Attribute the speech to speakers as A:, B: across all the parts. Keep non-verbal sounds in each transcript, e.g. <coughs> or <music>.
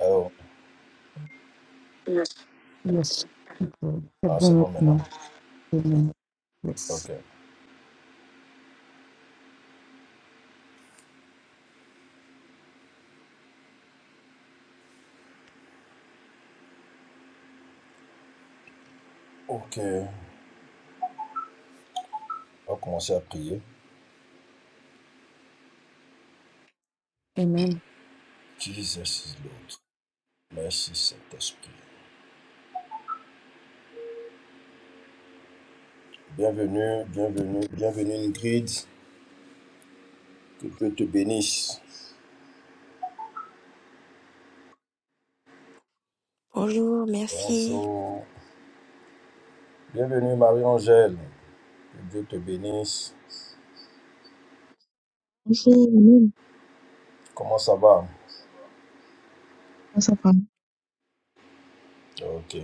A: Alors,
B: Yes, it will. The
A: ah, c'est
B: bonnet,
A: bon maintenant.
B: no. Amen. Yes.
A: Ok. Ok. On va commencer à prier.
B: Amen.
A: Jésus est l'autre. Merci Saint-Esprit. Bienvenue, bienvenue, bienvenue Ingrid. Que Dieu te bénisse.
C: Bonjour, merci.
A: Bonjour. Bienvenue Marie-Angèle. Que Dieu te bénisse.
D: Franchement, non,
A: Comment ça va?
D: pas sympa.
A: Ok.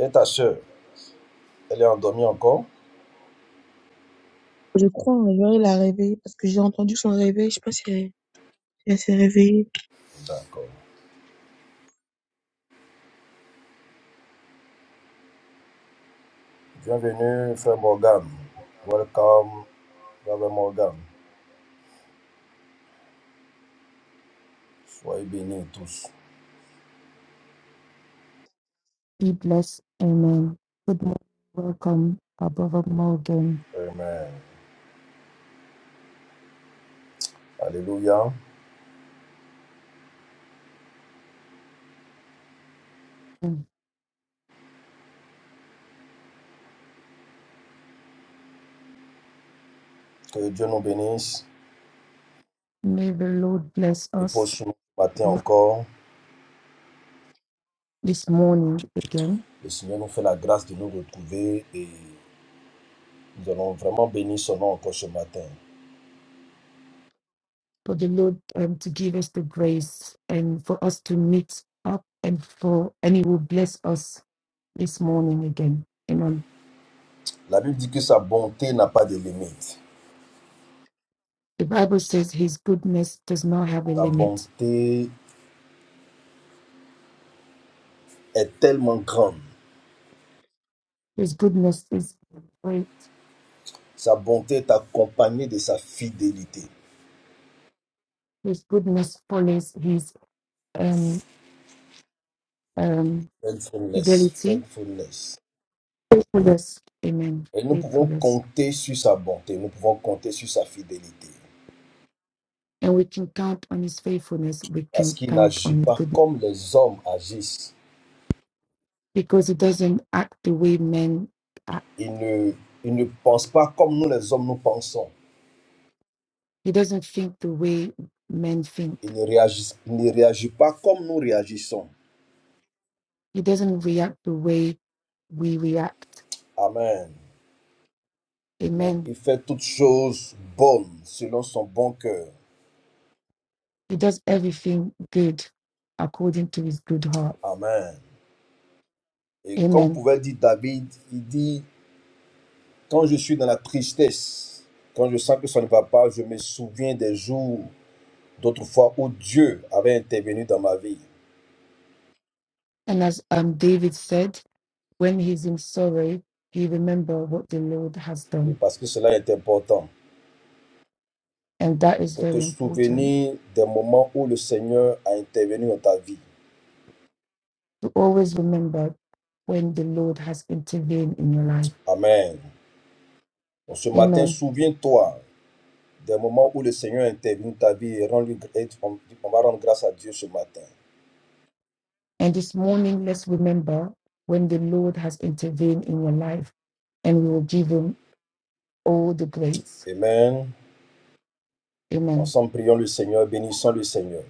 A: Et ta soeur, elle est endormie encore?
D: Je crois, hein, Joël a réveillé parce que j'ai entendu son réveil. Je sais pas si elle, si elle s'est réveillée.
A: D'accord. Bienvenue Frère Morgan. Welcome Frère Morgan. Soyez bénis tous.
B: Be blessed. Amen. Good morning. Welcome, Above Morgan.
A: Amen. Alléluia.
B: And
A: Que Dieu nous bénisse
B: May the Lord bless
A: et pour
B: us
A: ce matin
B: not
A: encore.
B: this morning again,
A: Le Seigneur nous fait la grâce de nous retrouver et nous allons vraiment bénir son nom encore ce matin.
B: for the Lord um, to give us the grace and for us to meet up and for and He will bless us this morning again. Amen.
A: La Bible dit que sa bonté n'a pas de limite.
B: The Bible says His goodness does not have a
A: Sa
B: limit.
A: bonté est tellement grande.
B: His goodness is great
A: Sa bonté est accompagnée de sa fidélité.
B: His goodness follows his um, um,
A: Faithfulness,
B: fidelity,
A: faithfulness.
B: faithfulness. Amen.
A: Et nous pouvons
B: Faithfulness.
A: compter sur sa bonté, nous pouvons compter sur sa fidélité.
B: And we can count on his faithfulness. We
A: Parce
B: can
A: qu'il
B: count
A: n'agit
B: on his
A: pas
B: goodness
A: comme les hommes agissent.
B: because he doesn't act the way men act.
A: Il ne, il ne pense pas comme nous les hommes nous pensons.
B: He doesn't think the way men think.
A: Il ne réagit, il ne réagit pas comme nous réagissons.
B: He doesn't react the way we react.
A: Amen. Mais
B: Amen.
A: il fait toutes choses bonnes selon son bon cœur.
B: He does everything good according to his good heart.
A: Amen. Et comme
B: Amen.
A: pouvait dire David, il dit, quand je suis dans la tristesse, quand je sens que ça ne va pas, je me souviens des jours d'autrefois où Dieu avait intervenu dans ma vie.
B: And as um, David said, When he's in sorrow, you remember what the Lord has
A: Oui,
B: done.
A: parce que cela est important.
B: And that is
A: Pour te
B: very important
A: souvenir des moments où le Seigneur a intervenu dans ta vie.
B: to always remember when the Lord has intervened in your life.
A: Amen. Donc ce matin,
B: Amen.
A: souviens-toi Des moments où le Seigneur intervient dans ta vie et rend lui- et on, on va rendre grâce à Dieu ce matin.
B: And this morning, let's remember when the Lord has intervened in your life and we will give him all the grace.
A: Amen.
B: Amen.
A: Ensemble, prions le Seigneur, bénissons le Seigneur.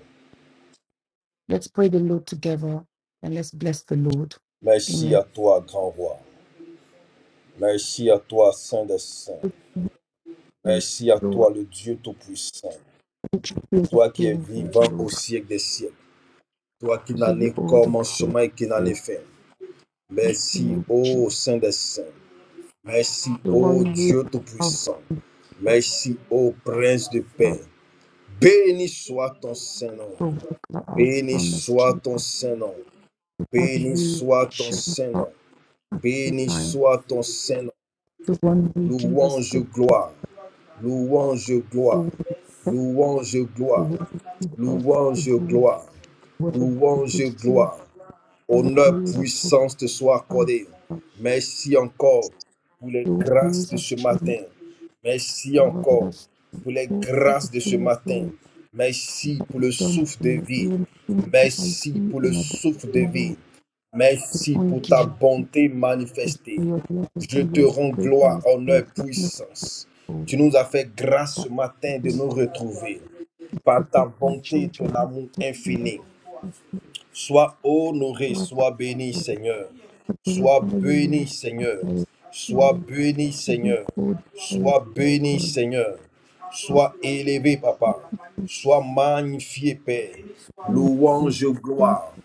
B: Let's pray the Lord together and let's bless the Lord.
A: Merci
B: Amen.
A: à toi, grand roi. Merci à toi, Saint des Saints.
B: Thank you,
A: Merci à
B: Lord,
A: toi, le Dieu Tout-Puissant.
B: thank you, Prince of
A: Toi qui es
B: King. Thank you,
A: vivant au
B: Lord.
A: siècle des siècles. Toi qui
B: I
A: n'en
B: give you
A: es
B: all the glory.
A: commencement et qui n'en
B: Praise
A: es
B: the
A: fin.
B: mighty name
A: Merci,
B: of Jesus.
A: ô Saint des Saints. Merci,
B: the one
A: ô
B: who
A: Dieu
B: of
A: Tout-Puissant.
B: of
A: Merci, ô Prince de
B: God
A: paix. Béni soit ton Saint-Nom.
B: from the cloud
A: Béni
B: of
A: soit
B: mystery
A: ton
B: of
A: Saint-Nom.
B: that
A: Béni
B: who
A: soit ton
B: should not
A: Saint-Nom.
B: at the
A: Béni
B: time,
A: soit ton Saint-Nom.
B: the one who gives us
A: Louange,
B: the gift,
A: gloire. Louange,
B: the
A: gloire.
B: one who protects,
A: Louange,
B: the
A: gloire.
B: one who gives us the
A: Louange,
B: good
A: gloire.
B: word, the
A: Louange,
B: good food,
A: gloire.
B: the one
A: Honneur,
B: who is a
A: puissance te soit
B: provider,
A: accordée. Merci encore pour les
B: the one who
A: grâces
B: is
A: de
B: a
A: ce
B: strength,
A: matin. Merci
B: rather than
A: encore
B: us.
A: pour les
B: All the
A: grâces de ce
B: things,
A: matin.
B: Lord,
A: Merci pour le
B: done
A: souffle
B: for
A: de
B: me,
A: vie.
B: even things that I
A: Merci
B: see
A: pour le
B: and I don't
A: souffle de
B: see,
A: vie.
B: Lord, I
A: Merci
B: want
A: pour ta
B: give you
A: bonté
B: this
A: manifestée.
B: for your love,
A: Je
B: for
A: te
B: your
A: rends gloire,
B: greatness, for
A: honneur,
B: your goodness,
A: puissance.
B: Lord.
A: Tu nous as fait grâce ce matin de
B: to
A: nous retrouver par ta
B: protect my
A: bonté et ton
B: children.
A: amour infini. Sois
B: So
A: honoré,
B: I
A: sois béni, Seigneur.
B: glorify
A: Sois
B: you, Lord.
A: béni,
B: I
A: Seigneur.
B: say,
A: Sois
B: Lord,
A: béni,
B: I do
A: Seigneur.
B: cold praise
A: Sois
B: of
A: béni,
B: God.
A: Seigneur. Sois élevé, Papa. Sois magnifié, Père.
B: Thank you.
A: Louange,
B: Thank
A: gloire,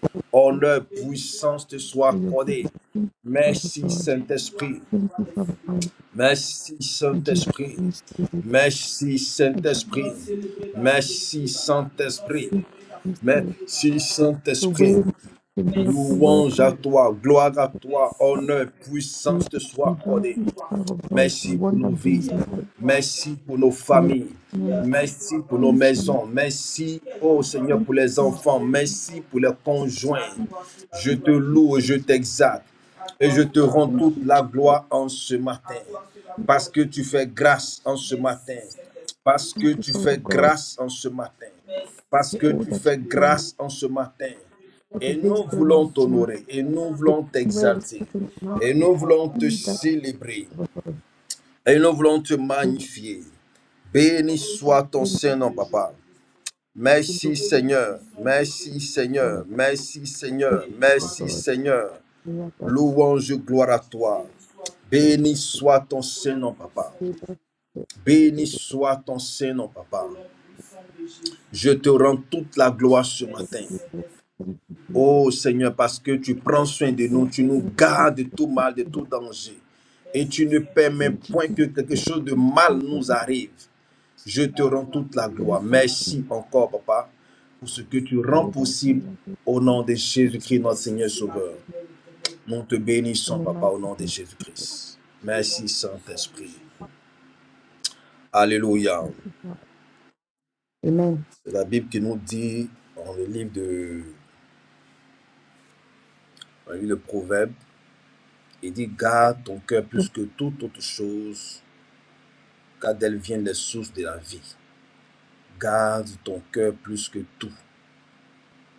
B: you
A: honneur, puissance te soit
B: for your goodness.
A: accordée.
B: Thank you, Father
A: Merci,
B: God.
A: Saint-Esprit.
B: Thank you, Father God.
A: Merci,
B: I give
A: Saint-Esprit.
B: thanks to you.
A: Merci,
B: I give
A: Saint-Esprit. Merci, Saint-Esprit.
B: thanks to you.
A: Merci,
B: the way
A: Saint-Esprit.
B: the miracle
A: Louange à
B: worker,
A: toi, gloire à toi, honneur, puissance te
B: the
A: soit accordée.
B: darkness, Father God, the
A: Merci pour
B: one that
A: nos
B: brings
A: vies.
B: life.
A: Merci pour nos
B: Lord.
A: familles.
B: Thank
A: Merci pour nos
B: you.
A: maisons. Merci, oh
B: Thank you.
A: Seigneur,
B: Thank
A: pour les
B: you.
A: enfants. Merci pour les conjoints. Je te loue et je t'exalte. Et je te rends
B: Thank
A: toute
B: you,
A: la
B: Jesus,
A: gloire en ce matin. Parce que tu fais grâce en ce matin. Parce que tu
B: Father
A: fais
B: God.
A: grâce en ce matin. Parce
B: the
A: que tu
B: older
A: fais
B: children,
A: grâce en ce matin.
B: for the
A: Et nous voulons
B: wisdom you
A: t'honorer. Et nous
B: give, the
A: voulons
B: time where we
A: t'exalter.
B: speak in the mouth,
A: Et
B: be
A: nous voulons te
B: that
A: célébrer.
B: for God.
A: Et nous voulons te
B: Thank you,
A: magnifier. Béni soit ton Saint-Nom, papa.
B: thank you,
A: Merci Seigneur, merci Seigneur,
B: Lord God.
A: merci
B: Thank
A: Seigneur,
B: you, Lord
A: merci
B: God.
A: Seigneur.
B: We are thankful
A: Louange, gloire à toi.
B: to
A: Béni soit ton Saint-Nom, papa.
B: you thank the day.
A: Béni soit ton Saint-Nom, papa. Je te rends toute la gloire ce matin.
B: Thank you,
A: Oh Seigneur, parce que tu prends soin de nous, tu nous gardes de tout mal, de
B: Lord
A: tout
B: God.
A: danger. Et tu ne permets
B: Thank you,
A: point que quelque chose de mal
B: Lord
A: nous arrive. Je te rends toute la gloire.
B: God.
A: Merci encore, papa, pour ce que tu
B: In
A: rends
B: the mighty name
A: possible
B: of
A: au
B: Jesus,
A: nom de Jésus-Christ, notre Seigneur Sauveur. Nous te
B: in
A: bénissons,
B: the
A: papa,
B: mighty
A: au nom de
B: name
A: Jésus-Christ. Merci, Saint-Esprit. Alléluia.
B: of God. Amen.
A: C'est la Bible qui nous dit, dans le livre de, dans le livre de Proverbes, il dit, garde ton cœur plus que toute autre chose, car d'elle viennent les sources de la vie. Garde ton cœur plus que tout.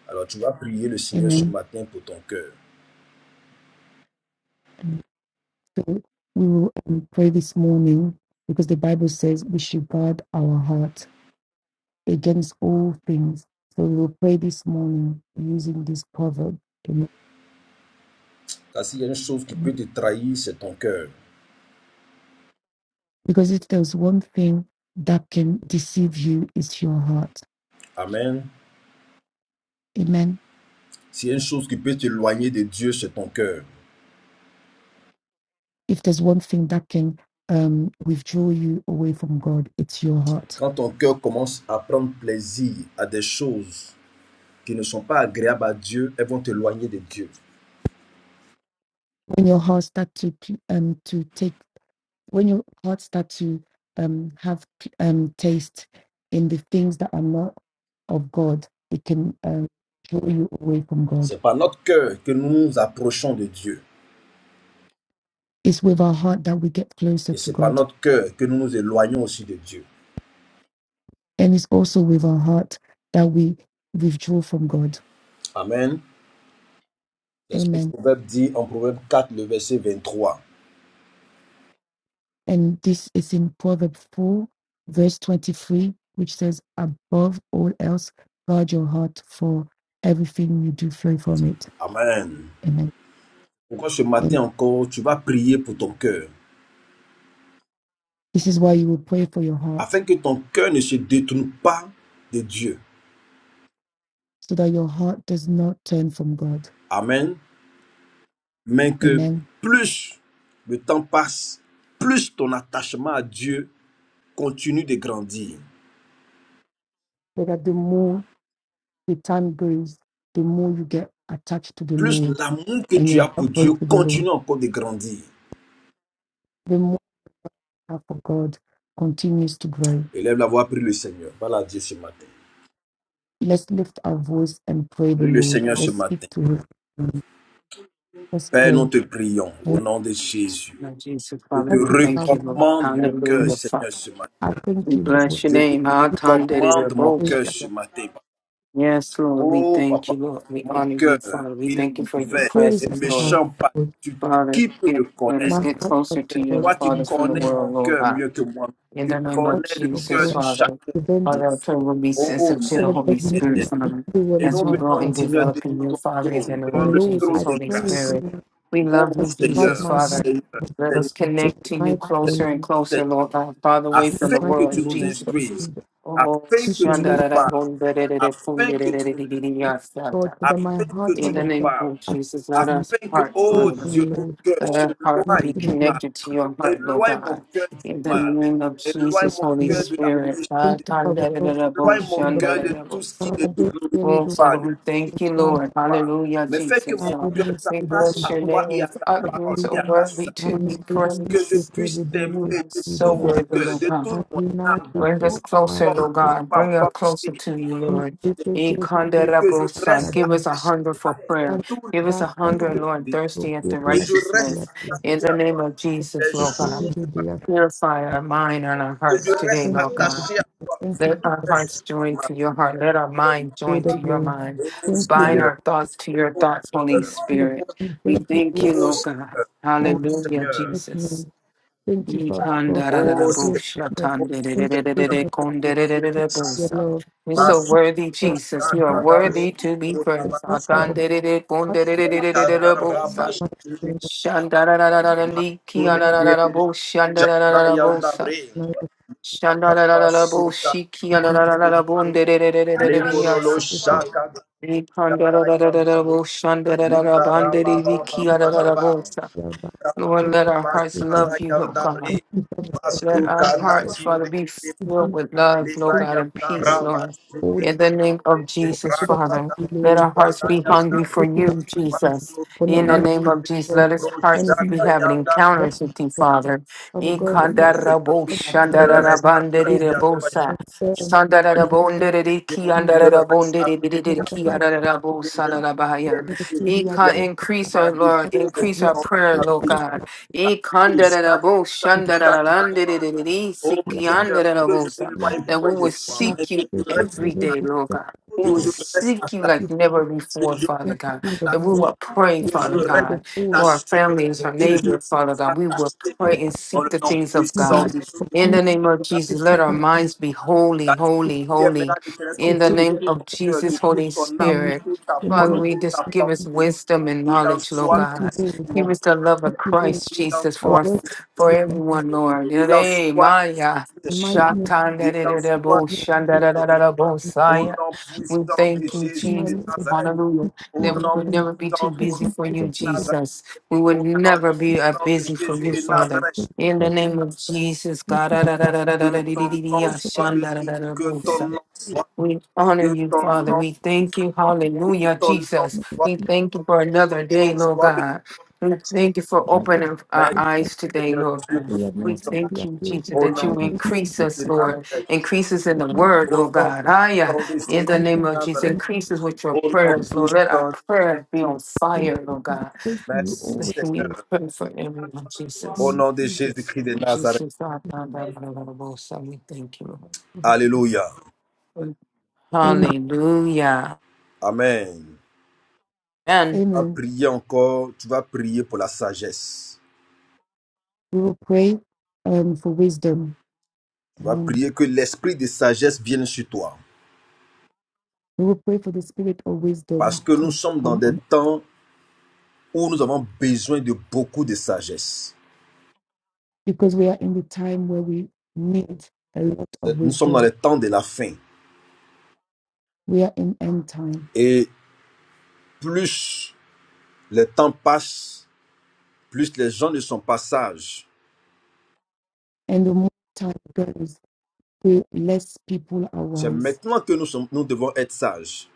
A: Alors tu vas prier le Seigneur ce
B: Amen.
A: matin pour ton cœur.
B: And So we will um, pray this morning because the Bible says we should guard our heart against all things. So we'll pray this morning using this proverb. Amen.
A: Car s'il y a une chose qui
B: Amen.
A: peut te trahir, c'est ton cœur.
B: Because if there's one thing that can deceive you, it's your heart.
A: Amen.
B: Amen.
A: S'il y a une chose qui peut t'éloigner de Dieu, c'est ton cœur.
B: If there's one thing that can um, withdraw you away from God, it's your heart.
A: Quand ton cœur commence à prendre plaisir à des choses qui ne sont pas agréables à Dieu, elles vont t'éloigner de Dieu.
B: When your heart starts to um, to take, when your heart starts to um, have um, taste in the things that are not of God, it can um, draw you away from God.
A: C'est par notre cœur que nous nous approchons de Dieu.
B: It's with our heart that we get closer
A: Et
B: to
A: c'est par
B: God.
A: notre cœur que nous nous éloignons aussi de Dieu.
B: And it's also with our heart that we withdraw from God.
A: Amen. C'est ce que le
B: Amen.
A: proverbe dit en Proverbe quatre le verset vingt trois,
B: And this is in Proverbs 4, verse 23, which says, Above all else, guard your heart, for everything you do flow from it.
A: Amen.
B: Amen.
A: Pourquoi ce
B: And
A: matin encore, tu vas prier pour ton cœur,
B: this is why you will pray for your
A: afin
B: heart,
A: que ton cœur ne se détourne pas de Dieu.
B: so that your heart does not turn from God.
A: Amen. Mais que
B: Amen.
A: plus le temps passe, plus ton attachement à Dieu continue de grandir.
B: So that the more the time goes, the more you get attached to the
A: Plus
B: Lord
A: l'amour que
B: and
A: tu
B: your
A: as pour
B: heart
A: Dieu
B: goes to the Lord.
A: continue encore de grandir.
B: The more Our for God continues to grow.
A: Élève la voix, prie le Seigneur. Voilà Dieu ce matin.
B: Let's lift our voice and pray the
A: Prie le
B: Lord.
A: Seigneur ce
B: Let's speak
A: matin.
B: to Him. Let's
A: Père, nous
B: pray.
A: te prions au nom de Jésus.
E: Lord Jesus,
A: Je
E: Father,
A: te
E: we
B: Heavenly
E: thank
B: Father,
E: you, Lord.
A: recommande mon cœur,
E: Hallelujah, Father.
A: Seigneur, ce matin.
B: I thank
E: We
B: you, Lord.
E: bless your
A: Je te
E: name. Ah, Tande de de
A: recommande mon
E: Bos.
B: that
A: cœur ce matin.
E: Yes, Lord, we
A: Oh
E: thank
A: papa,
E: you, Lord. We
A: mon
E: honor you,
A: cœur,
E: Father. We
A: il est
E: thank you for your
A: ouvert
B: Here is
A: et
E: presence,
B: my
E: Lord.
B: heart,
A: méchant
B: Lord.
A: par-dessus tout.
E: Father,
A: Qui peut le
E: get, let us
B: My
A: connaître?
E: get
B: heart for
E: closer to
A: C'est
B: God
E: you,
A: toi qui
E: Father,
B: comes to
E: from the
A: connais
B: you.
A: mon
E: world, Lord
A: cœur
E: God.
A: mieux que moi.
E: In
A: Tu
E: the name
B: My
E: of
B: heart
A: connais le
B: for
A: cœur
E: Jesus,
A: de
B: God.
E: Father,
A: chacun.
B: Prevent
E: Father, I pray we'll be
A: Oh
E: sensitive to the
A: Seigneur
B: ever
E: Holy
B: judgment
E: Spirit,
A: éternel.
B: in
E: Father,
A: Et
B: everyone
E: as
A: nous
E: we
B: heart
E: grow
A: venons,
E: and
B: of
A: Seigneur,
B: God.
E: develop in
A: devant
E: you,
A: ton
E: Father, in the
A: trône,
E: name
A: devant
B: And
E: of
A: le
B: Lord,
A: trône
E: Jesus,
B: I
A: de
E: Holy
B: pray,
A: grâce.
E: Spirit.
B: Lord,
E: We
A: Oh
E: love
B: that
E: you,
B: God
E: Jesus,
B: my
A: Seigneur,
B: heart
E: Father.
A: Seigneur,
E: Let
B: Lord,
A: Seigneur,
E: us
B: is
E: connect to
A: Seigneur,
E: you
B: my
A: Seigneur.
B: name,
E: closer and closer,
A: Seigneur
E: Lord God, Father, away
B: in
E: from
A: afin
E: the
B: my
A: que tu
E: world,
A: nous
B: name of
E: Jesus.
A: instruises,
B: Jesus.
E: Oh,
A: afin
B: Thank
A: que
B: you,
A: tu nous
B: Lord
E: shandarara,
A: parles, afin que tu nous instruises,
B: God, so that my
A: afin que
B: heart,
E: in
A: tu
E: the
B: Father
A: nous
E: name
A: parles,
E: of
B: God.
E: Jesus, let
B: Good
E: us
A: afin que,
E: heart,
A: oh
E: Father. God.
A: Dieu,
B: evening,
A: mon
B: Lord.
A: cœur
E: Let our heart
B: Mighty
A: s'éloigne
E: be
A: du
B: name of
A: mal,
E: connected to your heart, Lord
A: éloigne mon
E: God.
A: cœur du
E: In the
A: mal,
E: name of
A: éloigne
B: Jesus,
E: Jesus,
A: mon
E: Holy
B: Lord.
A: cœur de la
E: Spirit.
A: méchanceté,
E: Ah,
B: Thank you, Father God. Thank
E: tandadadadabo,
A: Éloigne
B: you,
A: mon
B: King of
A: cœur de
B: Kings.
A: tout
E: shandadadabo.
A: ce qui ne
B: Father,
A: te
B: this year we
E: Oh,
B: do
A: glorifie pas,
E: Father,
A: de tout
E: we
A: ce qui
E: thank you,
A: ne te
B: not
E: Lord.
A: glorifie pas.
E: Hallelujah,
A: Mais fais que
E: Jesus.
B: have
A: mon
B: a
E: Ah,
A: cœur
B: ministry
E: we
B: to be
A: s'attache
E: bless
A: à
E: your
B: unfortunately.
A: toi et
E: name.
A: à ta
E: Father, you're
A: parole
E: so
A: et à ta
E: worthy to
B: I'm
E: be
A: sagesse.
B: not able to
A: Que je
B: take
E: praised.
B: every
A: puisse
B: day
A: t'aimer
E: You
B: to
E: are
A: de
B: see
E: so
B: the
A: tout mon
B: day.
E: worthy,
A: cœur,
E: Lord
A: de
E: God.
B: I
A: toute
B: do
A: mon
B: not
A: âme, de
B: have
E: Bring
B: to
E: us
A: toute ma
B: have
E: closer,
A: force,
B: to
A: de
E: Lord
A: toute
E: God.
A: ma
E: Bring us closer
A: pensée.
E: to you, Lord.
B: take
E: E
B: care of
A: Et
B: the
A: que je
E: Ikandarabosa.
A: reste
B: God.
E: Give us a
A: attaché
E: hunger
A: à
E: for
A: toi
E: prayer.
B: And
A: tous les
E: Give us
B: that
E: a
B: can
A: jours
E: hunger,
A: de ma
E: Lord,
A: vie.
B: also
E: thirsty
B: be
E: after
B: the
A: Que je reste
B: idea
E: righteousness.
B: to
E: In
A: attaché
E: the
A: à
E: name
A: toi
E: of
A: tous
E: Jesus,
A: les
E: Lord
B: take care
E: God.
A: jours
B: of the
A: de ma vie.
B: day.
E: Purify our mind and our
A: Que je
E: hearts today,
A: reste
B: Thank
E: Lord
B: you, Lord.
E: God.
A: attaché à toi
B: Thank you,
E: Let our
A: tous les
E: hearts
A: jours de
E: join
A: ma vie.
E: to your heart. Let our mind
B: Lord
E: join
B: of
E: to your
B: Lords.
E: mind.
A: Oh
B: Thank you,
E: Bind
B: Lord,
A: Seigneur.
E: our thoughts to
A: oh,
E: your
A: oh
E: thoughts, Holy
B: King of
E: Spirit.
B: Kings.
E: We
B: Thank you,
E: thank
B: Lord,
E: you,
A: Oh
E: Lord God.
A: Seigneur, oh
B: King
E: Hallelujah,
A: Seigneur,
B: of Kings.
E: Jesus.
B: Thank you,
E: You
B: Father God. Thank
A: oh
E: are
B: you
A: Seigneur,
B: for your goodness. Thank you Jesus, for your love. Thank
E: so
B: you
E: worthy,
B: for
E: Jesus.
B: the
E: You are
B: heart, the
E: worthy to be
B: the
E: friends.
B: heart of the heart, of the young man, the passion, the gift,
A: Merci.
B: the love,
E: Lord, let our hearts
A: Bashada
E: love you, O God.
B: Thank
A: Yandabre,
B: you, Father God.
E: Let
B: Thank you
E: our
A: Masukanda
B: for
E: hearts, Father, be
A: Kindiri,
E: filled with love, Lord
B: Thank you
E: God, and
A: Libayanda
B: for
E: peace, Lord.
A: Rabashidi,
B: all
E: In the name of Jesus,
B: that
E: Father,
A: Rakata
B: you do,
E: let
B: Lord.
E: our hearts
A: Shada
E: be
B: Put in
E: hungry
A: Yandabre,
E: for you, Jesus.
B: for not
E: In
A: Masukanda
E: the
B: looking
E: name of
A: Kindiri,
E: Jesus,
B: for
E: let us
B: any
E: hearts be
A: Roshada
E: having encounters
A: Yandabre.
B: rock,
E: with you, Father.
B: Father God, let
A: Oh Seigneur,
E: Ikandarabo
A: que
B: us
A: mon
B: in
A: cœur
B: this
A: reste
B: place
A: attaché à toi,
E: shandararabandererebosa,
B: and firm in
A: que mon
E: sandararabonderereki,
B: Jesus.
A: cœur reste
B: And
A: attaché
B: I
A: à
B: just
E: andararabonderereki,
B: like
A: toi,
E: arararabo
A: que je puisse
E: salarabaya.
A: aimer
B: to see we
A: tous les jours
E: Ika-
A: de
E: Increase
A: ma
E: our
A: vie,
E: Lord,
A: tous les
E: increase our
A: temps de
E: prayer,
A: ma
E: Lord
A: vie.
E: God.
A: chaque
E: Ikandarabo,
B: Amen.
A: chaque
E: shandarararandere,
A: moment. Oh Seigneur, que je ne
E: sikiandarabosa.
A: m'éloigne
E: That
A: point
E: we
A: de
E: will
A: toi, mais
E: seek
A: que
E: you
A: je reste
E: every day, Lord God. We
A: attaché,
E: will seek you like never
A: que
E: before,
A: je
E: Father
A: reste
E: God. That we
A: attaché,
E: will pray,
A: que je
E: Father
A: reste
E: God, for our
A: attaché,
E: families, our
A: que je reste attaché, que je
E: neighbors, Father
A: reste
E: God. We will
A: attaché
E: pray and
A: dans
E: seek
A: le
E: the
A: nom
E: things of
A: puissant
E: God.
A: de Dieu.
E: In the name of Jesus, let our minds be holy,
A: Car tu dis,
E: holy,
A: tu aimeras
E: holy.
A: l'éternel ton
E: In the
A: Dieu de
E: name
A: tout
E: of
A: ton cœur, de
E: Jesus,
A: toute
E: Holy
A: ton âme, de
E: Spirit.
A: toute ta force,
E: Father,
A: de
E: we
A: toute ta
E: just give us
A: pensée.
E: wisdom and
A: Il en
E: knowledge, Lord
A: soit
E: God.
A: ainsi,
E: He
A: mon
E: was the love
A: mon-
E: of Christ
A: il en
E: Jesus for
A: soit
E: us,
A: ainsi,
E: for everyone, Lord.
A: il en
E: Yere,
A: soit
E: Maya,
A: ainsi, Il en soit
E: shatandererebo,
A: ainsi, Seigneur,
E: shandararararabo,
A: au
E: Saya.
A: nom
E: We
A: puissant de
E: thank you,
A: Jésus de
E: Jesus.
A: Nazareth.
E: Hallelujah.
A: Au
E: That we
A: nom
E: will never be
A: puissant
E: too
A: de
E: busy
A: Jésus
E: for you,
A: de Nazareth.
E: Jesus. We will
A: Au nom
E: never be uh,
A: puissant de
E: busy for
A: Jésus
E: you,
A: de
E: Father.
A: Nazareth.
E: In the name of Jesus, God.
A: Que ton nom soit béni. Que ton nom soit.
E: We honor
A: Que
E: you,
A: ton
E: Father.
A: nom.
E: We thank you,
A: Que
E: Hallelujah,
A: ton nom
E: Jesus.
A: soit.
E: We thank you for
A: que Ton
E: another day,
A: nom
E: Lord
A: soit béni.
E: God. We thank you for opening our
A: Merci
E: eyes today,
A: Seigneur
E: Lord.
A: Dieu
E: God. We
A: Tout-Puissant.
E: thank you, Jesus,
A: Au
E: that
A: nom
E: you increase
A: de
E: us, Lord.
A: Nazareth.
E: Increase us in the Word,
A: Au
E: Lord
A: nom
E: God. Aye,
A: puissant de
E: in the
A: Jésus de
E: name of Jesus,
A: Nazareth.
E: increases with your
A: Au nom
E: prayers, Lord. Let our
A: puissant.
E: prayers be on fire, Lord God.
A: Merci
E: So We
A: Seigneur.
E: pray for everyone,
A: Au
E: Jesus,
A: nom de Jésus-Christ de Nazareth.
E: Jesus. I found out about it, so we thank you,
A: Alléluia.
E: Lord. Hallelujah.
A: Amen. Tu
E: And
A: vas prier encore, tu vas prier pour la sagesse.
B: We will pray um, for wisdom.
A: Tu vas
B: Amen.
A: prier que l'esprit de sagesse vienne sur toi.
B: We will pray for the spirit of
A: Parce
B: wisdom
A: que nous
B: to
A: sommes dans
B: come
A: des
B: on
A: temps où nous avons besoin de beaucoup de sagesse.
B: because we are in the time where we need a lot of
A: Nous sommes dans
B: wisdom.
A: les temps de la fin.
B: We are in end time.
A: Et plus les temps passent, plus les gens ne sont pas sages.
B: And the more time goes, the less people are
A: C'est
B: wise.
A: maintenant que nous, sommes, nous devons être sages.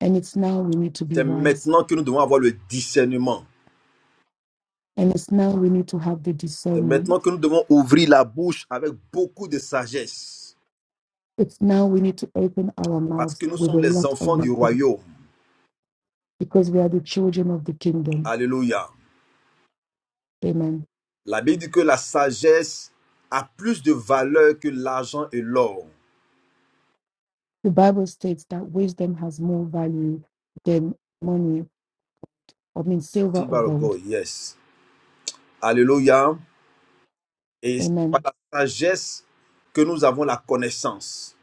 B: And it's now we need to be
A: C'est
B: wise.
A: maintenant que nous devons avoir le discernement.
B: And it's now we need to have the
A: C'est maintenant
B: discernment.
A: que nous devons ouvrir la bouche avec beaucoup de sagesse,
B: It's now we need to open our
A: parce
B: mouths
A: que nous
B: with a
A: sommes les
B: lot of
A: enfants du
B: wisdom
A: royaume.
B: because we are the children of the kingdom.
A: Alléluia.
B: Amen.
A: La Bible dit que la sagesse a plus de valeur que l'argent et l'or.
B: The Bible states that wisdom has more value than money I mean, silver
A: Silver
B: or
A: or
B: gold.
A: gold, yes. Alléluia. Et c'est par
B: Amen.
A: la sagesse que nous avons la connaissance.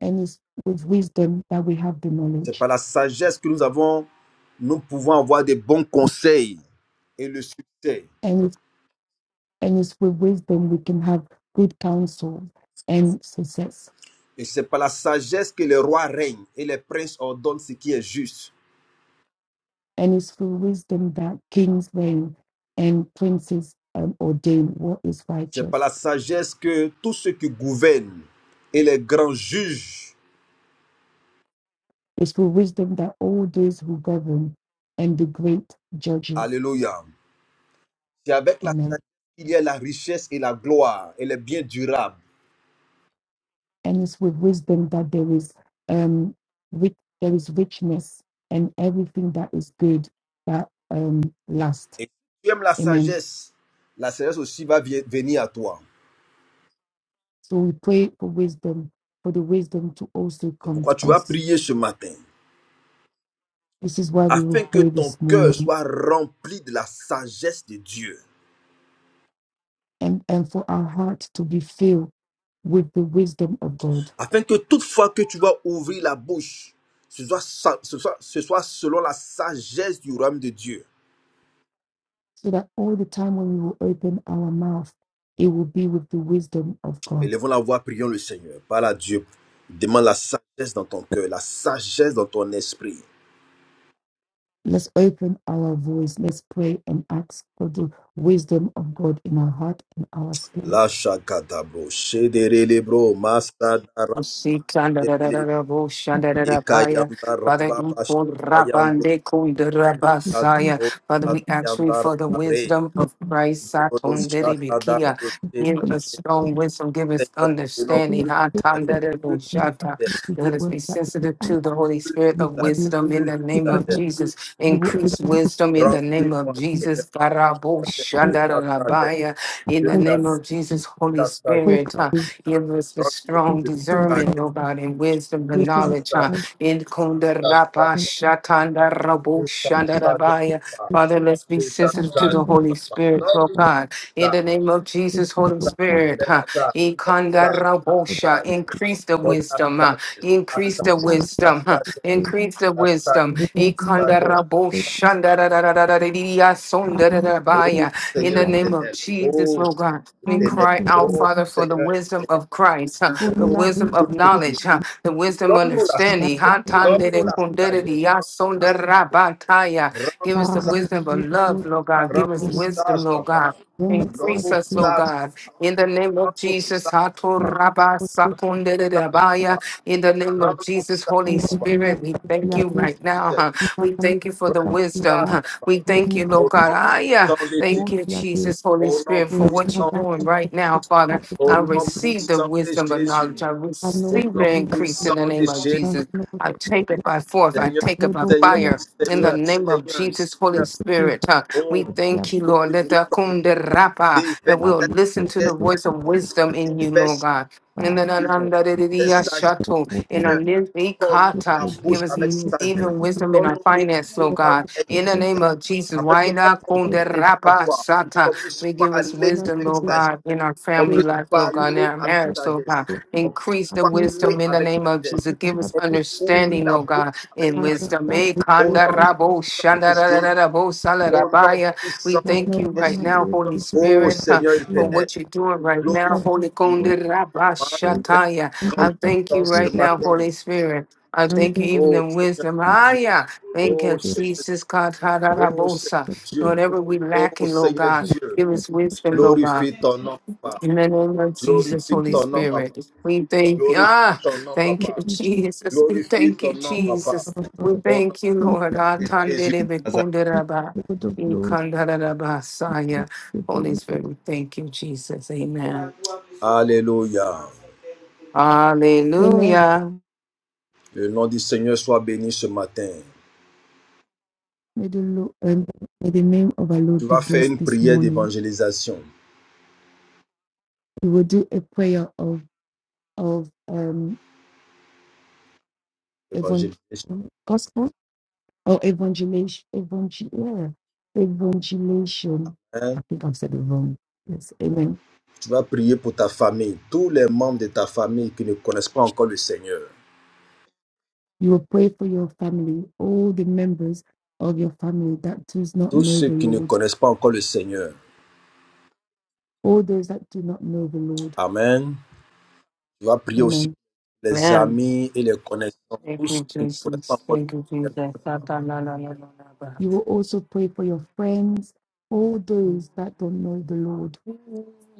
B: And it's with wisdom that we have the
A: C'est
B: knowledge.
A: par la sagesse que nous avons, nous pouvons avoir des bons conseils et le succès.
B: And it's, and it's with wisdom we can have good counsel and success.
A: Et c'est par la sagesse que les rois règnent et les princes ordonnent ce qui est juste.
B: And it's through wisdom that kings reign and princes um, ordain what is
A: C'est par
B: righteous.
A: la sagesse que tous ceux qui gouvernent et les grands juges,
B: It's through wisdom that all those who govern and the great judges.
A: alléluia, c'est avec la
B: Amen.
A: sagesse qu'il y a la richesse et la gloire et les biens durables.
B: and it's with wisdom that there is um rich, there is richness and everything that is good that um lasts.
A: Et si tu aimes la
B: Amen.
A: sagesse, la sagesse aussi va vi- venir à toi.
B: So we pray for wisdom, for the wisdom to also
A: C'est
B: come
A: pourquoi
B: to
A: tu vas
B: us.
A: prier ce matin,
B: This is why we will
A: afin que
B: pray
A: ton
B: this
A: cœur
B: morning
A: soit rempli de la sagesse de Dieu,
B: and, and for our heart to be filled with the wisdom of God.
A: afin que toutefois que tu vas ouvrir la bouche, ce soit, sa- ce soit ce soit selon la sagesse du royaume de Dieu.
B: So that all the time when we will open our mouth, it will be with the wisdom of God.
A: Élevons la voix, prions le Seigneur. Parle à Dieu. Demande la sagesse dans ton cœur, la sagesse dans ton esprit.
B: Let's open our voice. Let's pray and ask for the wisdom of God in our heart and our
A: La
B: spirits.
A: shakadabro, shederelebro,
E: Father, we
A: masadara,
E: Amen.
A: elele,
E: Usikandarararabushandararabaya.
A: ikayandara,
E: Father,
A: baba, shakayandro,
B: Yes,
E: ikunrabandekundarabasaya.
A: kadabro,
E: Father,
B: Lord,
E: we ask you
A: shadayandara,
E: for the
A: abre,
E: wisdom of Christ.
A: dodo, shakadabre,
E: Satonderibikia. Give
B: thank you
E: us strong wisdom, give us
A: Seigneur, nous venons
B: for your
E: understanding.
A: plus de sagesse, plus de
B: opening
E: Hatandarabushata.
A: sagesse, plus
E: Let us
B: work
E: be
B: that
E: sensitive to the Holy
A: plus de
E: Spirit
B: you
E: of
B: will do.
A: sagesse,
E: wisdom in
A: plus
E: the
A: de
B: If
E: name
B: you
E: of
A: sagesse,
B: let,
A: plus de
E: Jesus.
B: you will
A: sagesse.
E: Increase
B: open
E: wisdom in the name of
A: Remplis-moi,
B: and
A: Seigneur,
E: Jesus. Garabo
B: pray.
A: de
E: Shandara
A: ta sagesse,
E: rabaya. In
A: de
E: the
B: Pray,
A: ta
E: name
A: sagesse,
E: of Jesus, Holy
A: cascagem,
B: pray
E: Spirit.
B: for the
E: Give us the
A: nós
B: the
E: strong
A: de
B: wisdom
A: cascagem,
B: of
E: discernment, Lord God, and wisdom and
A: de
B: wisdom of
E: knowledge. huh?
A: cascagem,
B: God.
E: In kunda rapa
B: and
A: cascagem,
E: shatanda rabo
A: de
E: shanda
A: cascagem,
E: rabaya. Father, let's be
A: de
B: from
E: sensitive to
A: cascagem,
E: the
B: Canada,
E: Holy Spirit, Lord
A: nós
B: from
E: God. In the
A: cascagem,
E: name of
B: the
E: Jesus, Holy
B: back
E: Spirit,
A: é
E: huh?
A: cascagem,
E: In
A: é
E: kanda
A: cascagem,
E: rabo sha,
A: nós
E: increase the
A: cascagem,
E: wisdom, huh? increase the
A: cascagem,
B: of the
E: wisdom, huh?
A: cascagem,
B: world,
E: increase the wisdom.
B: the
E: In
B: world
E: kanda rabo
B: situation,
E: shanda ra ra ra ra ra ra ra ya
B: from
E: sonda ra ra
A: oh
E: baya.
B: the
E: In
A: Senhor
E: the
B: young
E: name of
A: internet,
E: Jesus,
A: oh
E: Lord
A: Senhor
E: God, we
B: army,
A: internet,
E: cry
B: from
E: out,
B: the
A: oh
E: Father, for the
A: Senhor
E: wisdom
A: internet,
E: of Christ, huh, the
B: only
A: oh
B: loving,
E: wisdom of
A: Deus
B: from
A: do
B: the
E: knowledge, huh,
A: Cristo,
E: the wisdom
A: dá-nos a
B: happy,
E: understanding. huh,
A: sagesse,
B: from
E: tandere
A: dá-nos a
E: kundere
A: sagesse,
E: diya
B: the
E: sondera bataya. Give
A: ramos,
E: us the
B: family,
E: wisdom of
B: from the
E: love,
B: good,
E: Lord God.
B: from
E: Give us
A: ramos,
B: the
E: wisdom, Lord
A: papá.
E: God.
B: goodness of
E: Increase us, Lord
B: God.
A: Nós
E: God. In the name of Jesus, Hato
A: Ramossatapa,
E: Rabba Sakundere Rabaya. in the name of Jesus, Holy
B: and
A: Ramossatapa,
B: within that
E: Spirit, we
B: space we
E: thank
B: are
E: you
B: placed
E: right now.
A: Jesus,
E: huh.
B: in
E: We
B: different
E: thank you for
B: social
E: the wisdom.
B: clusters
E: huh.
A: Ramossatapa,
E: We
B: where
E: thank you,
B: each
E: Lord
A: au nom
B: is
E: God. Ah, yeah.
A: puissant de Jésus,
B: more
E: Thank you,
B: clearly
E: Jesus, Holy
A: au
E: Spirit,
A: nom
B: we
E: for what you're
A: puissant,
B: recognize
E: doing
B: that this
E: right now, Father.
B: podcast is
A: au
B: our
E: I
A: nom
B: duty
E: receive the
A: puissant de
E: wisdom of
A: Jésus,
E: knowledge. I
B: and
A: au
B: no
E: receive
A: nom
E: the
B: daily
E: increase in
B: duty.
E: the
A: puissant de
E: name of
A: Jésus,
B: And
E: Jesus.
B: no
E: I take it by force.
B: podcast
E: I
A: Seigneur,
B: that
E: take it
B: we
E: by
B: don't
A: Seigneur,
B: fear
E: fire.
B: to
E: In the
B: take
A: Seigneur,
E: name of
A: Seigneur,
E: Jesus, Holy
A: Seigneur,
B: it with
E: Spirit, huh?
A: oh,
E: we
A: Papa,
B: fear
E: thank you, Lord. Let
A: glorifie
E: the
A: ton nom,
E: kunde rapa that
A: déverse
B: that
E: we'll
A: cette
B: it
E: listen
B: is
E: to the
A: sagesse
B: so
E: voice of
A: en nous,
E: wisdom in you,
A: déverse
E: Lord
A: cette
E: God. And
B: far.
E: then
A: sagesse du nom,
E: ananda de de de
A: cette
E: ya
A: sagesse
E: shato,
B: We
E: in
B: are
E: our nin-
A: Donne-nous la
E: ikata.
B: defeated,
E: give
B: the
A: bouche
E: us
A: avec
B: sickness, the
A: sagesse.
E: even
B: sickness,
E: wisdom in our
A: Donne-nous
E: finance,
A: une
E: Lord God.
A: langue
B: the
E: In the
B: sickness,
E: name
A: aiguisée.
E: of Jesus,
A: Afin que
E: why not
A: lorsqu'on
E: kun
B: the
A: va
E: de
A: lever la
E: rapa
A: voix,
E: sata?
A: qu'on puisse
E: We give us
A: parler
B: sickness,
E: wisdom,
A: avec
E: Lord
A: sagesse.
E: God, in our
A: On
E: family
B: the
A: puisse
E: life, Lord God, in
A: parler
E: our
A: avec
B: sickness,
E: marriage, Lord
A: sagesse.
E: God.
A: On puisse
E: Increase the
A: parler
E: wisdom in the
A: avec
E: name of
A: sagesse.
E: Jesus. Give
B: that
E: us
A: On
B: it
A: puisse ouvrir
B: will
E: understanding,
A: la
E: Lord
A: bouche
E: God,
A: avec
E: in
B: have
A: sagesse.
B: a
E: wisdom.
B: start
E: Eh,
B: with
A: Au
E: kanda
A: nom
E: rabo
A: puissant de
E: shanda da da
A: Jésus.
E: da da bo sala da
A: Au
E: ba
A: nom
E: ya. We
A: puissant de
E: thank
B: no,
E: you
B: we
E: right
B: have
A: Jésus.
E: now,
B: the
E: Holy
A: Ô
E: Spirit, uh,
A: Seigneur
E: for
B: right?
A: éternel,
E: what you're doing right now,
A: glorifie
E: Holy
A: ton nom.
E: Konde
A: Manifeste ta
E: Rabashataya. I
A: grande
E: thank you
A: puissance ce
E: right now,
A: matin.
E: Holy Spirit. I thank you even
A: Oh
E: in
A: Seigneur
E: wisdom. Ah,
A: Dieu.
E: yeah. Thank
A: Oh
E: you,
A: Seigneur,
E: Jesus. God, ha,
A: oh Seigneur Dieu.
E: Whatever we
A: Oh
E: lacking, Lord
A: Seigneur
E: God,
A: Dieu.
E: give us wisdom, Lord God.
A: Glorifie ton nom, papa.
E: In the name of Jesus,
A: Glorifie
E: Holy
A: ton nom, papa.
E: Spirit, we thank you.
A: Glorifie
E: Ah,
A: ton nom,
E: thank you,
A: papa.
E: Jesus. We
A: Glorifie
E: thank
A: ton
E: you,
A: nom, papa.
E: Jesus. We
A: Au nom
E: thank you, Lord.
A: puissant
E: Ah,
A: de Jésus de
E: tanderebe
A: Nazareth.
E: kunderaba, ikandaraba, saya. Holy Spirit, we thank you, Jesus. Amen.
A: Alléluia.
B: Amen.
E: Hallelujah.
A: Le nom du Seigneur soit béni ce matin.
B: May the, Lord, um, may the name of our Lord
A: Tu
B: be
A: vas faire
B: blessed
A: une
B: this
A: prière
B: morning.
A: d'évangélisation.
B: We will do a prayer of of um
A: Évangélisation,
B: evangel gospel or evangelation evangel- yeah, evangelation.
A: hein.
B: I think I've said it wrong. Yes. Amen
A: Tu vas prier pour ta famille, tous les membres de ta famille qui ne connaissent pas encore le Seigneur.
B: You will pray for your family, all the members of your family that does not
A: Tous
B: know
A: ceux
B: the
A: qui ne
B: Lord,
A: connaissent pas encore le Seigneur.
B: all those that do not know the Lord.
A: Amen. Tu vas prier aussi
B: Amen.
A: pour les
E: Amen.
A: amis et les connaissances. Tous
E: Thank
A: ceux
E: you,
A: qui ne connaissent pas
E: Jesus.
A: encore le
E: Thank you,
A: Seigneur.
E: Jesus. Satananananaba.
B: You will also pray for your friends, all those that don't know the Lord.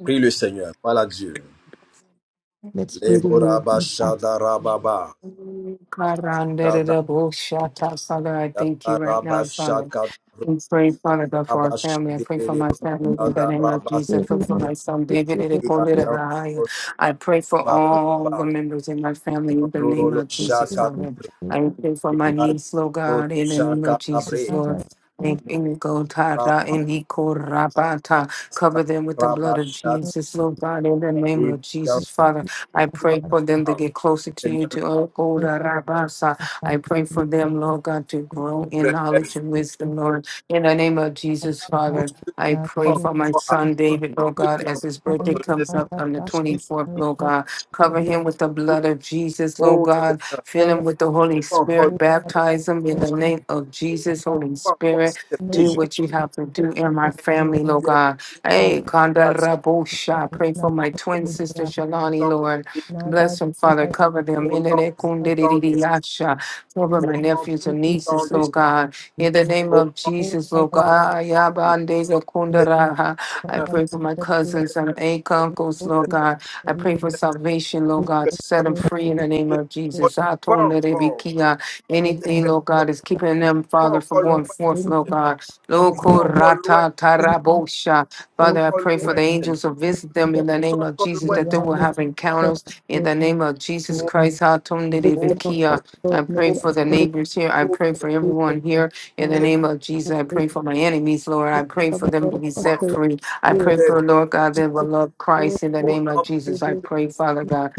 A: Prie le Seigneur. Parle à Dieu.
B: Let's pray the Lord.
A: Leboraba
B: Let's ask.
A: shadarababa. Shadarababa
E: Karanderebo shata. Father, I thank you right now, Father.
A: shakadarababa
E: We pray, Father God, for our family. I pray for my
A: shidelebro.
E: family in the name of
A: Shadarababa
E: Jesus. I
B: Now
E: pray for my son David. Edekunle-Rabahaya.
A: shidelebaba.
E: I pray for all the members in my family in the name
A: Tandorolo
E: of Jesus, Father.
A: shakabre.
E: I pray for my niece, Lord
A: Libayandoro
E: God, in the name of Jesus,
A: shakabre.
E: Lord. I go
A: Mosaba
E: tara and he korabata. Cover them with the
A: sadarababa
E: blood of
A: shakabre.
E: Jesus, Lord God, in the name of
A: Lebayandorolo
E: Jesus, Father. I pray for them to
A: shakabre.
E: get closer to you,
A: Seigneur, nous
E: to oh, Kodarabasa. I pray for them, Lord God, to grow in
A: relève
E: knowledge and wisdom, Lord. In the name of Jesus,
A: tous
E: Father,
A: ceux qui
E: I pray
A: sont
E: for my
A: encore à
E: son
A: toi,
E: David,
A: tous
E: Lord
A: ceux
E: God,
A: qui n'ont
E: as
A: pas
E: his
A: encore
E: birthday
A: donné leur
E: comes up on the
A: péché,
E: 24th, Lord God. Cover him with the
A: tous,
E: blood of Jesus, Lord
A: oh
E: God.
A: Seigneur, qui
E: Fill him with the
A: n'ont
E: Holy
A: pas encore
E: Spirit.
A: donné leur
E: Baptize him in the
A: péché, qui n'ont
E: name of Jesus, Holy
A: pas encore
E: Spirit.
A: accepté,
E: Do
A: je
E: what you have to do in my
A: vais,
E: family,
A: il
E: Lord
A: y a
E: God.
A: une
E: Hey, Kanda
A: invitation
E: Rabosha. Pray for my
A: au
E: twin sister Shalani,
A: nom puissant
E: Lord.
A: des Jésus,
E: Bless
B: that
E: them,
B: is
E: Father. Cover them.
A: au nom
E: In the name of
A: puissant des
E: Kundalini
A: Jésus,
E: Yasha. Cover my
A: au nom puissant des Jésus, au nom
E: nephews and
A: puissant
B: I
E: nieces,
A: des
E: Lord
A: Jésus.
E: God.
B: Lord,
E: In the name of
B: the
E: Jesus, Lord
B: Father
E: God, Ayabande Zakundaraha. I
A: Seigneur,
E: pray for my cousins and
A: Seigneur,
E: eight uncles, Lord
A: Seigneur,
E: God. I pray for salvation, Lord God, to
A: personne
E: set them free in the
A: qui
E: name
A: ne te
E: of
A: connaît
E: Jesus.
A: pas encore,
E: Atonderebekia.
A: ces
E: Anything, Lord God,
A: personnes
E: is keeping them,
A: sont
E: Father, from
A: encore
E: going
A: loin,
E: forth, Lord
A: Seigneur,
E: God.
A: ils sont encore loin,
E: Lokorata tarabosha.
A: ils sont
E: Father, I
A: encore
E: pray for
A: loin,
E: the
A: Seigneur.
E: angels to visit them in the name of
A: Soko
E: Jesus, that they
A: l'Ouest.
E: will have encounters in the name of Jesus
A: Oh,
E: Christ.
A: Seigneur, oh,
E: Atonderebekia.
A: Seigneur,
E: I pray for the
A: oh,
E: neighbors here. I
A: Seigneur, oh,
E: pray for everyone here. In the
A: Seigneur,
E: name of Jesus, I pray for my enemies, Lord. I pray
A: viens
E: for them to be set
A: puissamment.
E: free. I pray
A: Viens
E: for, Lord God, they will
A: puissamment.
E: love Christ. In the
A: Au
E: name of
A: nom
E: Jesus, I
A: précieux,
E: pray, Father God,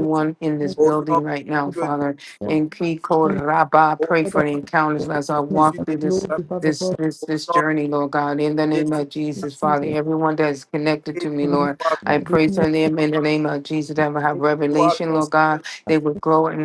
A: de-
E: in this
A: au nom
E: building right now,
A: précieux, de-
E: Father, in Kiko Rabba, I
A: au
E: pray for
A: nom
E: the
A: précieux
E: encounters as I
A: de
E: walk
A: Jésus de
E: through this.
A: Nazareth.
E: This,
B: God,
E: this
A: Au
E: this
A: nom
E: journey, Lord God, in the
A: de
E: name
A: Jésus
E: of
A: de
E: Jesus, Father, everyone that is connected to
A: Nazareth,
E: me, Lord, I
B: that
E: pray for them in the name of Jesus that will have
A: sois
E: revelation,
A: ton, sois ton
E: Lord
A: seul,
E: God. They will grow in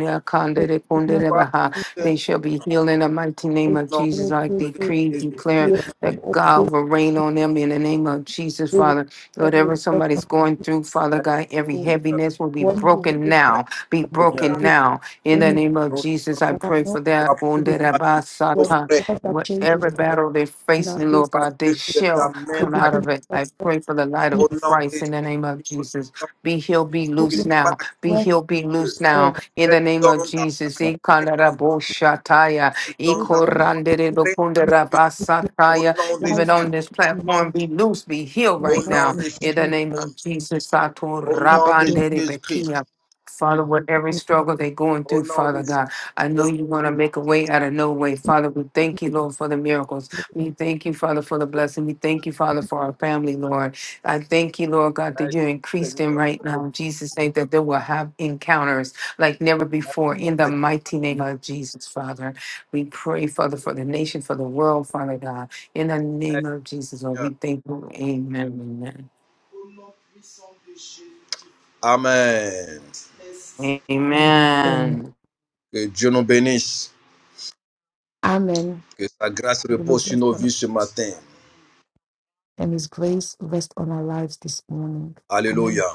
B: business
A: sois
E: their
A: ton seul.
E: they shall be healed in the mighty
A: Au
E: name of
A: nom
E: Jesus. I
A: précieux de
E: decree,
A: Jésus de
E: declare
A: Nazareth.
B: am
E: that
B: Optik
E: God will reign on them in the name of Jesus,
B: sowohl
E: Father. Whatever
B: haben Gott das
E: somebody's going through, Father God, every
B: so ist
A: Seigneur,
E: heaviness will be
B: one who
E: broken
B: waits
A: Père
E: now. Be broken
A: Seigneur,
E: now. In
B: in
E: the name of
A: nous te
E: Jesus, I
A: rendons
E: pray
B: no
E: for that.
A: gloire
B: it is
E: wounded
A: pour
E: Abba
A: nos
B: what
E: Satan.
A: familles,
B: God that changes
E: Whatever
A: pour
E: battle they're
B: and
A: nos frères,
B: that
E: facing,
B: is
E: Lord
A: parce
E: God, they
A: que tu les
E: shall
B: the
A: amènes
E: come
A: à
E: out
B: beginning
E: of it.
B: of
E: I pray for the light of
B: the
A: Au nom de
E: Christ in the name of
A: Jésus, nous
E: Jesus. Be healed, be
A: nous
E: loose
A: n'avons
B: hopeless
A: pas
E: now.
A: la crainte.
E: Be
B: word
E: healed, be loose
A: Tu
E: now
B: God
E: in
A: es
E: the name of
A: don d'avoir
E: Jesus.
A: la
B: God
A: crainte. Tu
E: Ikandaraboshataya,
A: es don d'avoir la crainte. Au
E: ikoranderebokundarabastataya.
A: nom de
E: Even
A: Jésus.
E: on
B: said
E: this
B: life
E: platform, be loose, be healed
B: in
A: Au
B: the
E: right
A: nom
E: now
A: de
E: in the
A: Jésus.
E: name of Jesus.
A: Au nom de Jésus-Christ.
E: Satorabanderebekia. Father, whatever struggle they're going
A: Au
E: through,
A: nom de
E: Father
A: Jésus.
E: God, I know you're going to make a way out of no way. Father, we thank you, Lord, for the miracles. We thank you, Father, for the blessing. We thank you, Father, for our family, Lord. I thank you, Lord God, that you increase them right now. In Jesus, name that they will have encounters like never before. In the mighty name of Jesus, Father, we pray, Father, for the nation, for the world, Father God. In the name of Jesus, Lord, we
A: Seigneur.
E: thank you. Amen.
A: Amen.
E: Amen.
B: Amen.
E: Amen.
A: Que Dieu nous bénisse.
B: Amen.
A: Que sa grâce
B: The Lord
A: repose sur
B: bless
A: nos
B: us
A: vies ce matin.
B: and his grace rest on our lives this morning. Amen.
A: Alléluia.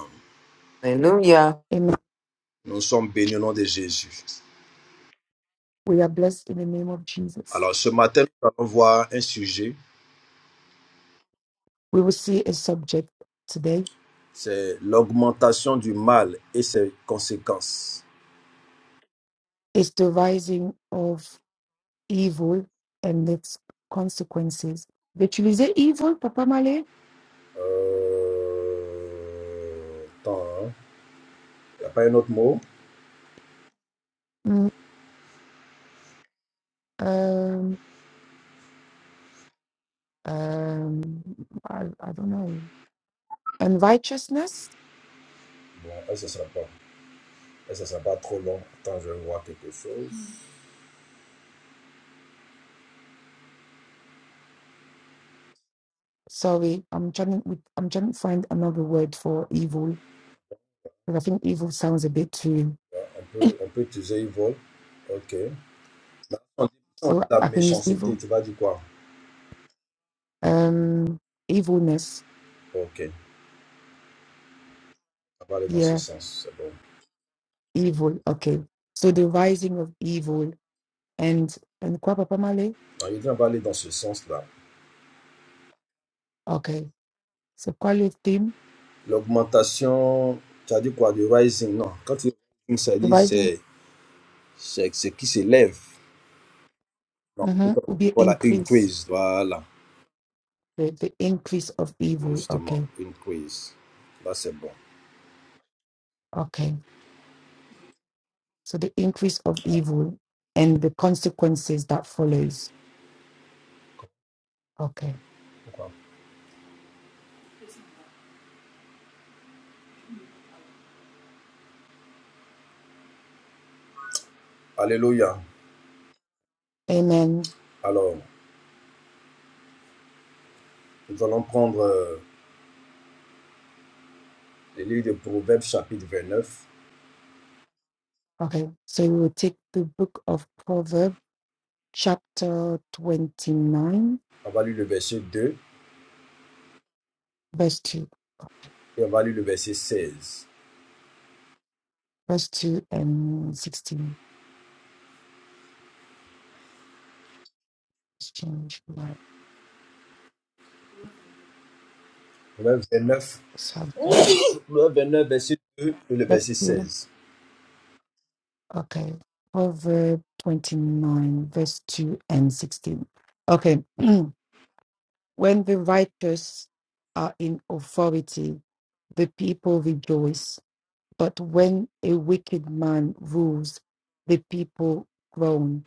E: Hallelujah.
B: Amen.
A: Nous sommes bénis au nom de Jésus.
B: We are blessed in the name of Jesus.
A: Alors ce matin, nous allons voir un sujet.
B: We will see a subject today
A: C'est l'augmentation du mal et ses conséquences.
B: It's the rising of evil and its consequences. D'utiliser evil, Papa Malé?
A: Euh... Attends, il hein. n'y a pas un autre mot
B: Mm, um, um, I, I don't know. Unrighteousness?
A: Bon, elle ne sera pas. Elle ne sera pas trop long. Attends, je vais voir quelque chose.
B: Sorry, I'm trying, with- I'm trying to find another word for evil. Because I think evil sounds a bit too.
A: On peut, on peut utiliser vol. Ok. On dit, on dit
B: So
A: la
B: I can use
A: méchanceté,
B: evil.
A: tu vas dire quoi
B: Um, evilness.
A: Ok. On va aller dans ce
B: Yeah,
A: sens. C'est bon.
B: evil. Okay. So the rising of evil and, and quoi, Papa Malé?
A: Non, je dis, on va aller dans ce sens-là.
B: Okay. So qual est le thème?
A: L'augmentation, tu as dit quoi Du rising Non. Quand tu dis ça dit,
B: Dividing
A: c'est c'est c'est qui s'élève. Non.
B: mhm, will be
A: Voilà, une
B: increase,
A: quiz. Voilà.
B: the, the increase of evil.
A: Justement,
B: Okay,
A: une quiz. Là, c'est bon.
B: okay. So the increase of evil and the consequences that follows. Okay,
A: Alléluia.
B: amen.
A: Alors, nous allons prendre euh, le livre de Proverbes chapitre 29.
B: Okay, so we will take the book of Proverbs, chapter 29,
A: On va lire le verset 2
B: verse 2,
A: et on va lire le verset 16.
B: verse 2 and 16. Let's change my
A: Proverbes 29,
B: sub.
A: Proverbe 29 <coughs> verset 2 et le
B: Let's
A: verset
B: do-
A: 16.
B: Okay, Proverbs 29, verse 2 and 16. Okay. <clears throat> When the righteous are in authority, the people rejoice. But when a wicked man rules, the people groan.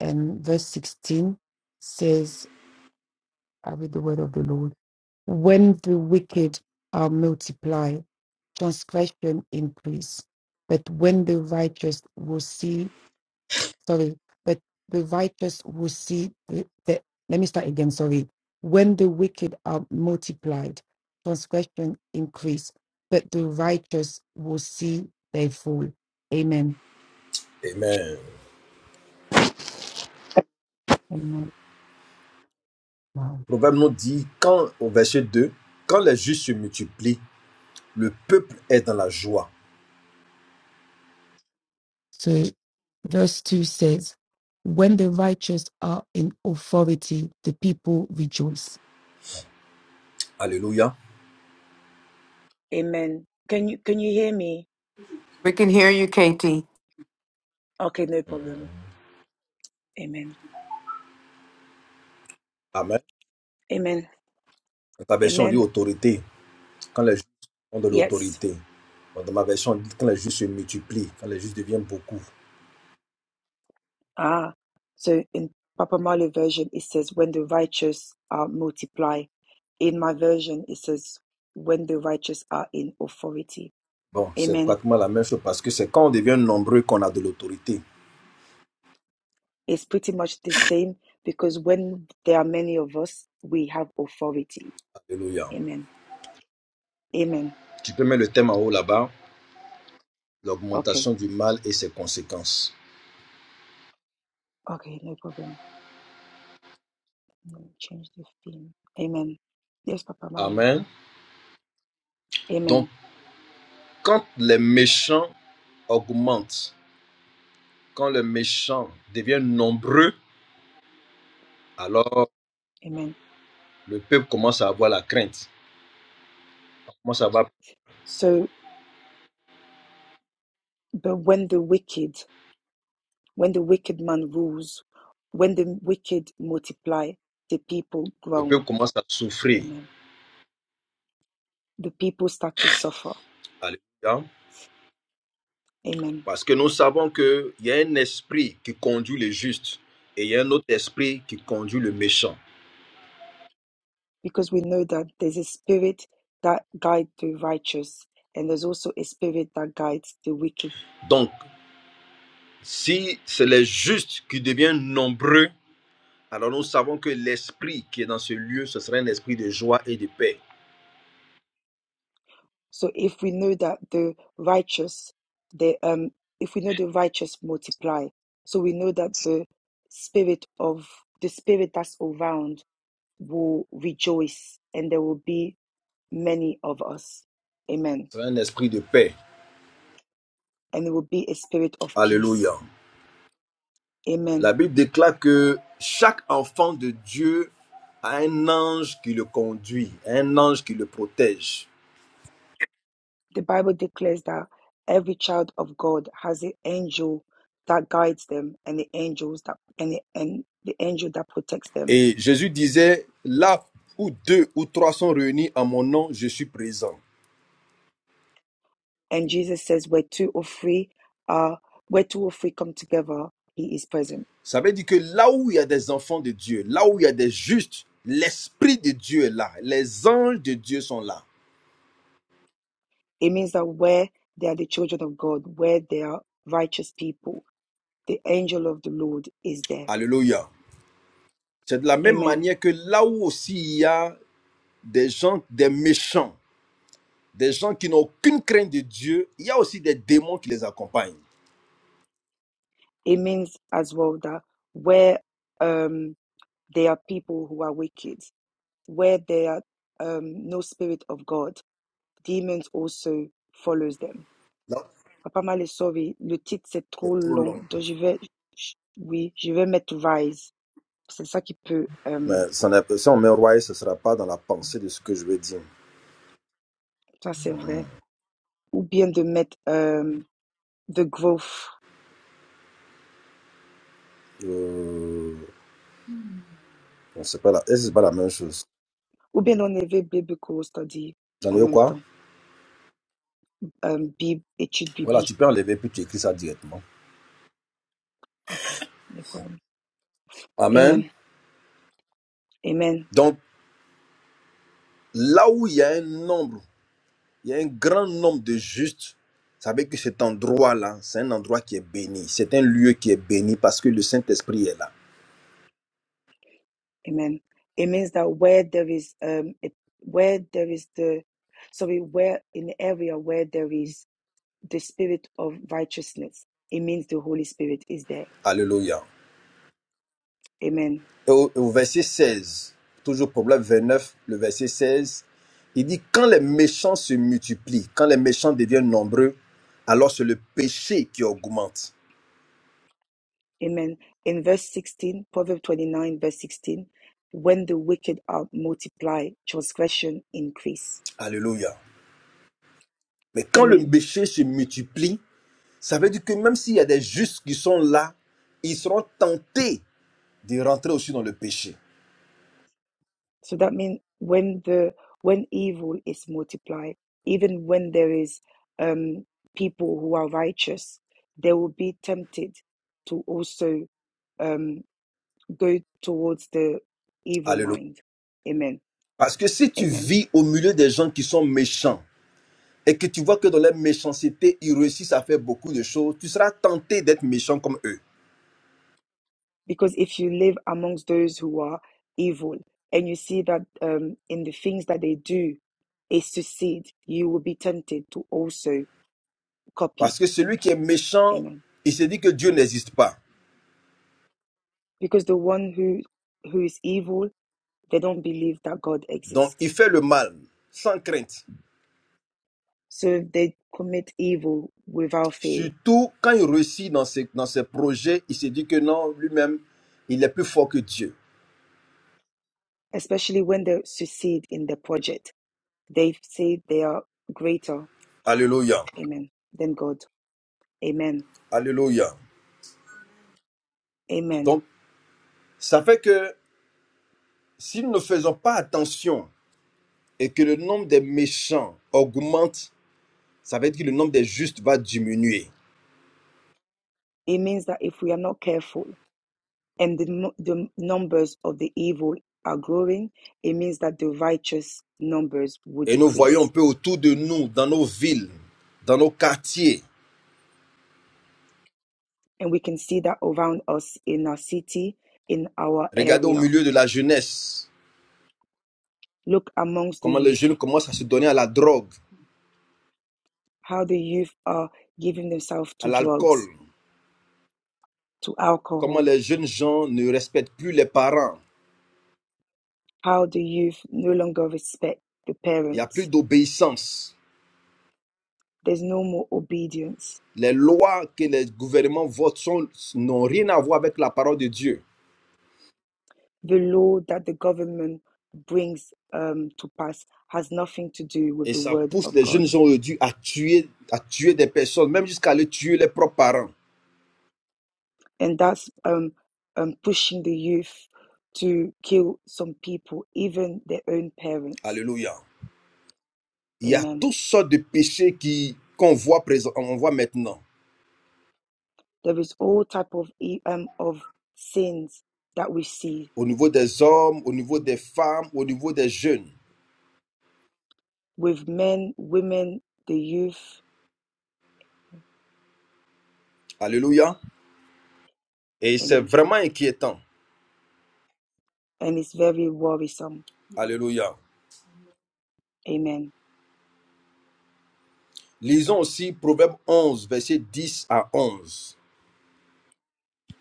B: And verse 16 says, I read the word of the Lord. When the wicked are multiplied, transgression increase. But when the righteous will see sorry, but the righteous will see the, the- let me start again, sorry. When the wicked are multiplied, transgression increase, but the righteous will see their fall. Amen.
A: Amen.
B: Amen. Wow.
A: Proverbe nous dit, quand, au verset 2, quand les justes se multiplient, le peuple est dans la joie.
B: So verse 2 says, When the righteous are in authority, the people rejoice.
A: Alléluia.
B: Can you hear me?
E: We can hear you, Katie.
B: Okay, no problem. Amen.
A: Amen.
B: Amen.
A: Dans ta version, on dit
B: Amen.
A: autorité. Quand les justes ont de
B: Yes.
A: l'autorité. Dans ma version, on dit quand les justes se multiplient, quand les justes deviennent beaucoup.
B: Ah, so in Papa Mali version, it says, when the righteous are multiply. In my version, it says, when the righteous are in authority.
A: Bon, c'est
B: Amen.
A: pratiquement la même chose parce que c'est quand on devient nombreux qu'on a de l'autorité.
B: It's pretty much the same because when there are many of us, we have authority.
A: Alléluia.
B: Amen. Amen.
A: Tu peux mettre le thème en haut là-bas,
B: Okay.
A: l'augmentation du mal et ses conséquences.
B: Okay, no problem. Let me change the theme. Amen. Yes, Papa Mali.
A: Amen. Donc,
B: Amen.
A: quand les méchants augmentent, quand les méchants deviennent nombreux, alors
B: Amen.
A: le peuple commence à avoir la crainte. On Commence à avoir-
B: So, but when the wicked When the wicked man rules, when the wicked multiply, the people
A: le peuple
B: groan.
A: commence à souffrir.
B: Amen. The people start to suffer.
A: Alléluia.
B: Amen.
A: Parce que nous savons qu'il y a un esprit qui conduit les justes et il y a un autre esprit qui conduit le méchant.
B: Because we know that there's a spirit that guides the righteous, and there's also a spirit that guides the wicked.
A: Donc, Si c'est les justes qui deviennent nombreux, alors nous savons que l'esprit qui est dans ce lieu, ce sera un esprit de joie et de paix.
B: So if we know that the righteous, the um, if we know the righteous multiply, so we know that the spirit of the spirit that's around will rejoice, and there will be many of us. Amen.
A: Ce sera un esprit de paix.
B: And it will be a spirit of
A: Alléluia.
B: peace. Amen.
A: La Bible déclare que chaque enfant de Dieu a un ange qui le conduit, un ange qui le protège.
B: The Bible declares that every child of God has an angel that guides them and the angels that and the, and the angel that protects them.
A: Et Jésus disait, là où deux ou trois sont réunis en mon nom, je suis présent.
B: And Jesus says where two or three are where two or three come together, he is present.
A: Ça veut dire que là où il y a des enfants de Dieu, là où il y a des justes, l'Esprit de Dieu est là, les anges de Dieu sont là.
B: It means that where they are the children of God, where they are righteous people, the angel of the Lord is there.
A: Alléluia. C'est de la même
B: Amen.
A: manière que là où aussi il y a des gens, des méchants, des gens qui n'ont aucune crainte de Dieu, il y a aussi des démons qui les accompagnent.
B: It means as well that where um They are people who are wicked. Where there are um, no spirit of God, demons also follows them.
A: Non,
B: Papa Malé, sorry, le titre c'est trop
A: c'est trop
B: long,
A: long.
B: donc je vais, oui, je vais mettre rise. C'est ça qui peut, euh,
A: Mais ça n'est pas- si on met Roy, ce ne sera pas dans la pensée de ce que je vais dire.
B: ça c'est vrai. Ou bien de mettre euh, the growth,
A: Euh, on sait pas la, et c'est pas la même chose.
B: ou bien d'enlever biblical study
A: J'en
B: en
A: ai eu
B: même
A: quoi
B: temps. Euh, Bib, étude
A: Voilà, tu
B: biblique.
A: peux enlever puis tu écris ça directement.
B: Ok, no problem.
A: Amen.
B: Amen. Amen.
A: Donc, là où il y a un nombre Il y a un grand nombre de justes. Savez que cet endroit-là, c'est un endroit qui est béni. C'est un lieu qui est béni parce que le Saint-Esprit est là.
B: Amen. It means that where there is um it, where there is the sorry, where in the area where there is the spirit of righteousness, it means the Holy Spirit is there.
A: Alléluia.
B: Amen.
A: Et au, au verset 16, toujours Proverbe neuf le verset 16, il dit, quand les méchants se multiplient, quand les méchants deviennent nombreux, alors c'est le péché qui augmente.
B: Amen. In verse 16, Proverbs 29, verse 16, when the wicked are multiplied, transgression increase.
A: Alléluia. Mais quand le
B: Amen.
A: péché se multiplie, ça veut dire que même s'il y a des justes qui sont là, ils seront tentés de rentrer aussi dans le péché.
B: So that means when the when evil is multiplied, even when there is um, people who are righteous, they will be tempted to also um, go towards the evil mind. Amen.
A: Parce que si tu
B: Amen.
A: vis au milieu des gens qui sont méchants et que tu vois que dans leur méchanceté, ils réussissent à faire beaucoup de choses, tu seras tenté d'être méchant comme eux.
B: Because if you live amongst those who are evil and you see that um, in the things that they do is to seed, you will be tempted to also copy.
A: Parce que celui qui est méchant,
B: Amen.
A: il se dit que Dieu n'existe pas.
B: Because the one who who is evil They don't believe that God
A: Donc
B: exists.
A: il fait le mal sans crainte.
B: So they commit evil without fear,
A: Surtout quand il réussit dans ses, dans ses projets, il se dit que non, lui-même, il est plus fort que Dieu.
B: especially when they succeed in the project. They say they are greater,
A: Alléluia.
B: amen, than God. Amen.
A: Alléluia.
B: Amen.
A: Donc ça fait que si nous ne faisons pas attention et que le nombre des méchants augmente, ça veut dire que le nombre des justes va diminuer.
B: It means that if we are not careful and the, the numbers of the evil are growing, it means that the righteous numbers will
A: Et nous voyons un
B: decrease.
A: peu autour de nous, dans nos villes, dans nos quartiers,
B: And we can see that around us in our city, in our
A: regardez au
B: area.
A: milieu de la jeunesse,
B: Look amongst the
A: comment les
B: youth.
A: jeunes commencent à se donner à la drogue,
B: how the youth are giving themselves
A: à
B: to
A: l'alcool,
B: drugs, to
A: comment
B: alcohol,
A: les jeunes gens ne respectent plus les parents,
B: how the youth no longer respect the
A: il n'y a plus
B: parents.
A: d'obéissance.
B: There's no more obedience.
A: Les lois que les gouvernements votent sont- n'ont rien à voir avec la parole de Dieu.
B: The law that the government brings um, to pass has nothing to do with
A: Et
B: the
A: ça
B: word
A: pousse
B: of
A: les jeunes
B: God.
A: gens aujourd'hui à tuer, à tuer des personnes, même jusqu'à aller tuer les propres parents.
B: And that's um, um, pushing the youth to kill some people, even their own parents.
A: Alléluia. Il y a
B: Amen.
A: toutes sortes de péchés qui qu'on voit présent, on voit maintenant
B: There is all type of e- um, of sins that we see.
A: au niveau des hommes, au niveau des
B: Amen.
A: femmes, au niveau des jeunes.
B: with men, women, the youth.
A: Alléluia. Et c'est
B: Amen.
A: vraiment inquiétant.
B: And it's very worrisome.
A: Alléluia.
B: Amen.
A: Lisons aussi Proverbe 11 verset 10 à 11.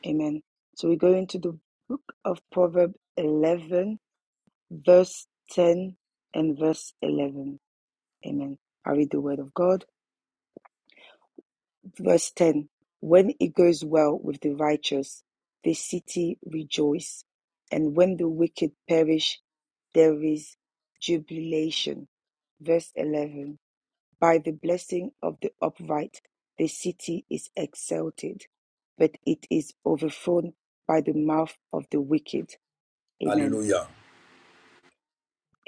B: Amen. So we go into the book of Proverbs 11, verse 10 and verse 11. Amen. I read the word of God. Verse 10 When it goes well with the righteous, the city rejoices, And when the wicked perish, there is jubilation. Verse 11 By the blessing of the upright, the city is exalted, but it is overthrown by the mouth of the wicked. Amen.
A: Alléluia.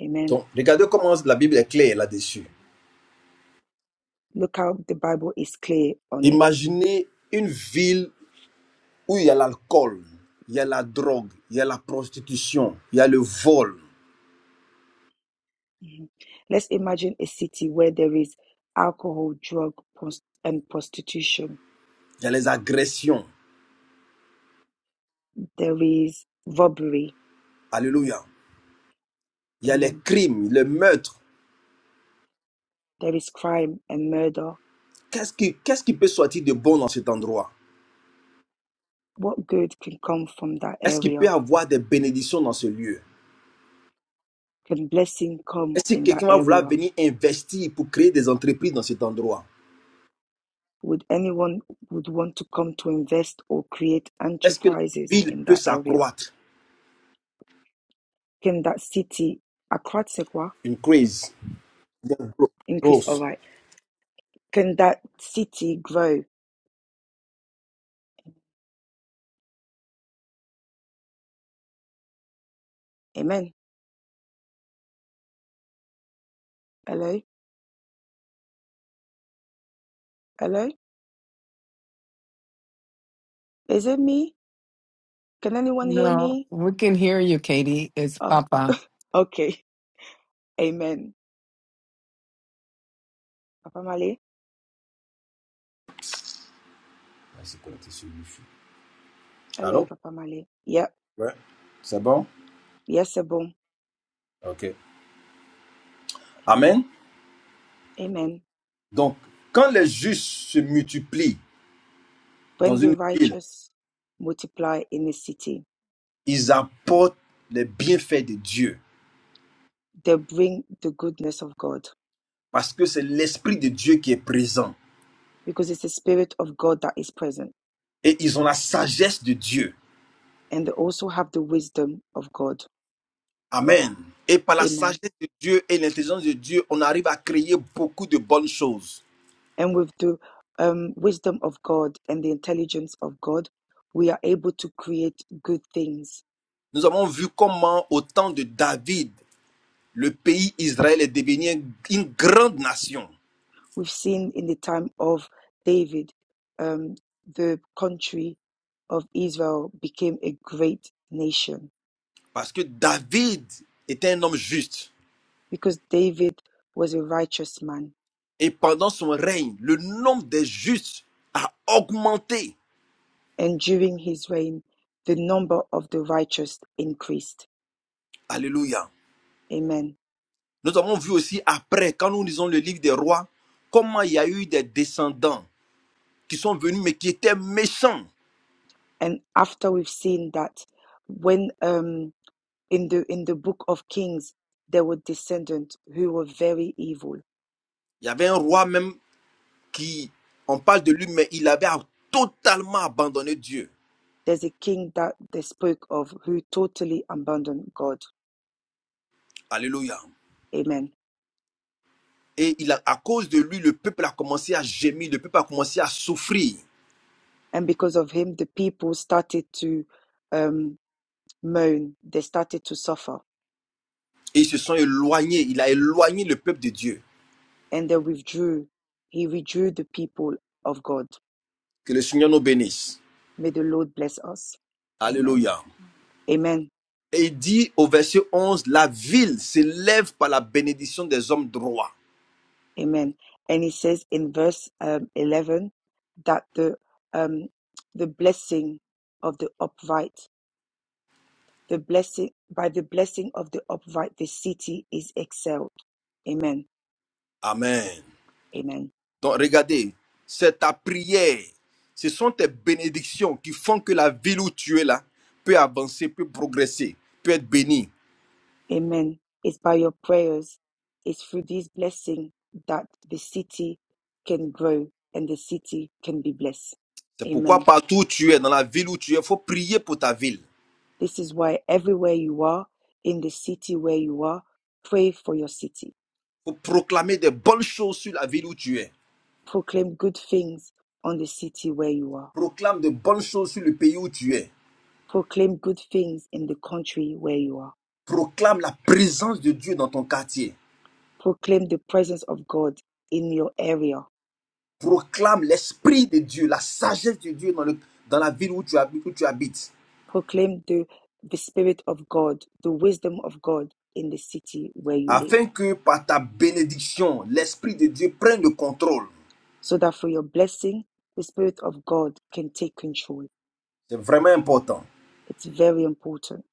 B: Amen.
A: Donc, regardez comment la Bible est claire là-dessus.
B: Look how the Bible is clear on it.
A: Imaginez une ville où il y a l'alcool, il y a la drogue, il y a la prostitution, il y a le vol,
B: Mhm. Let's imagine a city where there is alcohol, drug, pros- and prostitution.
A: il y a les agressions.
B: There is robbery.
A: Alléluia. Il y a les
B: Amen.
A: crimes, les meurtres.
B: There is crime and murder.
A: Qu'est-ce qui, qu'est-ce qui peut sortir de bon dans cet endroit
B: What good can come from that
A: Est-ce qu'il peut y
B: area?
A: avoir des bénédictions dans ce lieu
B: Can blessing come
A: Est-ce que
B: in that
A: quelqu'un va vouloir
B: area?
A: venir investir pour créer des entreprises dans cet endroit
B: Would anyone would want to come to invest or create
A: Est-ce que la
B: enterprises
A: ville
B: in
A: peut
B: that area?
A: s'accroître
B: Can that city Accra tu
A: Une Increase.
B: increase? All
A: Growth.
B: right. Can that city grow? Amen. Hello? Hello? Is it me? Can anyone hear
E: No,
B: me?
E: we can hear you, Katie. It's
B: Oh,
E: Papa.
B: okay. <laughs> Amen. Papa Mali?
A: Ah, c'est connecté sur Wi-Fi.
B: Hello,
A: Allô
B: Papa Mali. Yep.
A: Ouais, C'est bon
B: Yes, sir, boom.
A: ok.
B: Amen.
A: Amen.
B: Amen.
A: Donc, quand les justes se multiplient dans
B: When the
A: une ville,
B: righteous multiply in a city,
A: ils apportent les bienfaits de Dieu
B: they bring the goodness of God
A: parce que c'est l'Esprit de Dieu qui est présent
B: because it's the Spirit of God that is present
A: et ils ont la sagesse de Dieu.
B: and they also have the wisdom of God.
A: Amen. Et par la
B: Amen.
A: sagesse de Dieu et l'intelligence de Dieu, on arrive à créer beaucoup de bonnes choses.
B: And with the um, wisdom of God and the intelligence of God, we are able to create good things.
A: Nous avons vu comment au temps de David, le pays Israël est devenu une grande nation.
B: We've seen in the time of David, um, the country of Israel became a great nation
A: Parce que David était un homme juste.
B: because David was a righteous man.
A: Et pendant son règne, le nombre des justes a augmenté.
B: And during his reign, the number of the righteous increased.
A: Alléluia.
B: Amen.
A: Nous avons vu aussi après, quand nous lisons le livre des rois, comment il y a eu des descendants qui sont venus mais qui étaient méchants.
B: And after we've seen that, when um, in the in the book of kings there were descendants who were very evil
A: Il y avait un roi même qui, on parle de lui, mais il avait totalement abandonné Dieu.
B: there's a king that they spoke of who totally abandoned god
A: Alléluia.
B: amen
A: Et il a, à cause de lui, le peuple a commencé à gémir, le peuple a commencé à souffrir.
B: and because of him the people started to um, moan they started to suffer
A: Et ils se sont éloignés, il a éloigné le peuple de Dieu.
B: and they withdrew he withdrew the people of god
A: Que le Seigneur nous bénisse.
B: may the lord bless us amen
A: Alléluia.
B: amen
A: Et il dit au verset 11, la ville s'élève par la bénédiction des hommes droits.
B: amen and he says in verse um, 11 that the um, the blessing of the upright The blessing by the blessing of the upright the city is excelled. Amen.
A: Amen.
B: Amen.
A: Donc regardez, c'est ta prière, ce sont tes bénédictions qui font que la ville où tu es là peut avancer, peut progresser, peut être bénie.
B: Amen. It's by your prayers, it's through this blessing that the city can grow and the city can be blessed.
A: C'est pourquoi
B: Amen.
A: partout où tu es, dans la ville où tu es, il faut prier pour ta ville. Il
B: This is why everywhere you are, in the city where you are, pray for your city.
A: faut proclamer des bonnes choses sur la ville où tu es.
B: Proclaim good things on the city where you are.
A: Proclame de bonnes choses sur le pays où tu es.
B: Proclaim good things in the country where you are.
A: Proclame la présence de Dieu dans ton quartier.
B: Proclaim the presence of God in your area.
A: Proclame l'esprit de Dieu, la sagesse de Dieu dans, le- dans la ville où tu, habites, où tu habites.
B: Proclaim the, the Spirit of God, the wisdom of God in the city where you live,
A: Afin que par ta bénédiction, l'esprit de Dieu prenne le contrôle.
B: so that for your blessing, the Spirit of God can take control.
A: C'est vraiment important.
B: It's very important.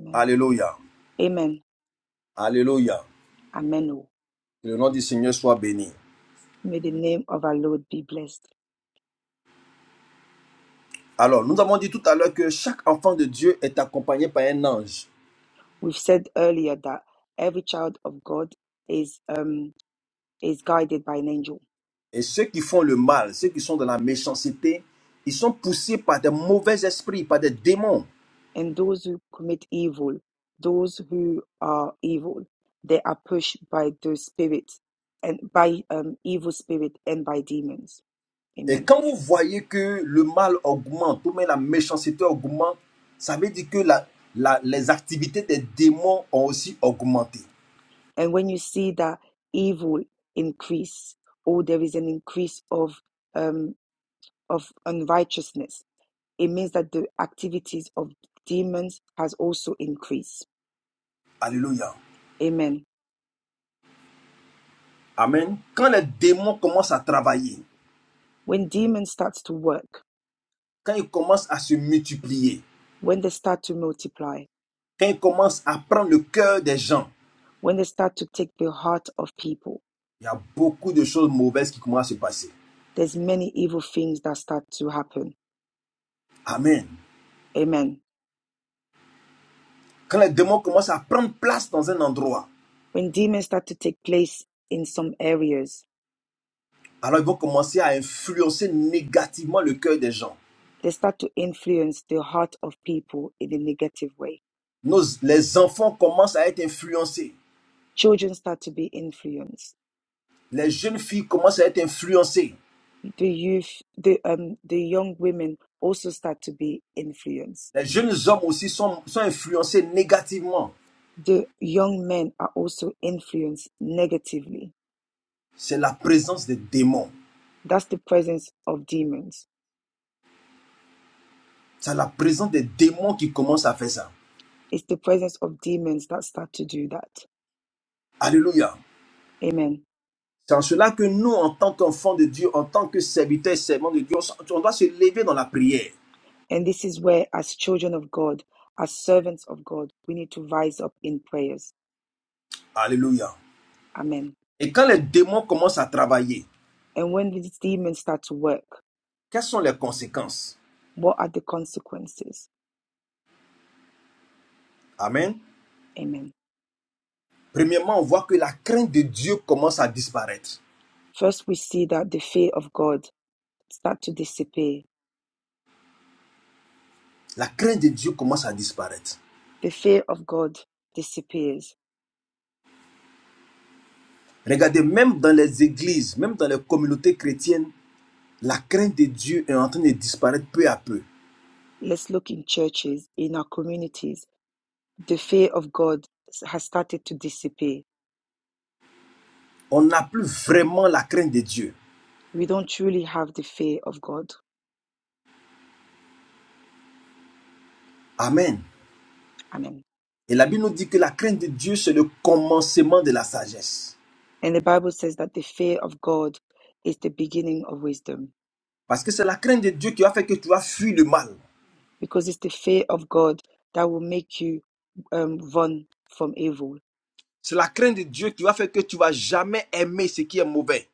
B: Amen.
A: Alléluia.
B: Amen.
A: Alléluia.
B: Amen. oh.
A: Que le nom du Seigneur soit béni.
B: May the name of our Lord be blessed.
A: Alors, nous avons dit tout à l'heure que chaque enfant de Dieu est accompagné par un ange.
B: We've said earlier that every child of God is um, is guided by an angel
A: Et ceux qui font le mal, ceux qui sont dans la méchanceté, ils sont poussés par des mauvais esprits, par des démons.
B: and those who commit evil, those who are evil, they are pushed by the spirits and by um, evil spirit and by demons.
A: Et
B: Amen.
A: quand vous voyez que le mal augmente, ou même la méchanceté augmente, ça veut dire que la- la- les activités des démons ont aussi augmenté.
B: And when you see that evil increase, or there is an increase of um, of unrighteousness, it means that the activities of demons has also increased.
A: Alléluia.
B: Amen.
A: Amen. Quand les démons commencent à travailler,
B: When demons starts to work,
A: quand ils commencent à se multiplier,
B: when they start to multiply,
A: quand ils commencent à prendre le cœur des gens,
B: when they start to take the heart of people,
A: il y a beaucoup de choses mauvaises qui commencent à se passer.
B: there's many evil things that start to happen.
A: Amen.
B: Amen.
A: Quand les démons commencent à prendre place dans un endroit,
B: When demons start to take place in some areas,
A: alors ils vont commencer à influencer négativement le cœur des gens.
B: they start to influence the heart of people in a negative way.
A: Nos, les enfants commencent à être influencés.
B: Children start to be influenced.
A: Les jeunes filles commencent à être influencées.
B: The youth, the um, the young women also start to be influenced.
A: Les jeunes hommes aussi sont, sont influencés négativement.
B: The young men are also influenced negatively.
A: C'est la présence des démons.
B: That's the presence of demons.
A: C'est la présence des démons qui commence à faire ça.
B: It's the presence of demons that start to do that.
A: Alléluia.
B: Amen.
A: C'est en cela que nous, en tant qu'enfants de Dieu, en tant que serviteurs et servants de Dieu, on doit se lever dans la prière.
B: And this is where, as children of God, as servants of God, we need to rise up in prayers.
A: Alléluia.
B: Amen.
A: Et quand les démons commencent à travailler,
B: And when these demons start to work,
A: quelles sont les conséquences
B: what are the consequences?
A: Amen.
B: Amen.
A: Premièrement, on voit que la crainte de Dieu commence à disparaître.
B: First, we see that the fear of God start to disappear.
A: La crainte de Dieu commence à disparaître.
B: The fear of God disappears.
A: Regardez, même dans les églises, même dans les communautés chrétiennes, la crainte de Dieu est en train de disparaître peu à peu.
B: Let's look in churches, in our communities. The fear of God has started to disappear.
A: On n'a plus vraiment la crainte de Dieu.
B: We don't truly have the fear of God.
A: Amen.
B: Amen.
A: Et la Bible nous dit que la crainte de Dieu, c'est le commencement de la sagesse.
B: And the Bible says that the fear of God is the beginning of wisdom
A: Parce que c'est la crainte de Dieu qui va faire que tu vas fuir le mal.
B: because it's the fear of God that will make you um, run from evil.
A: C'est la crainte de Dieu qui va faire que tu vas jamais aimer ce qui est mauvais.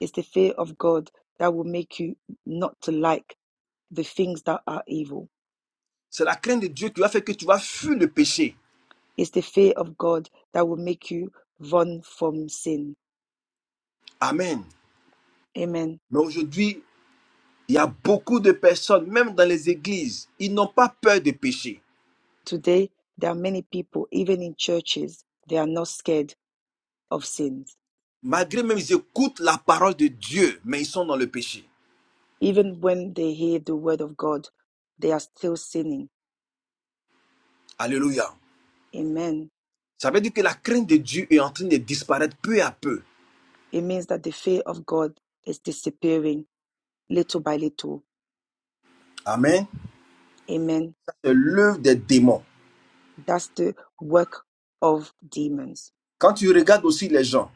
B: It's the fear of God that will make you not to like the things that are evil.
A: C'est la crainte de Dieu qui va faire que tu vas fuir le péché.
B: It's the fear of God that will make you run from sin.
A: Amen.
B: Amen.
A: Mais aujourd'hui, Il y a beaucoup de personnes, même dans les églises, ils n'ont pas peur de pécher.
B: Today, there are many people, even in churches, they are not scared of sins.
A: Malgré même, ils écoutent la parole de Dieu, mais ils sont dans le péché.
B: Even when they hear the word of God, they are still sinning.
A: Alléluia.
B: Amen.
A: Ça veut dire que la crainte de Dieu est en train de disparaître peu à peu.
B: It means that the fear of God is disappearing little by little.
A: Amen.
B: Amen
A: C'est l'œuvre des démons.
B: That's the work of demons.
A: Quand tu regardes aussi les gens,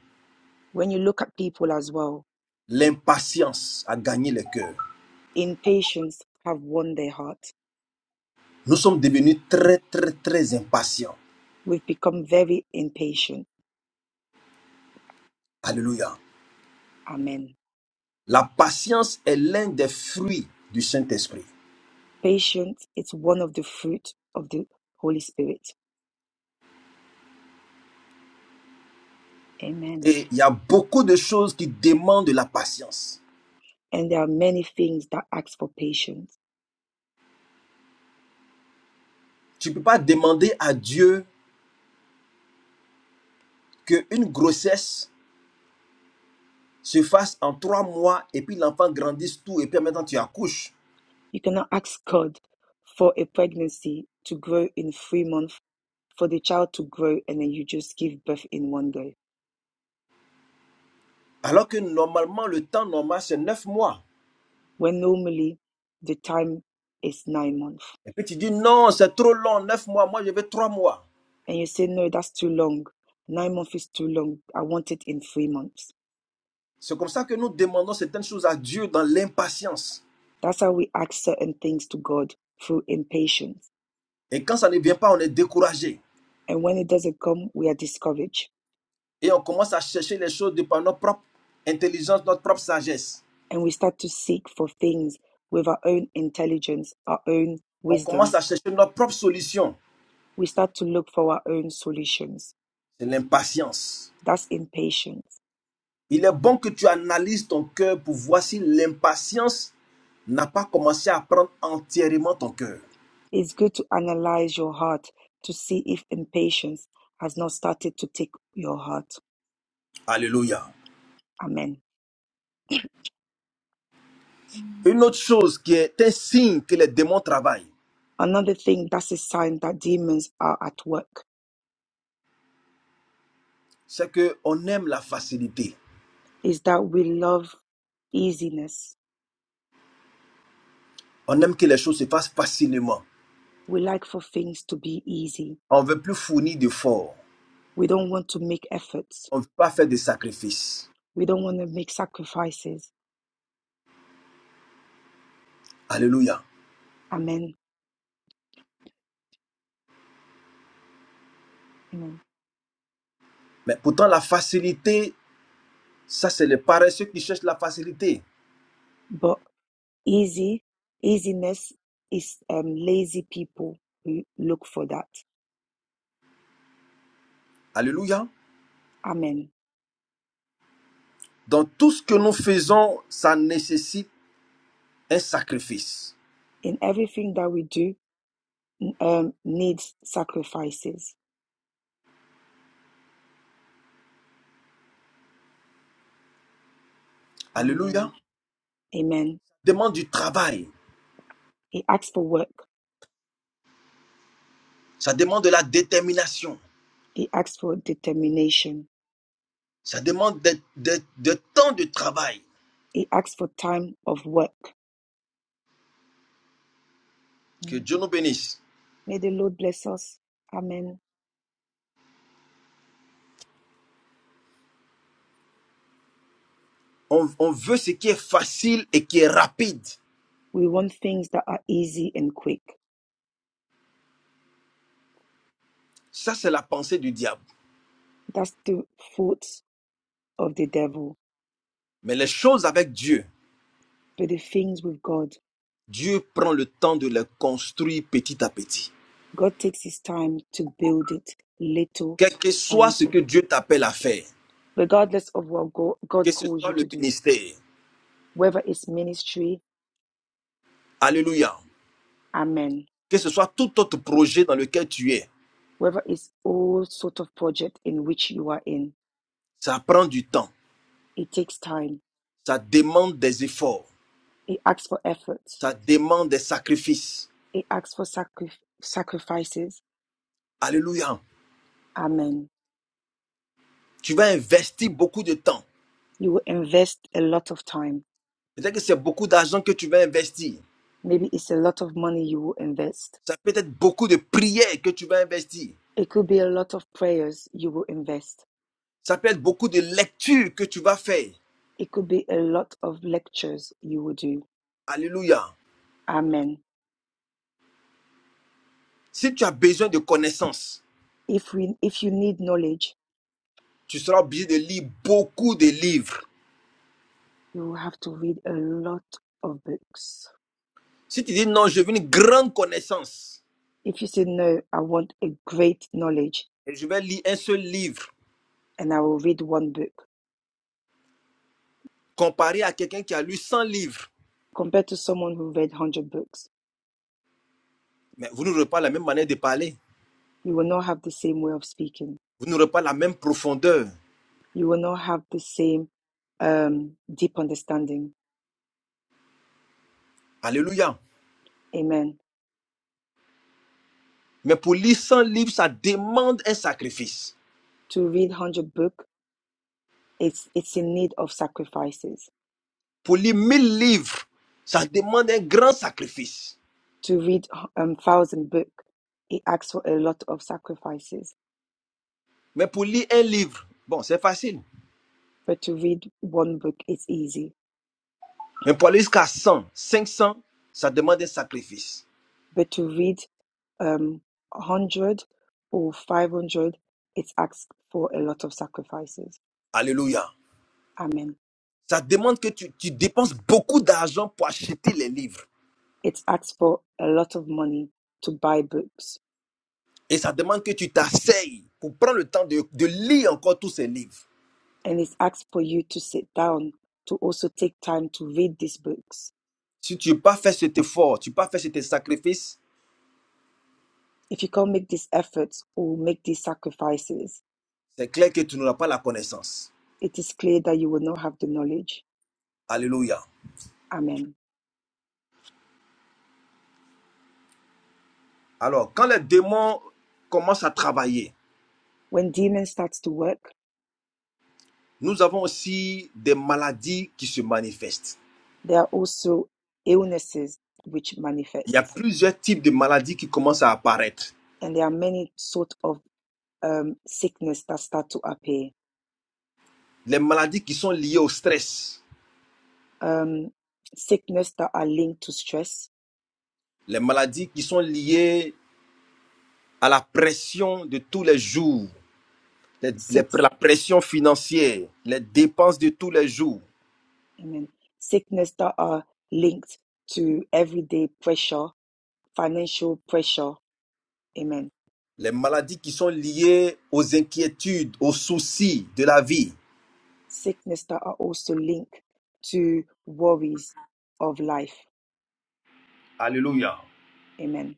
B: When you look at people as well,
A: l'impatience a gagné les cœurs.
B: impatience have won their heart.
A: Nous sommes devenus très, très, très impatients.
B: We've become very impatient.
A: Alléluia.
B: Amen.
A: La patience est l'un des fruits du Saint-Esprit.
B: Patience its one of the fruit of the Holy Spirit. Amen.
A: Et il y a beaucoup de choses qui demandent de la patience.
B: And there are many things that ask for patience.
A: Tu ne peux pas demander à Dieu qu'une grossesse se fasse en trois mois et puis l'enfant grandisse tout et puis maintenant tu accouches.
B: You cannot ask God for a pregnancy to grow in three months, for the child to grow, and then you just give birth in one day.
A: Alors que normalement, le temps normal, c'est neuf mois.
B: When normally the time is nine months.
A: Et puis tu dis non, c'est trop long, neuf mois, moi je veux trois mois.
B: and you say, no, that's too long. Nine months is too long. I want it in three months.
A: C'est comme ça que nous demandons certaines choses à Dieu dans l'impatience.
B: That's how we ask certain things to God through impatience.
A: Et quand ça ne vient pas, on est découragé.
B: And when it doesn't come, we are discouraged
A: Et on commence à chercher les choses de par notre propre intelligence, notre propre sagesse.
B: and we start to seek for things with our own intelligence, our own
A: On commence
B: wisdom.
A: à chercher notre propre solution.
B: We start to look for our own solutions.
A: C'est l'impatience.
B: That's impatience.
A: Il est bon que tu analyses ton cœur pour voir si l'impatience n'a pas commencé à prendre entièrement ton cœur.
B: It's good to analyze your heart to see if impatience has not started to take your heart.
A: Alléluia.
B: Amen.
A: Une autre chose qui est un signe que les démons travaillent,
B: Another thing that's a sign that demons are at work
A: c'est qu'on aime la facilité.
B: is that we love easiness.
A: On aime que les choses se fassent facilement.
B: We like for things to be easy.
A: On ne veut plus fournir d'efforts.
B: We don't want to make efforts.
A: On ne veut pas faire de sacrifices.
B: We don't want to make sacrifices.
A: Alléluia.
B: Amen. Amen.
A: Mais pourtant, la facilité, ça, c'est les paresseux qui cherchent la facilité.
B: But easy, easiness is um, lazy people who look for that.
A: Alléluia.
B: Amen.
A: Dans tout ce que nous faisons, ça nécessite un sacrifice.
B: In everything that we do, um, needs sacrifices.
A: Alléluia.
B: Amen. Amen.
A: demande du travail,
B: He asks for work.
A: ça demande de la détermination,
B: He asks for determination.
A: ça demande de, de- de temps de travail.
B: He asks for time of work.
A: Que
B: Hmm.
A: Dieu nous bénisse.
B: May the Lord bless us. Amen.
A: On, on veut ce qui est facile et qui est rapide.
B: We want things that are easy and quick.
A: Ça, c'est la pensée du diable.
B: That's the fault of the devil.
A: Mais les choses avec Dieu,
B: But the things with God,
A: Dieu prend le temps de les construire petit à petit.
B: God takes his time to build it little
A: Quel que
B: by
A: soit ce que
B: little,
A: Dieu t'appelle à faire,
B: regardless of what
A: que
B: God
A: ce
B: calls
A: soit
B: you
A: le
B: to do,
A: ministère,
B: whether it's ministry,
A: alléluia,
B: amen,
A: que ce soit tout autre projet dans lequel tu es,
B: whether it's all sort of project in which you are in.
A: ça prend du temps,
B: It takes time.
A: ça demande des efforts,
B: It asks for effort.
A: ça demande des sacrifices.
B: It asks for sacri- sacrifices.
A: Alléluia.
B: Amen.
A: Tu vas investir beaucoup de temps.
B: You will invest a lot of time
A: Peut-être que c'est beaucoup d'argent que tu vas investir.
B: Maybe it's a lot of money you will invest.
A: Ça peut être beaucoup de prières que tu vas investir.
B: It could be a lot of prayers you will invest.
A: Ça peut être beaucoup de lectures que tu vas faire.
B: It could be a lot of lectures you will do.
A: Alléluia.
B: Amen.
A: Si tu as besoin de connaissances,
B: If we if you need knowledge,
A: tu seras obligé de lire beaucoup de livres.
B: you will have to read a lot of books.
A: Si tu dis non, je veux une grande connaissance
B: If you say no, I want a great knowledge
A: et je vais lire un seul livre
B: and I will read one book
A: comparé à quelqu'un qui a lu 100 livres,
B: compared to someone who read 100 books,
A: mais vous n'aurez pas la même manière de parler.
B: you will not have the same way of speaking.
A: Vous n'aurez pas la même profondeur.
B: You will not have the same um, deep understanding.
A: Alléluia.
B: Amen.
A: Mais pour lire 100 livres, ça demande un sacrifice.
B: To read 100 books it's it's in need of sacrifices.
A: Pour lire 1000 livres, ça demande un grand sacrifice.
B: To read a um thousand book, it asks for a lot of sacrifices.
A: Mais pour lire un livre, bon, c'est facile.
B: But to read one book, it's easy.
A: Mais pour aller jusqu'à cent, cinq cents, ça demande un sacrifice.
B: But to read um one hundred or five hundred, it asks for a lot of sacrifices.
A: Alléluia.
B: Amen.
A: Ça demande que tu, tu dépenses beaucoup d'argent pour acheter les livres.
B: It asks for a lot of money to buy books,
A: Et ça demande que tu t'asseyes pour prendre le temps de, de lire encore tous ces livres.
B: and it asks for you to sit down to also take time to read these books.
A: Si tu n'as pas fait cet effort, tu n'as pas fait cet sacrifice,
B: If you can't make these efforts or make these sacrifices,
A: c'est clair que tu n'auras pas la connaissance.
B: it is clear that you will not have the knowledge.
A: Alléluia.
B: Amen.
A: Alors, quand les démons commencent à travailler,
B: When demons start to work,
A: nous avons aussi des maladies qui se manifestent.
B: there are also illnesses which
A: Il y a
B: manifest,
A: plusieurs types de maladies qui commencent à apparaître.
B: and there are many sort of um, sickness that start to appear.
A: Les maladies qui sont liées au stress,
B: Um, sickness that are linked to stress,
A: les maladies qui sont liées à la pression de tous les jours, les-
B: sick,
A: les- la pression financière, les dépenses de tous les jours,
B: amen. Sickness that are linked to everyday pressure, financial pressure, amen.
A: les maladies qui sont liées aux inquiétudes, aux soucis de la vie.
B: Sickness that are also linked to worries of life,
A: Alléluia.
B: amen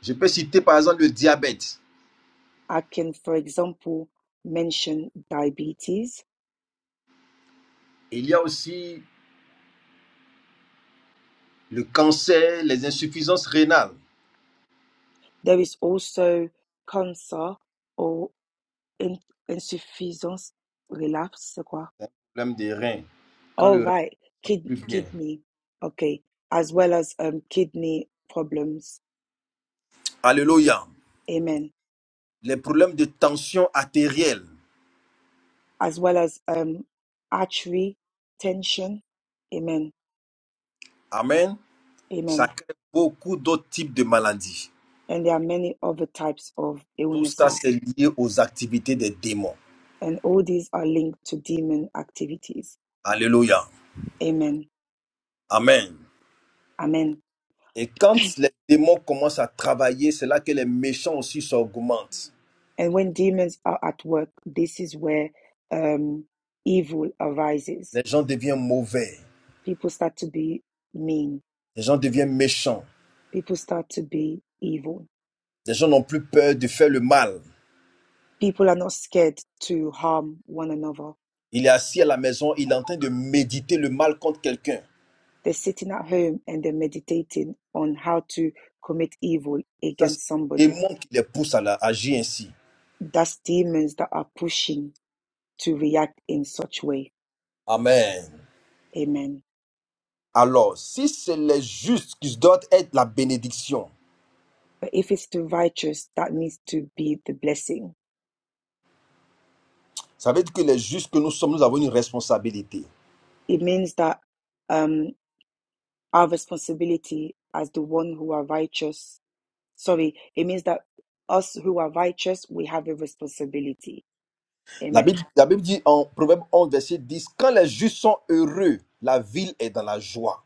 A: Je peux citer par exemple le diabète.
B: I can, for example, mention diabetes.
A: Il y a aussi Le cancer, les insuffisances rénales,
B: There is also cancer or in, insuffisance relapse. c'est quoi?
A: c'est un problème des reins. Quand
B: Oh,
A: le rein
B: right.
A: ne va
B: Kid,
A: plus bien.
B: kidney. Okay. As well as um, kidney problems.
A: Alléluia.
B: Amen.
A: Les problèmes de tension artérielle.
B: As well as um, artery tension. Amen.
A: Amen. Ça
B: Amen.
A: crée beaucoup d'autres types de maladies.
B: And there are many other types of
A: Tout ça, c'est
B: illnesses.
A: lié aux activités des démons.
B: And all these are linked to demon activities.
A: Alléluia.
B: Amen.
A: Amen.
B: Amen.
A: Et quand les démons commencent à travailler, c'est là que les méchants aussi s'augmentent.
B: And when demons are at work, this is where um, evil arises.
A: Les gens deviennent mauvais.
B: People start to be mean.
A: Les gens deviennent méchants.
B: People start to be evil.
A: Les gens n'ont plus peur de faire le mal.
B: People are not scared to harm one another.
A: Il est assis à la maison, il est en train de méditer le mal contre quelqu'un.
B: They're sitting at home and they're meditating on how to commit evil
A: Ça, c'est
B: against
A: le
B: somebody.
A: démon qui les pousse à la- à agir ainsi.
B: That's demons that are pushing to react in such way.
A: Amen.
B: Amen.
A: Alors, si c'est les justes qui doivent être la bénédiction,
B: But if it's the righteous, that needs to be the blessing.
A: ça veut dire que les justes que nous sommes, nous avons une responsabilité.
B: It means that um, our responsibility as the one who are righteous. Sorry, it means that us who are righteous, we have a responsibility.
A: La
B: Amen.
A: Bible, la Bible dit en Proverbe 11 verset 10, Quand les justes sont heureux, la ville est dans la joie.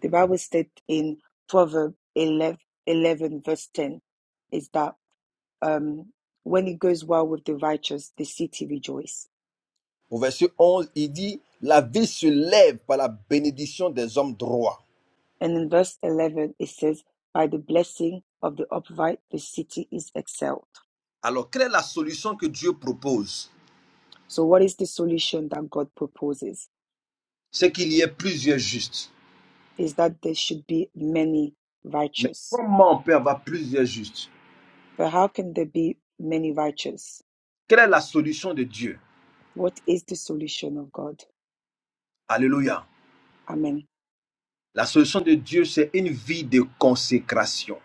B: The Bible states in Proverbs 11, verse 10 is that um, when it goes well with the righteous, the city rejoices.
A: Au verset 11, il dit, La ville se lève par la bénédiction des hommes droits.
B: And in verse 11, it says, by the blessing of the upright, the city is excelled.
A: Alors, quelle est la solution que Dieu propose
B: So what is the solution that God proposes?
A: C'est qu'il y ait plusieurs justes
B: Is that there should be many
A: Mais
B: righteous
A: comment on peut avoir plusieurs justes
B: But how can there be many righteous?
A: Quelle est la solution de Dieu
B: What is the solution of God?
A: Alléluia.
B: Amen.
A: La solution de Dieu, c'est une vie de consécration.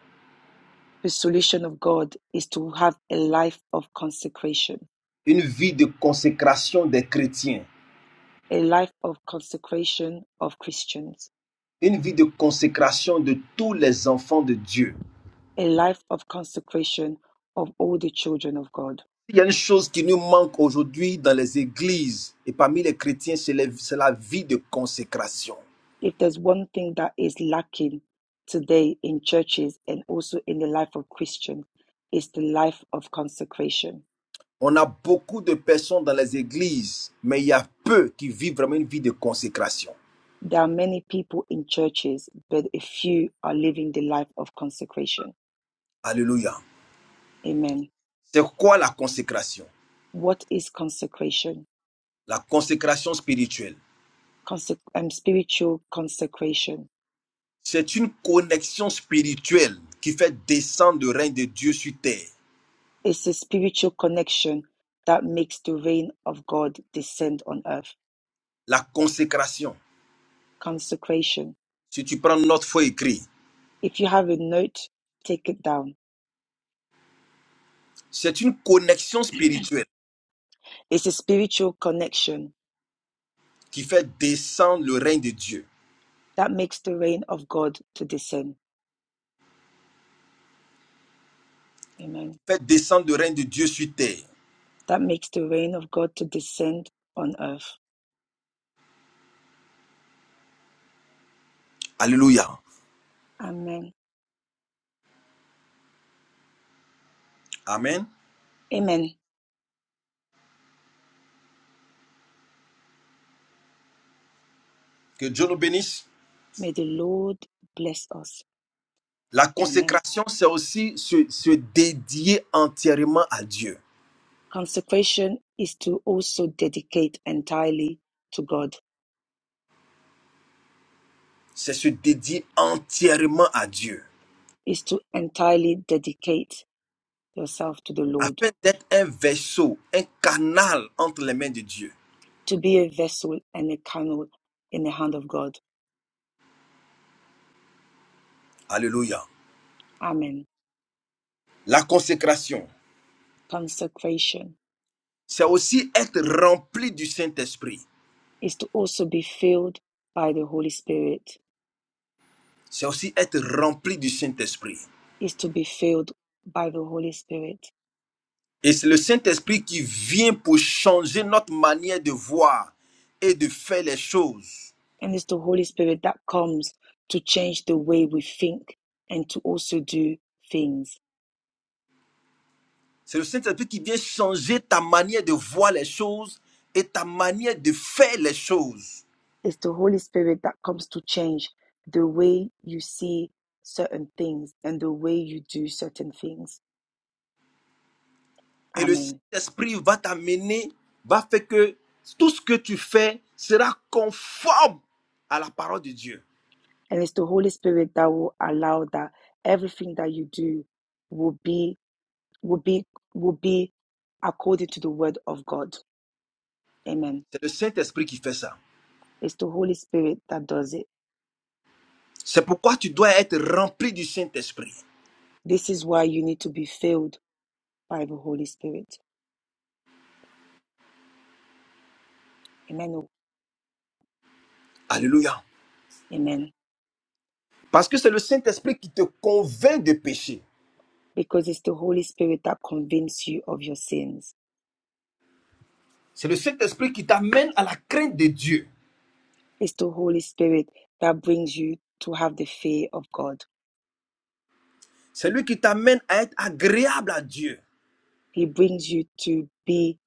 B: The solution of God is to have a life of consecration,
A: Une vie de consécration des chrétiens.
B: a life of consecration of Christians,
A: Une vie de consécration de tous les enfants de Dieu.
B: a life of consecration of all the children of God.
A: Il y a une chose qui nous manque aujourd'hui dans les églises et parmi les chrétiens, c'est les- c'est la vie de consécration.
B: If there's one thing that is lacking today in churches and also in the life of Christians, is the life of consecration.
A: On a beaucoup de personnes dans les églises, mais il y a peu qui vivent vraiment une vie de consécration.
B: There are many people in churches, but a few are living the life of consecration.
A: Alléluia.
B: Amen.
A: C'est quoi la consécration
B: What is consecration?
A: La consécration spirituelle.
B: Conse- um, spiritual consecration.
A: C'est une connexion spirituelle qui fait descendre le règne de Dieu sur terre.
B: It's a spiritual connection that makes the reign of God descend on earth.
A: La consécration.
B: Consecration.
A: Si tu prends notre foi écrite,
B: If you have a note, take it down.
A: c'est une connexion spirituelle
B: It's a spiritual connection
A: qui fait descendre le règne de Dieu.
B: that makes the reign of God to descend.
A: Qui
B: Amen.
A: fait descendre le règne de Dieu sur terre.
B: That makes the reign of God to descend on earth.
A: Alléluia.
B: Amen.
A: Amen.
B: Amen.
A: Que Dieu nous bénisse.
B: May the Lord bless us.
A: La
B: Amen.
A: consécration, c'est aussi se, se dédier entièrement à Dieu.
B: Consecration is to also dedicate entirely to God,
A: C'est se dédier entièrement à Dieu.
B: is to entirely dedicate yourself to the Lord,
A: afin d'être un vaisseau, un canal entre les mains de Dieu.
B: to be a vessel and a canal in the hand of God.
A: Alléluia.
B: Amen.
A: La consécration,
B: Consecration
A: c'est aussi être rempli du Saint-Esprit.
B: is to also be filled by the Holy Spirit,
A: C'est aussi être rempli du Saint-Esprit.
B: is to be filled by the Holy Spirit.
A: Et c'est le Saint-Esprit qui vient pour changer notre manière de voir et de faire les choses.
B: And it's the Holy Spirit that comes to change the way we think and to also do things
A: C'est le Saint-Esprit qui vient changer ta manière de voir les choses et ta manière de faire les choses.
B: It's the Holy Spirit that comes to change the way you see certain things and the way you do certain things.
A: Et le
B: Amen.
A: Saint-Esprit va t'amener, va faire que tout ce que tu fais sera conforme à la parole de Dieu.
B: And it's the Holy Spirit that will allow that everything that you do will be will be will be according to the word of God. Amen.
A: C'est le Saint-Esprit qui fait ça.
B: It's the Holy Spirit that does it.
A: C'est pourquoi tu dois être rempli du Saint-Esprit.
B: This is why you need to be filled by the Holy Spirit. Amen.
A: Alléluia.
B: Amen.
A: Parce que c'est le Saint-Esprit qui te convainc de péché.
B: Because it's the Holy Spirit that convinces you of your sins
A: C'est le Saint-Esprit qui t'amène à la crainte de Dieu.
B: It's the Holy Spirit that brings you to have the fear of God.
A: C'est lui qui t'amène à être agréable à Dieu.
B: He brings you to be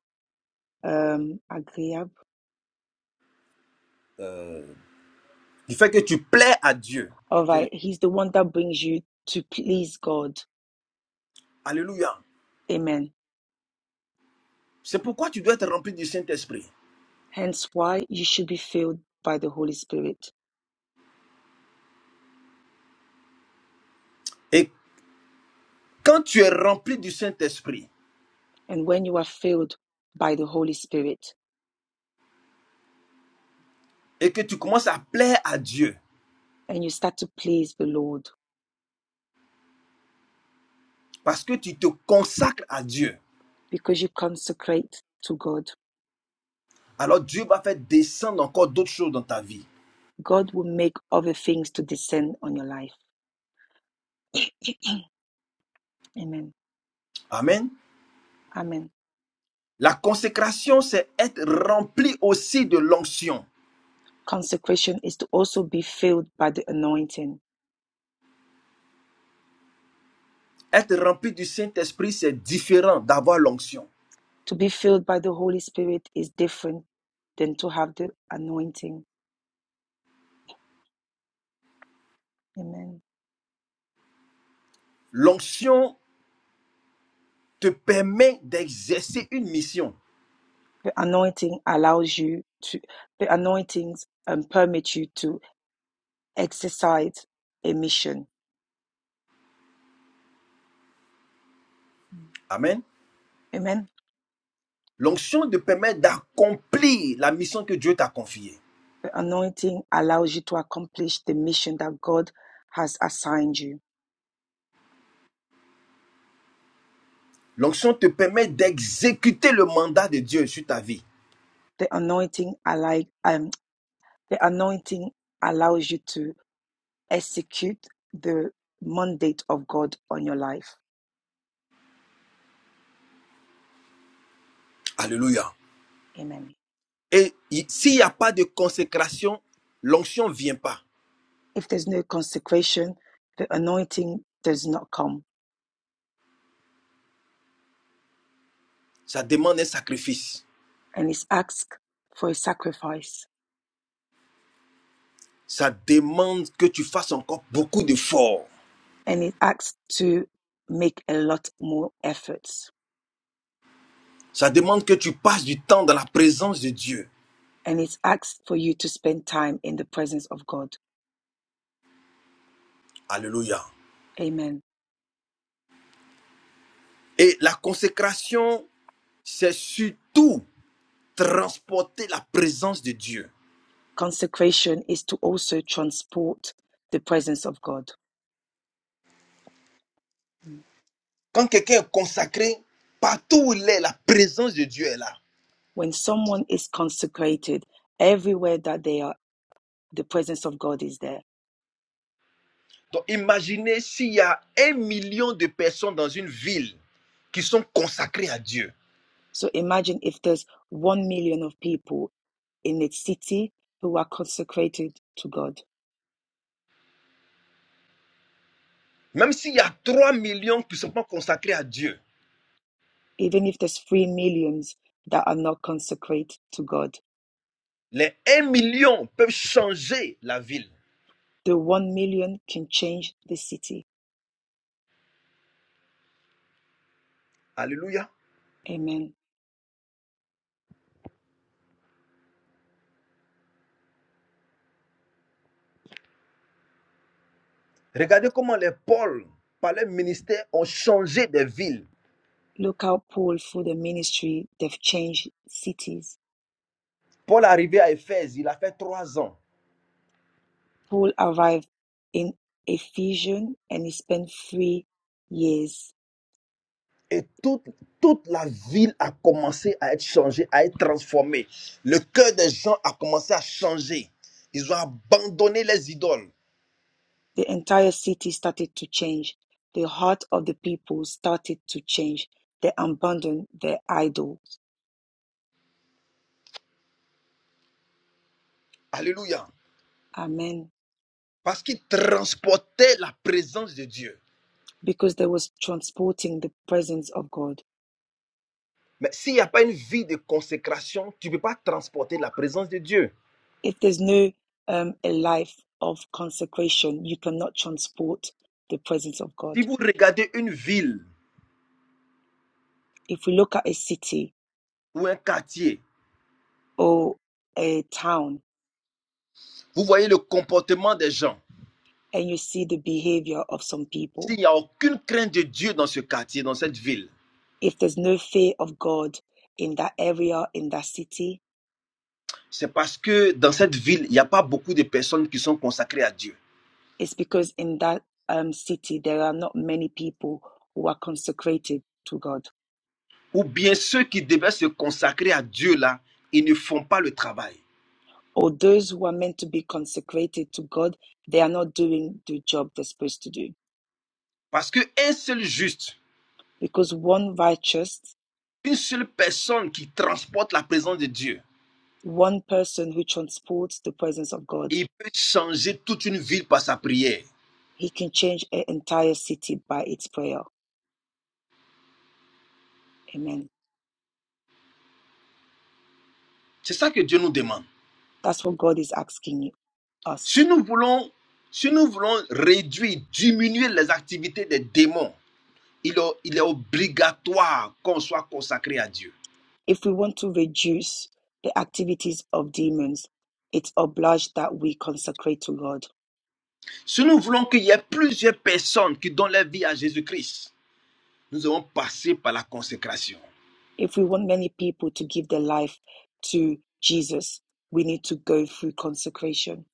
B: um, agreeable.
A: Euh, il fait que tu plais à Dieu.
B: All right. He's the one that brings you to please God.
A: Alléluia.
B: Amen.
A: C'est pourquoi tu dois être rempli du Saint-Esprit.
B: Hence why you should be filled by the Holy Spirit.
A: Et Quand tu es rempli du Saint-Esprit
B: And when you are filled by the Holy Spirit
A: et que tu commences à plaire à Dieu
B: and you start to please the Lord
A: parce que tu te consacres à Dieu,
B: because you consecrate to God,
A: alors Dieu va faire descendre encore d'autres choses dans ta vie.
B: God will make other things to descend on your life. Amen.
A: Amen.
B: Amen.
A: La consécration, c'est être rempli aussi de l'onction.
B: Consecration is to also be filled by the anointing
A: Être rempli du Saint-Esprit, c'est différent d'avoir l'onction.
B: To be filled by the Holy Spirit is different than to have the anointing. Amen.
A: L'onction te permet d'exercer une mission.
B: The anointing allows you to, the anointings um, permit you to exercise a mission.
A: Amen.
B: Amen.
A: L'onction te permet d'accomplir la mission que Dieu t'a confiée.
B: The anointing allows you to accomplish the mission that God has assigned you.
A: L'onction te permet d'exécuter le mandat de Dieu sur ta vie.
B: The anointing alike, um, the anointing allows you to execute the mandate of God on your life.
A: Alléluia.
B: Amen.
A: Et s'il n'y a pas de consécration, l'onction ne vient pas.
B: If there's no consecration, the anointing does not come.
A: Ça demande un sacrifice.
B: And it's asked for a sacrifice.
A: Ça demande que tu fasses encore beaucoup d'efforts.
B: And it asks to make a lot more efforts.
A: Ça demande que tu passes du temps dans la présence de Dieu.
B: And it asks for you to spend time in the presence of God.
A: Alléluia.
B: Amen.
A: Et la consécration, c'est surtout transporter la présence de Dieu.
B: Consecration is to also transport the presence of God.
A: Quand quelqu'un est consacré, partout où il est, la présence de Dieu est là.
B: When someone is consecrated, everywhere that they are, the presence of God is there.
A: Donc imaginez s'il y a un million de personnes dans une ville qui sont consacrées à Dieu.
B: So imagine if there's one million of people in its city who are consecrated to God.
A: Même s'il y a 3 millions qui sont pas consacrés à Dieu,
B: Even if there's three millions that are not consecrated to God,
A: les un million peuvent changer la ville.
B: the one million can change the city.
A: Alléluia.
B: Amen.
A: Regardez comment les Paul, par leur ministère, ont changé des villes.
B: Look how Paul, through the ministry, they've changed cities.
A: Paul est arrivé à Éphèse, il a fait trois ans.
B: Paul arrived in Ephesus, and he spent three years.
A: Et toute, toute la ville a commencé à être changée, à être transformée. Le cœur des gens a commencé à changer. Ils ont abandonné les idoles.
B: The entire city started to change. The heart of the people started to change. They abandoned their idol.
A: Alléluia.
B: Amen.
A: Parce qu'ils transportaient la présence de Dieu.
B: because they was transporting the presence of God.
A: Mais s'il n'y a pas une vie de consécration, tu ne peux pas transporter la présence de Dieu.
B: If there's no um, a life of consecration, you cannot transport the presence of
A: Si
B: God.
A: vous regardez une ville
B: If we look at a city
A: ou un quartier,
B: or a town
A: vous voyez le comportement des gens.
B: and you see the behavior of some people,
A: S'il n'y a aucune crainte de Dieu dans ce quartier, dans cette ville,
B: if there's no fear of God in that area, in that city,
A: c'est parce que dans cette ville, il n'y a pas beaucoup de personnes qui sont consacrées à Dieu.
B: it's because in that um, city there are not many people who are consecrated to God
A: Ou bien ceux qui devaient se consacrer à Dieu là, ils ne font pas le travail.
B: or those who are meant to be consecrated to God, they are not doing the job they're supposed to do.
A: Parce qu'un seul juste,
B: Because one righteous,
A: une seule personne qui transporte la présence de Dieu,
B: one person who transports the presence of God,
A: il peut changer toute une ville par sa prière.
B: he can change an entire city by its prayer. Amen.
A: C'est ça que Dieu nous demande.
B: That's what God is asking
A: Si
B: us.
A: nous voulons, si nous voulons réduire, diminuer les activités des démons, il est, il est obligatoire qu'on soit consacré à Dieu.
B: If we want to reduce the activities of demons, it's obliged that we consecrate to God.
A: Si nous voulons qu'il y ait plusieurs personnes qui donnent leur vie à Jésus-Christ, nous devons passer par la consécration.
B: If we want many people to give their life to Jesus, we need to go through consecration.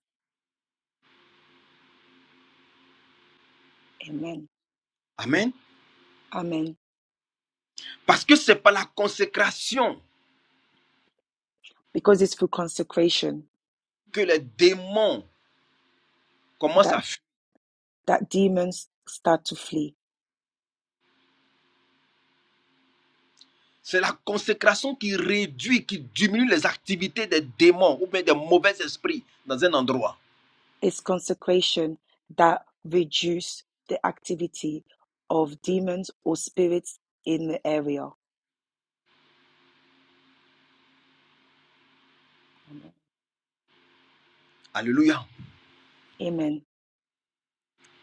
B: Amen.
A: Amen.
B: Amen.
A: Parce que c'est par la consécration
B: Because it's through consecration
A: que les démons commencent
B: that,
A: à fuir.
B: that demons start to flee.
A: C'est la consécration qui réduit, qui diminue les activités des démons ou bien des mauvais esprits dans un endroit.
B: It's consecration that reduce the activity of demons or spirits in the area. Amen.
A: Alléluia.
B: Amen.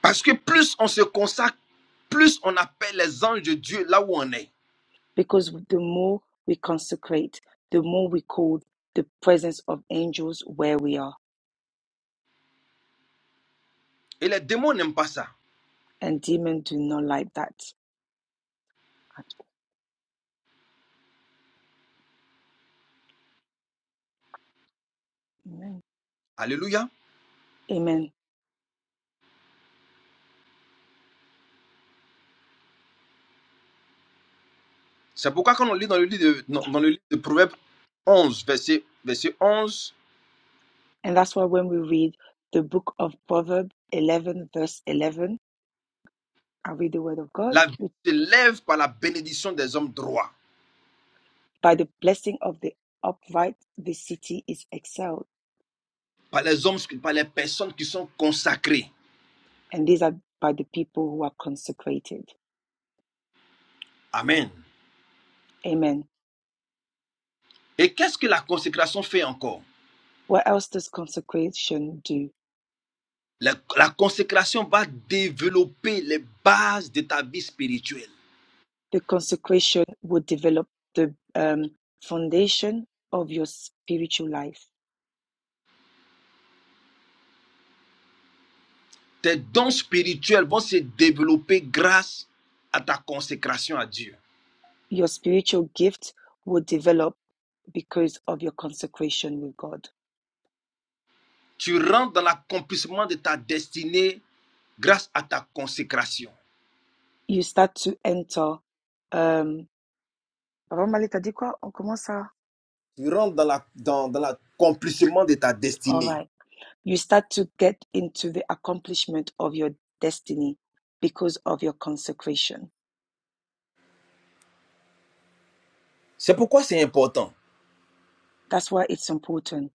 A: Parce que plus on se consacre, plus on appelle les anges de Dieu là où on est.
B: Because the more we consecrate, the more we call the presence of angels where we are.
A: Et les démons n'aiment pas ça.
B: And demons do not like that at all. Amen.
A: Alléluia.
B: Amen.
A: C'est pourquoi quand on lit dans le livre de, dans le livre de Proverbes onze, verset, verset 11,
B: And that's why when we read the book of Proverbs 11, verse 11, I read the word of God.
A: la vie se lève par la bénédiction des hommes droits,
B: By the blessing of the upright, the city is excelled,
A: par les hommes, par les personnes qui sont consacrées.
B: and these are by the people who are consecrated.
A: Amen.
B: Amen.
A: Et qu'est-ce que la consécration fait encore
B: What else does consecration do?
A: la la consécration va développer les bases de ta vie spirituelle.
B: The consecration will develop the um, foundation of your spiritual life.
A: Tes dons spirituels vont se développer grâce à ta consécration à Dieu.
B: Your spiritual gift will develop because of your consecration with God.
A: Tu rentres dans l'accomplissement de ta destinée grâce à ta consécration.
B: You start to enter. Um, Papa Malik, dit quoi? On commence à-
A: Tu rentres dans la- dans- dans l'accomplissement de ta
B: All
A: destinée.
B: right. You start to get into the accomplishment of your destiny because of your consecration.
A: C'est pourquoi c'est important.
B: That's why it's important.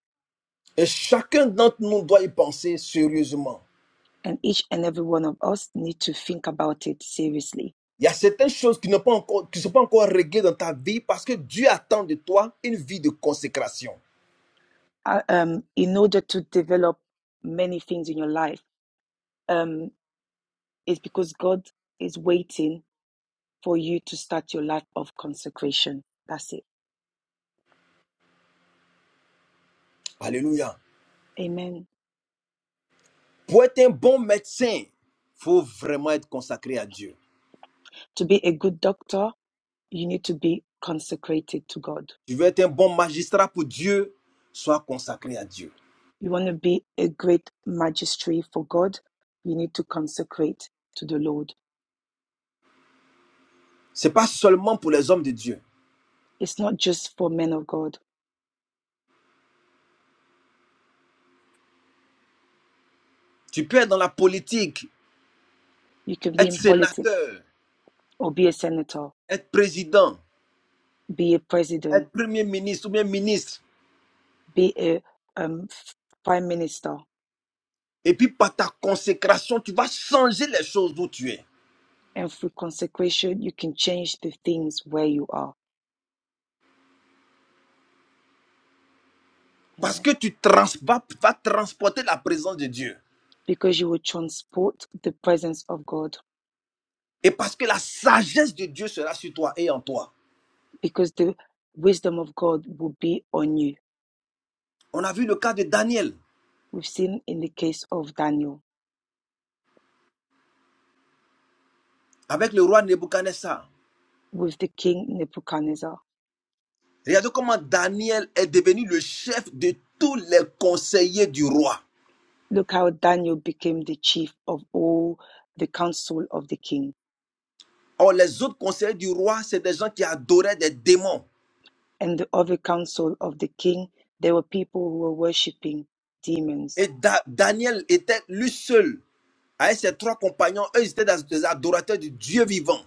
A: Et chacun d'entre nous doit y penser sérieusement.
B: And each and every one of us need to think about it seriously.
A: Il y a certaines choses qui ne sont pas encore, qui ne sont pas encore réglées dans ta vie parce que Dieu attend de toi une vie de consécration.
B: Uh, um, in order to develop many things in your life, um, it's because God is waiting for you to start your life of consecration. That's it.
A: Alléluia.
B: Amen.
A: Pour être un bon médecin, il faut vraiment être consacré à Dieu.
B: To be a good doctor, you need to be consecrated to God
A: Tu veux être un bon magistrat pour Dieu, sois consacré à Dieu.
B: You want to be a great magistrate for God, you need to consecrate to the Lord.
A: C'est pas seulement pour les hommes de Dieu.
B: It's not just for men of God.
A: Tu peux être dans la politique,
B: You can be
A: être
B: in politics
A: sénateur,
B: or be a senator,
A: être président,
B: be a
A: être
B: president,
A: premier ministre ou bien ministre.
B: be a um, prime minister.
A: Et puis par ta consécration, tu vas changer les choses d'où tu es.
B: And through consecration, you can change the things where you are.
A: Parce
B: Amen.
A: que tu trans vas, vas transporter la présence de Dieu.
B: Because you will transport the presence of God,
A: Et parce que la sagesse de Dieu sera sur toi et en toi.
B: because the wisdom of God will be on you.
A: On a vu le cas de Daniel
B: We've seen in the case of Daniel
A: avec le roi Nebuchadnezzar.
B: with the king Nebuchadnezzar
A: Regardez comment Daniel est devenu le chef de tous les conseillers du roi.
B: Look how Daniel became the chief of all the council of the king.
A: Or, les autres conseillers du roi, c'est des gens qui adoraient des démons.
B: And the other council of the king, there were people who were worshipping demons.
A: Et Da- Daniel était lui seul. Avec ses trois compagnons, eux, ils étaient des des adorateurs du Dieu vivant.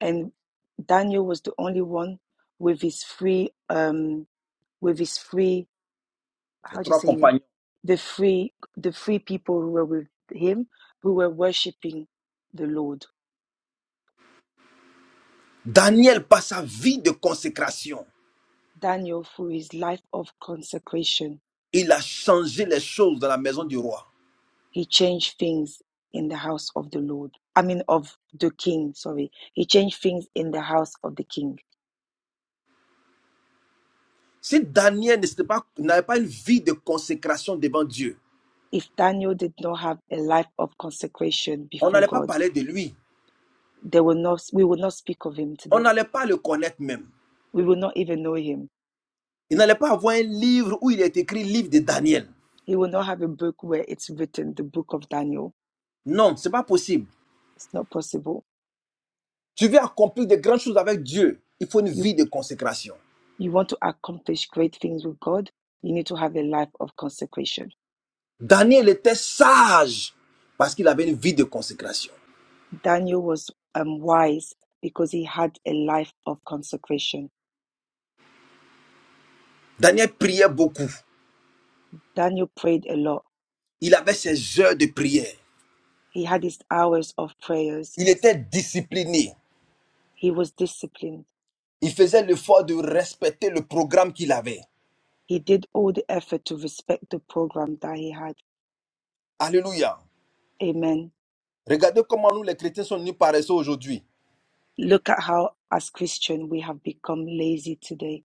B: And Daniel was the only one with his free, um, with his free,
A: Ses
B: how do you
A: trois
B: say it?
A: compagnons.
B: The free, the free people who were with him, who were worshipping the Lord.
A: Daniel, par sa vie de consécration,
B: Daniel, through his life of consecration,
A: il a changé les choses dans la maison du roi.
B: He changed things in the house of the Lord. I mean, of the king, sorry. He changed things in the house of the king.
A: Si Daniel n'était pas- n'avait pas une vie de consécration devant Dieu,
B: If Daniel did not have a life of consecration
A: on
B: before
A: n'allait pas
B: God,
A: parler de lui.
B: they will not, we will not speak of him
A: On
B: today.
A: n'allait pas le connaître même.
B: We will not even know him.
A: Il n'allait pas avoir un livre où il est écrit livre de Daniel.
B: He will not have a book where it's written, the book of Daniel.
A: Non, c'est pas possible.
B: It's not possible.
A: Tu veux accomplir de grandes choses avec Dieu, il faut une
B: You,
A: vie de consécration.
B: you want to accomplish great things with God, you need to have a life of consecration.
A: Daniel était sage parce qu'il avait une vie de consécration.
B: Daniel was um, wise because he had a life of consecration
A: Daniel priait beaucoup.
B: Daniel prayed a lot.
A: Il avait ses heures de prière.
B: He had his hours of prayers.
A: Il était discipliné.
B: He was disciplined.
A: Il faisait l'effort de respecter le programme qu'il avait.
B: He did all the effort to respect the program that he had.
A: Alléluia.
B: Amen.
A: Regardez comment nous les chrétiens sommes nous paresseux aujourd'hui.
B: Look at how, as Christian, we have become lazy today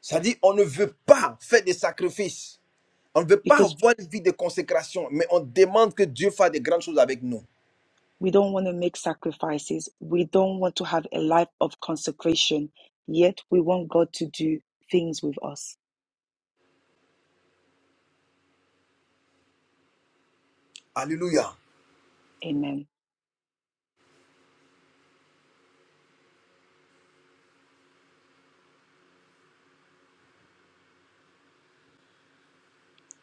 A: C'est-à-dire, on ne veut pas faire des sacrifices. On ne veut pas
B: because
A: avoir une vie de consécration, mais on demande que Dieu fasse des grandes choses avec nous.
B: we don't want to make sacrifices. We don't want to have a life of consecration. Yet we want God to do things with us.
A: Alléluia.
B: Amen.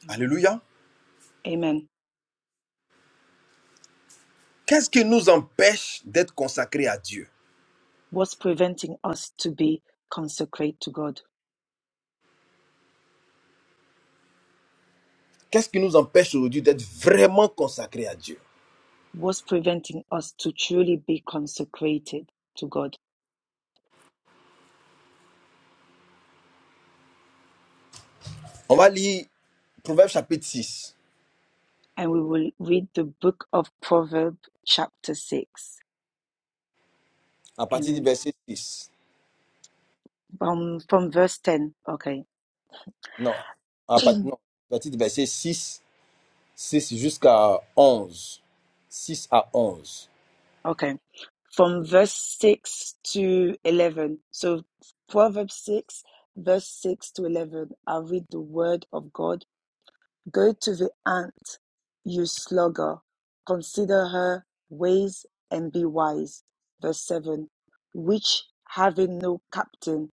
B: Amen.
A: Alléluia.
B: Amen.
A: Qu'est-ce qui nous empêche d'être consacrés à Dieu
B: What's preventing us to be consecrate to God?
A: Qu'est-ce qui nous empêche aujourd'hui d'être vraiment consacrés à Dieu
B: what's preventing us to truly be consecrated to God.
A: On va lire Proverbe chapitre six
B: And we will read the book of Proverbs, chapter 6.
A: à partir du
B: Amen.
A: verset 6.
B: From, from verse 10. Okay.
A: Non, à partir non, à partir du verset 6 6 jusqu'à onze, six à 11.
B: Okay. From verse 6 to 11. So, Proverbs 6, verse 6 to 11. I'll read the word of God Go to the ant, you sluggard, consider her ways and be wise. Verse 7 Which having no captain,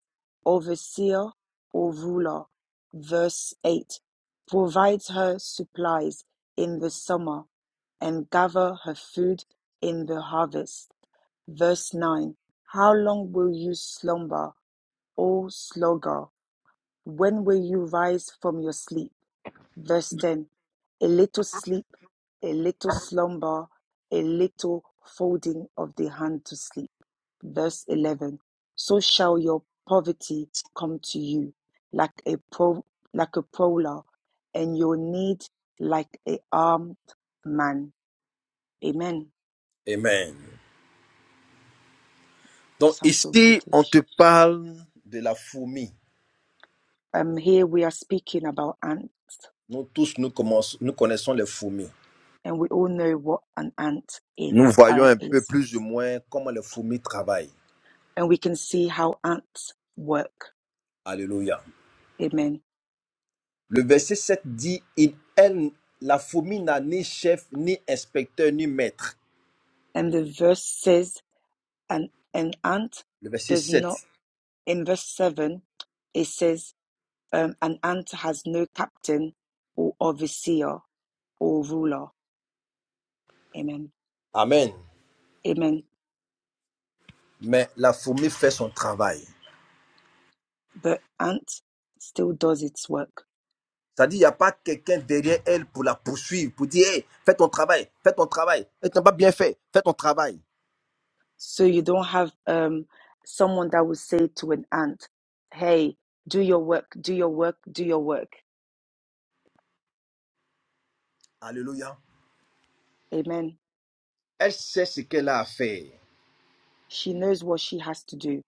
B: overseer, or ruler. Verse 8 Provides her supplies in the summer and gather her food in the harvest. Verse 9 How long will you slumber, O sluggard? When will you rise from your sleep? Verse 10 A little sleep, a little slumber, a little folding of the hand to sleep. Verse 11 So shall your poverty come to you like a, pro- like a prowler, and your need like a armed man. Amen.
A: Amen. Donc
B: Sounds so
A: ici, on
B: British.
A: te parle de la fourmi.
B: Um, here we are speaking about ant,
A: Nous tous, nous, commençons- nous connaissons les fourmis.
B: and we all know what an ant in
A: nous voyons
B: uh,
A: un peu
B: is,
A: plus ou moins comment les fourmis travaillent.
B: and we can see how ants work.
A: Alléluia.
B: Amen.
A: Le verset 7 dit, Il- elle, la fourmi n'a ni chef, ni inspecteur, ni maître.
B: And the verse says, and an ant
A: Le verset
B: does not,
A: 7.
B: in verse 7, it says, um, an ant has no captain or overseer or ruler. Amen.
A: Amen.
B: Amen.
A: Mais la fourmi fait son travail.
B: But ant still does its work.
A: C'est-à-dire, il n'y a pas quelqu'un derrière elle pour la poursuivre, pour dire, Hey, fais ton travail, fais ton travail. Elle t'a pas bien fait, fais ton travail.
B: So you don't have um, someone that will say to an ant, hey, do your work, do your work, do your work.
A: Alléluia.
B: Amen.
A: Elle sait ce qu'elle a à faire
B: She knows what she has to do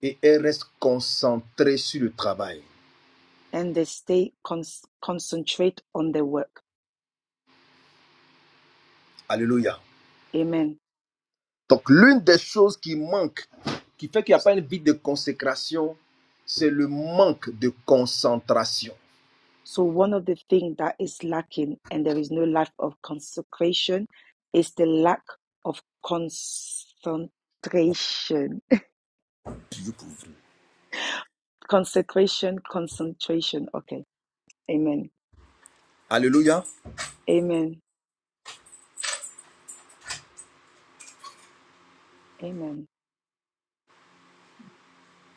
A: et elle reste concentrée sur le travail.
B: and they stay con- concentrate on their work.
A: Alléluia.
B: Amen
A: Donc, l'une des choses qui manque, qui fait qu'il n'y a pas une vie de consécration, c'est le manque de concentration.
B: So, one of the things that is lacking and there is no lack of consecration is the lack of concentration. <laughs> Consecration, concentration. Okay. Amen.
A: Alléluia.
B: Amen. Amen.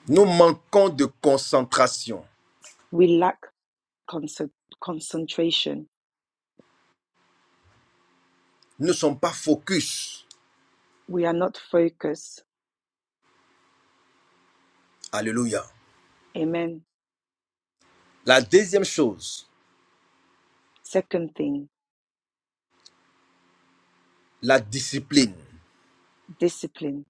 A: Nous manquons de concentration.
B: We lack conce- concentration.
A: Nous ne sommes pas focus.
B: We are not focused.
A: Alléluia.
B: Amen.
A: La deuxième chose,
B: Second thing,
A: la discipline.
B: discipline.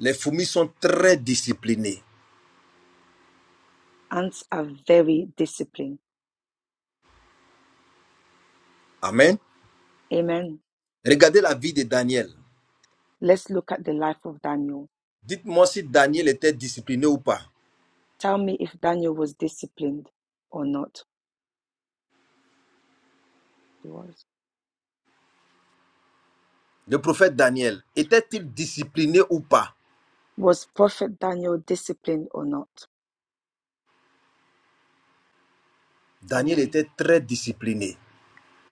A: Les fourmis sont très disciplinées.
B: Ants are very disciplined.
A: Amen.
B: Amen.
A: Regardez la vie de Daniel.
B: Let's look at the life of Daniel.
A: Dites-moi si Daniel était discipliné ou pas.
B: Tell me if Daniel was disciplined or not. was.
A: Le prophète Daniel, était-il discipliné ou pas
B: Was Prophet Daniel disciplined or not?
A: Daniel
B: Amen.
A: était très discipliné.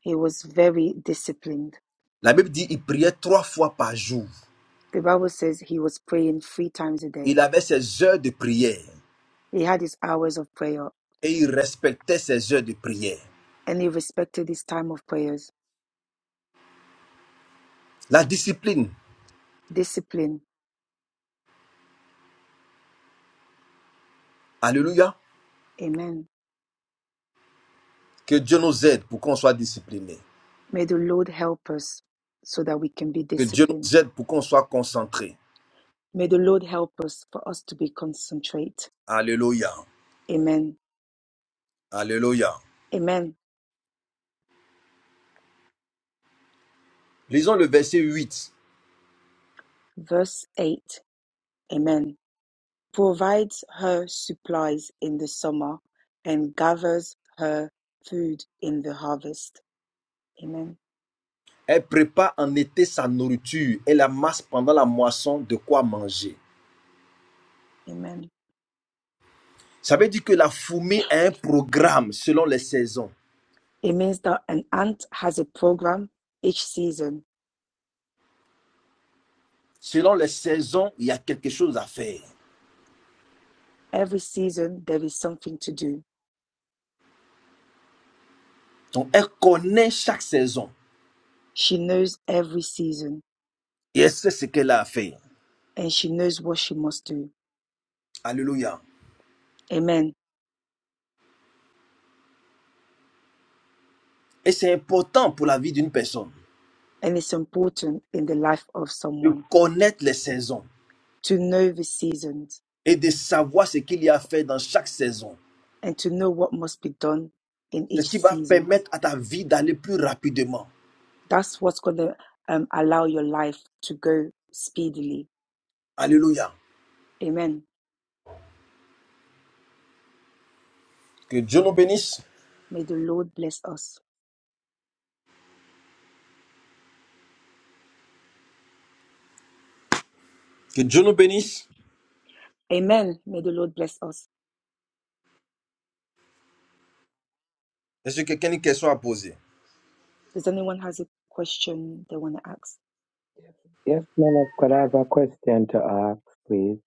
B: He was very disciplined.
A: La Bible dit qu'il priait trois fois par jour.
B: The Bible says he was praying three times a day.
A: Il avait ses heures de prière
B: He had his hours of prayer
A: et il respectait ses heures de prière.
B: and he respected his time of prayers.
A: La discipline,
B: Discipline.
A: alléluia,
B: Amen.
A: que Dieu nous aide pour qu'on soit discipliné.
B: May the Lord help us so that we can be
A: Que Dieu
B: disciplined.
A: nous aide pour qu'on soit concentré.
B: May the Lord help us for us to be concentrate.
A: Alléluia,
B: Amen.
A: alléluia.
B: Amen.
A: Lisons le verset 8.
B: Verse 8. Amen. provides her supplies in the summer and gathers her food in the harvest. Amen.
A: Elle prépare en été sa nourriture et la masse pendant la moisson de quoi manger.
B: Amen.
A: Ça veut dire que la fourmi a un programme selon les saisons.
B: It means that an ant has a program each season,
A: Selon les saisons, il y a quelque chose à faire.
B: every something to do.
A: Donc, elle connaît chaque saison
B: She knows every season
A: et elle sait ce qu'elle a à faire.
B: and she knows what she must do.
A: Alléluia.
B: Amen.
A: Et c'est important pour la vie d'une personne
B: And it's important in the life of
A: de
B: someone
A: connaître les saisons
B: to know the seasons
A: et de savoir ce qu'il y a à faire dans chaque saison.
B: and to know what must be done in
A: C'est ce
B: each
A: qui va
B: season.
A: permettre à ta vie d'aller plus rapidement.
B: That's what's going to um, allow your life to go speedily.
A: Alléluia.
B: Amen.
A: Que Dieu nous bénisse.
B: May the Lord bless us.
A: Que Dieu nous bénisse.
B: Amen. May the Lord bless us.
A: Est-ce que quelqu'un a une question à poser?
B: Does anyone has a question they want to ask?
F: Yes, man of God, I have a question to ask, please.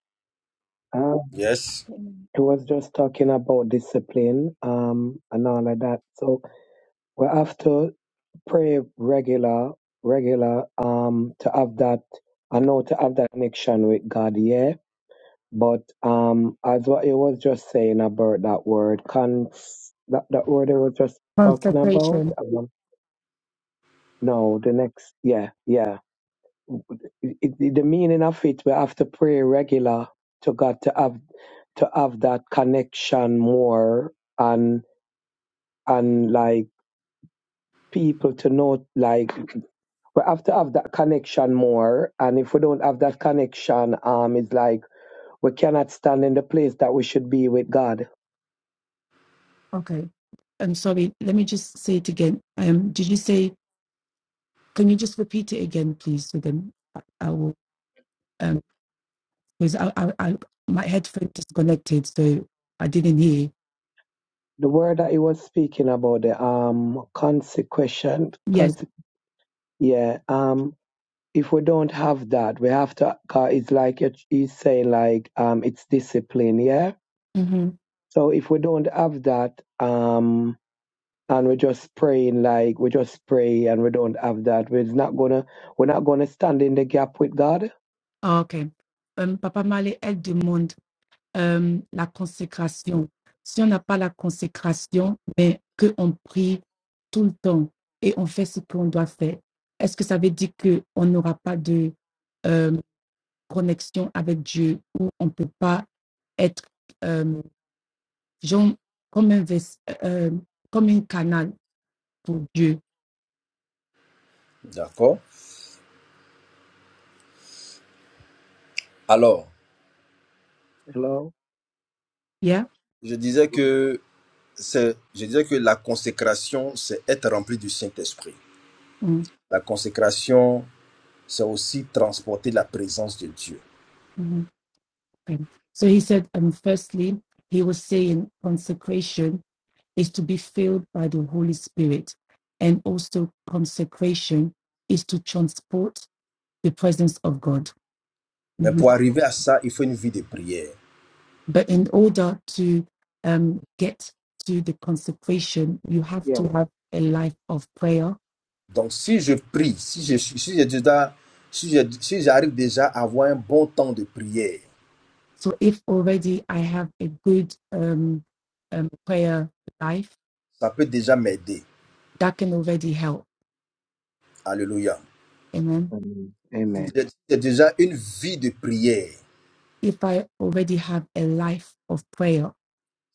F: Um,
A: Yes.
B: Amen.
F: it was just talking about discipline, um, and all of that. So we have to pray regular, regular, um, to have that, I know to have that connection with God, yeah. But um, as what he was just saying about that word, cons, that, that word he was just talking about,
B: Consecration.
F: um, no, the next, yeah, yeah. It, it, the meaning of it, we have to pray regular to God to have to have that connection more and and like people to know like we have to have that connection more and if we don't have that connection um it's like we cannot stand in the place that we should be with god
B: Okay. I'm sorry. Let me just say it again. Um, did you say, can you just repeat it again, please? So then I I will. um, because I, I, I my headphone disconnected, so I didn't hear.
F: the word that he was speaking about the um consequential
B: Yes.
F: conse- yeah um if we don't have that we have to 'cause it's like it- he's saying like um it's discipline yeah
B: hmm
F: so if we don't have that um. and we're just praying like we just pray and we don't have that. We're not gonna we're not gonna stand in the gap with God.
B: ok. Um, Papa Malé, elle demande euh, la consécration. Si on n'a pas la consécration, mais qu'on prie tout le temps et on fait ce qu'on doit faire, est-ce que ça veut dire qu'on n'aura pas de euh, connexion avec Dieu ou on ne peut pas être euh, genre, comme, un ves euh, euh, comme un canal pour Dieu?
A: D'accord. Alors,
F: Hello?
B: Yeah?
A: je disais que c'est, je disais que la consécration, c'est être rempli du Saint-Esprit. La consécration, c'est aussi transporter la présence de Dieu.
B: Mm. Okay. So he said, um, firstly, he was saying consecration is to be filled by the Holy Spirit, and also consecration is to transport the presence of God.
A: Mais
B: Mhm.
A: pour arriver à ça, il faut une vie de prière.
B: But in order to um, get to the consecration, you have
F: Yes.
B: to have a life of prayer.
A: Donc, si je prie, si je si j'ai si je- si j'arrive déjà à avoir un bon temps de prière,
B: So if already I have a good um, um, prayer life,
A: ça peut déjà m'aider.
B: that can already help.
A: Alléluia.
B: Amen.
F: Amen.
A: Si
F: Amen.
A: si j'ai déjà une vie de prière,
B: If I already have a life of prayer,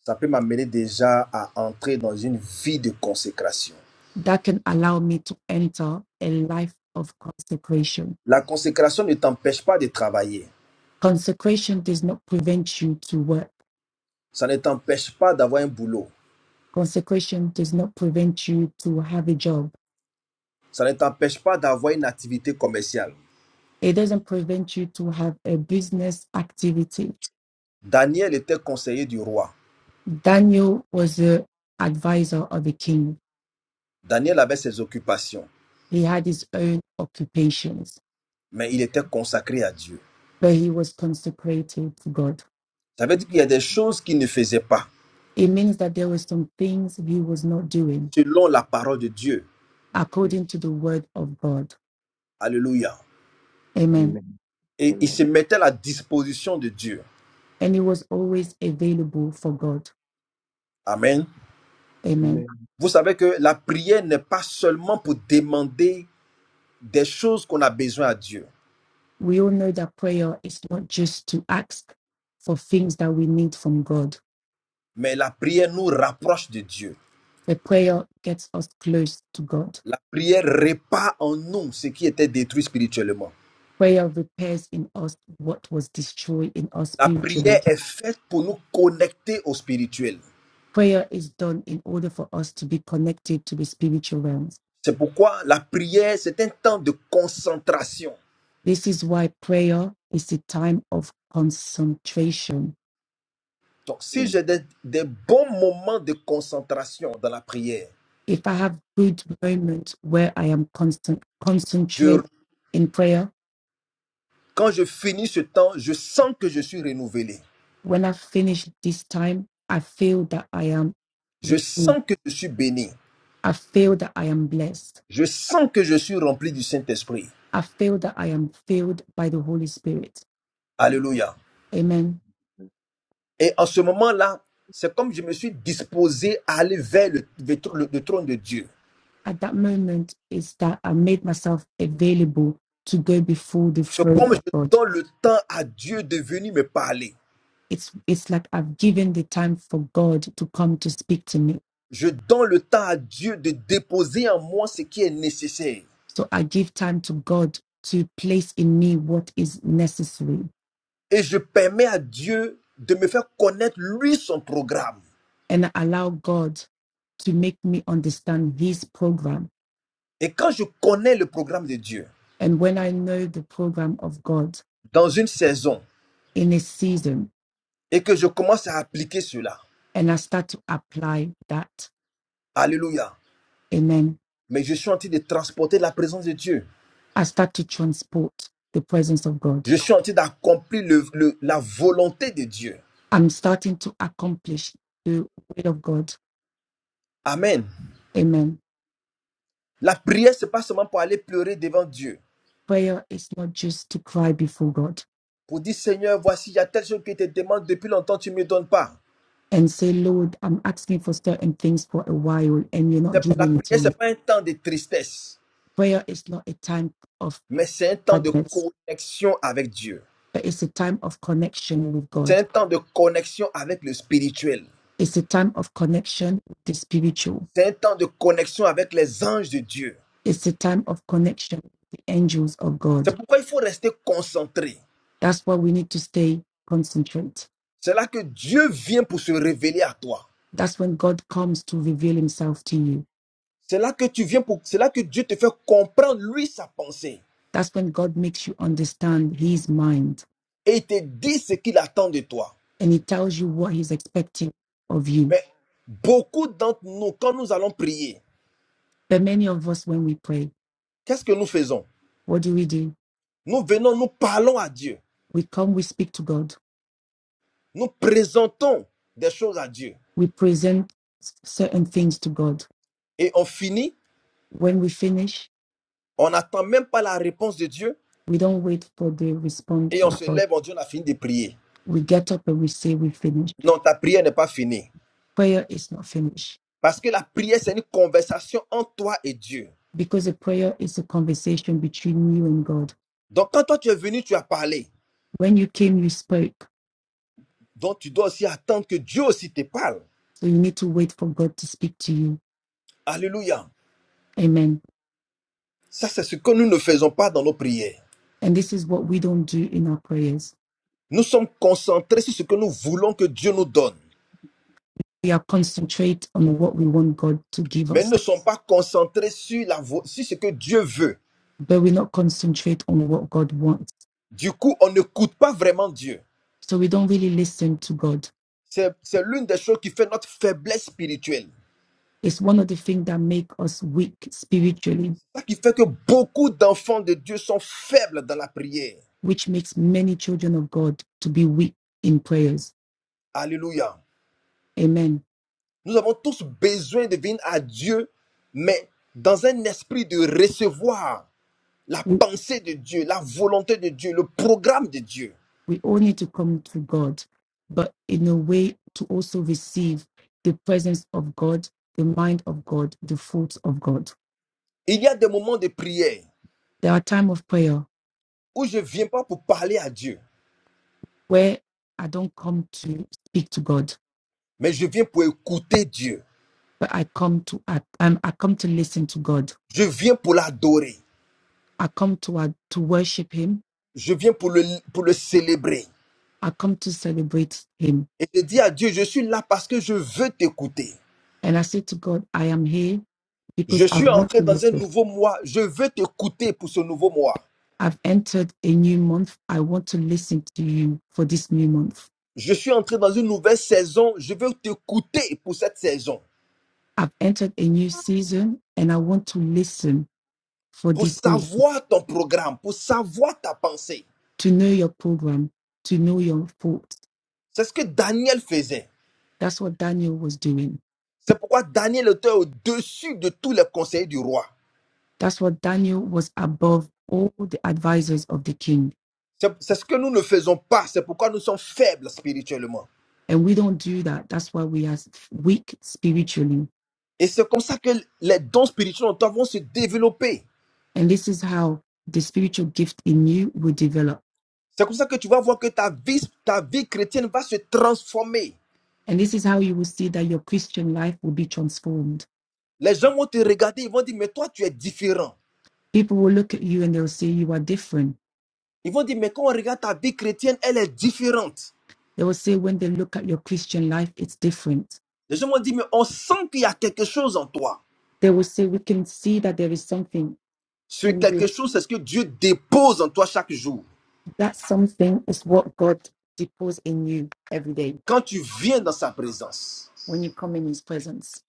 A: ça peut m'amener déjà à entrer dans une vie de consécration.
B: that can allow me to enter a life of consecration.
A: La consécration ne t'empêche pas de travailler.
B: Consecration does not prevent you to work.
A: Ça ne t'empêche pas d'avoir un boulot.
B: Consecration does not prevent you to have a job.
A: Ça ne t'empêche pas d'avoir une activité commerciale.
B: It doesn't prevent you to have a business activity.
A: Daniel était conseiller du roi.
B: Daniel was the advisor of the king.
A: Daniel avait ses occupations,
B: He had his own occupations,
A: mais il était consacré à Dieu.
B: but he was consecrated to God.
A: Ça veut dire qu'il y a des choses qu'il ne faisait pas,
B: It means that there were some things he was not doing
A: selon la parole de Dieu.
F: Okay.
B: according to the word of God.
A: Alléluia.
B: Amen.
F: Amen.
A: Et il
F: Amen.
A: se mettait à la disposition de Dieu.
B: and he was always available for God.
A: Amen.
B: Amen.
F: Amen.
A: Vous savez que la prière n'est pas seulement pour demander des choses qu'on a besoin à Dieu,
B: We all know that prayer is not just to ask for things that we need from God,
A: mais la prière nous rapproche de Dieu.
B: but prayer gets us close to God.
A: La prière répare en nous ce qui était détruit spirituellement.
B: Prayer repairs in us what was destroyed in us
A: La
B: spiritually.
A: prière est faite pour nous connecter au spirituel.
B: Prayer is done in order for us to be connected to the spiritual realms.
A: C'est pourquoi la prière, c'est un temps de concentration.
B: This is why prayer is a time of concentration.
A: Donc, si
F: Amen.
A: j'ai des, des bons moments de concentration dans la prière,
B: If I have good moments where I am constant
A: je-
B: concentrate in prayer,
A: quand je finis ce temps, je sens que je suis renouvelé.
B: when I finish this time, I feel that I am
A: Je
B: renewed.
A: sens que je suis béni.
B: I feel that I am blessed.
A: Je sens que je suis rempli du Saint-Esprit.
B: I feel that I am filled by the Holy Spirit.
F: Amen.
A: Alléluia.
B: Amen.
A: Et en ce moment-là, c'est comme je me suis disposé à aller vers le, le le trône de Dieu.
B: At that moment is that I made myself available to go before the
A: C'est
B: throne
A: comme
B: of
A: je
B: God.
A: donne le temps à Dieu de venir me parler.
B: It's it's like I've given the time for God to come to speak to me.
A: Je donne le temps à Dieu de déposer en moi ce qui est nécessaire.
B: So I give time to God to place in me what is necessary
A: Et je permets à Dieu de me faire connaître, lui, son programme.
B: and I allow God to make me understand his program
A: Et quand je connais le programme de Dieu
B: And when I know the program of God
A: dans une saison
B: in a season
A: et que je commence à appliquer cela,
B: and I start to apply that,
A: alléluia,
B: amen,
A: mais je suis en train de transporter la présence de Dieu.
B: I start to transport the presence of God.
A: Je suis en train d'accomplir le- le- la volonté de Dieu.
B: I'm starting to accomplish the will of God.
A: Amen.
B: Amen.
A: La prière, ce n'est pas seulement pour aller pleurer devant Dieu,
B: Prayer is not just to cry before God
A: pour dire Seigneur, voici, il y a telle chose que je te demande depuis longtemps, tu ne me donnes pas.
B: and say, Lord, I'm asking for certain things for a while and you're not
A: C'est- La
B: giving it to
A: prière, ce n'est
B: me.
A: pas un temps de tristesse,
B: Prayer is not a time of
A: mais c'est un temps de
B: sadness,
A: connexion avec Dieu.
B: but it's a time of connection with
A: C'est
B: God.
A: un temps de connexion avec le spirituel.
B: It's a time of connection with the spiritual
A: C'est un temps de connexion avec les anges de Dieu.
B: It's a time of connection with the angels of God.
A: C'est pourquoi il faut rester concentré.
B: That's why we need to stay concentrate.
A: C'est là que Dieu vient pour se révéler à toi.
B: That's when God comes to reveal himself to you.
A: C'est là que tu viens pour, c'est là que Dieu te fait comprendre lui sa pensée
B: That's when God makes you understand his mind
A: et il te dit ce qu'il attend de toi.
B: and he tells you what he's expecting of you.
A: Mais beaucoup d'entre nous, quand nous allons prier,
B: But many of us, when we pray,
A: qu'est-ce que nous faisons?
B: what do we do?
A: Nous venons, nous parlons à Dieu.
B: We come, we speak to God,
A: Nous présentons des choses à Dieu
B: we present certain things to God.
A: et on finit,
B: When we finish,
A: on n'attend même pas la réponse de Dieu
B: we don't wait for the response
A: et on
B: of
A: se
B: God.
A: lève en Dieu, on a fini de prier.
B: We get up and we say we finish.
A: Non, ta prière n'est pas finie.
B: Prayer is not finished
A: Parce que la prière, c'est une conversation entre toi et Dieu.
B: because a prayer is a conversation between you and God.
A: Donc quand toi tu es venu, tu as parlé.
B: When you came, you spoke.
A: Donc tu dois aussi attendre que Dieu aussi te parle.
B: So you need to wait for God to speak to you.
A: Alléluia.
B: Amen.
A: Ça, c'est ce que nous ne faisons pas dans nos prières.
B: And this is what we don't do in our prayers.
A: Nous sommes concentrés sur ce que nous voulons que Dieu nous donne.
B: We are concentrate on what we want God to give
A: Mais nous
B: us,
A: ne sommes pas concentrés sur, la vo- sur ce que Dieu veut.
B: but we not concentrate on what God wants.
A: Du coup, on n'écoute pas vraiment Dieu.
B: So we don't really listen to God.
A: C'est c'est l'une des choses qui fait notre faiblesse spirituelle.
B: It's one of the things that make us weak spiritually,
A: C'est ça qui fait que beaucoup d'enfants de Dieu sont faibles dans la prière.
B: which makes many children of God to be weak in prayers.
A: Alléluia.
B: Amen
A: Nous avons tous besoin de venir à Dieu, mais dans un esprit de recevoir la
B: We
A: pensée de Dieu, la volonté de Dieu, le programme de Dieu.
B: We all need to come to God, but in a way to also receive the presence of God, the mind of God, the fruits of God.
A: Il y a des moments de prière
B: There are times of prayer
A: où je ne viens pas pour parler à Dieu,
B: where I don't come to speak to God,
A: mais je viens pour écouter Dieu.
B: but I come to I, um, I come to listen to God.
A: Je viens pour l'adorer.
B: I come to uh, to worship Him.
A: Je viens pour le, pour le célébrer.
B: I come to celebrate Him,
A: Et je dis à Dieu, je suis là parce que je veux t'écouter.
B: and I say to God, I am here
A: Je
B: because I
A: suis
B: want
A: entré
B: to
A: dans un
B: listen.
A: nouveau mois. Je veux t'écouter pour ce nouveau mois.
B: I've entered a new month. I want to listen to you for this new month.
A: Je suis entré dans une nouvelle saison. Je veux t'écouter pour cette saison.
B: I've entered a new season and I want to listen for
A: Pour
B: this season,
A: savoir ton programme, pour savoir ta pensée.
B: to know your program, to know your thoughts.
A: C'est ce que Daniel faisait.
B: That's what Daniel was doing.
A: C'est pourquoi Daniel était au-dessus de tous les conseillers du roi.
B: That's what Daniel was above all the advisors of the king.
A: C'est c'est ce que nous ne faisons pas. C'est pourquoi nous sommes faibles spirituellement.
B: And we don't do that. That's why we are weak spiritually.
A: Et c'est comme ça que les dons spirituels en toi vont se développer.
B: And this is how the spiritual gift in you will develop.
A: C'est comme ça que tu vas voir que ta vie, ta vie chrétienne va se transformer.
B: And this is how you will see that your Christian life will be transformed.
A: Les gens vont te regarder, ils vont dire, mais toi, tu es différent.
B: People will look at you and they'll say you are different.
A: Ils vont dire, mais quand on regarde ta vie chrétienne, elle est différente.
B: They will say when they look at your Christian life, it's different
A: Les gens vont dire, mais on sent qu'il y a quelque chose en toi.
B: they will say we can see that there is something
A: Ce
B: in
A: quelque
B: you.
A: chose, c'est ce que Dieu dépose en toi chaque jour.
B: That something is what God deposits in you every day
A: Quand tu viens dans sa présence.
B: when you come in His presence.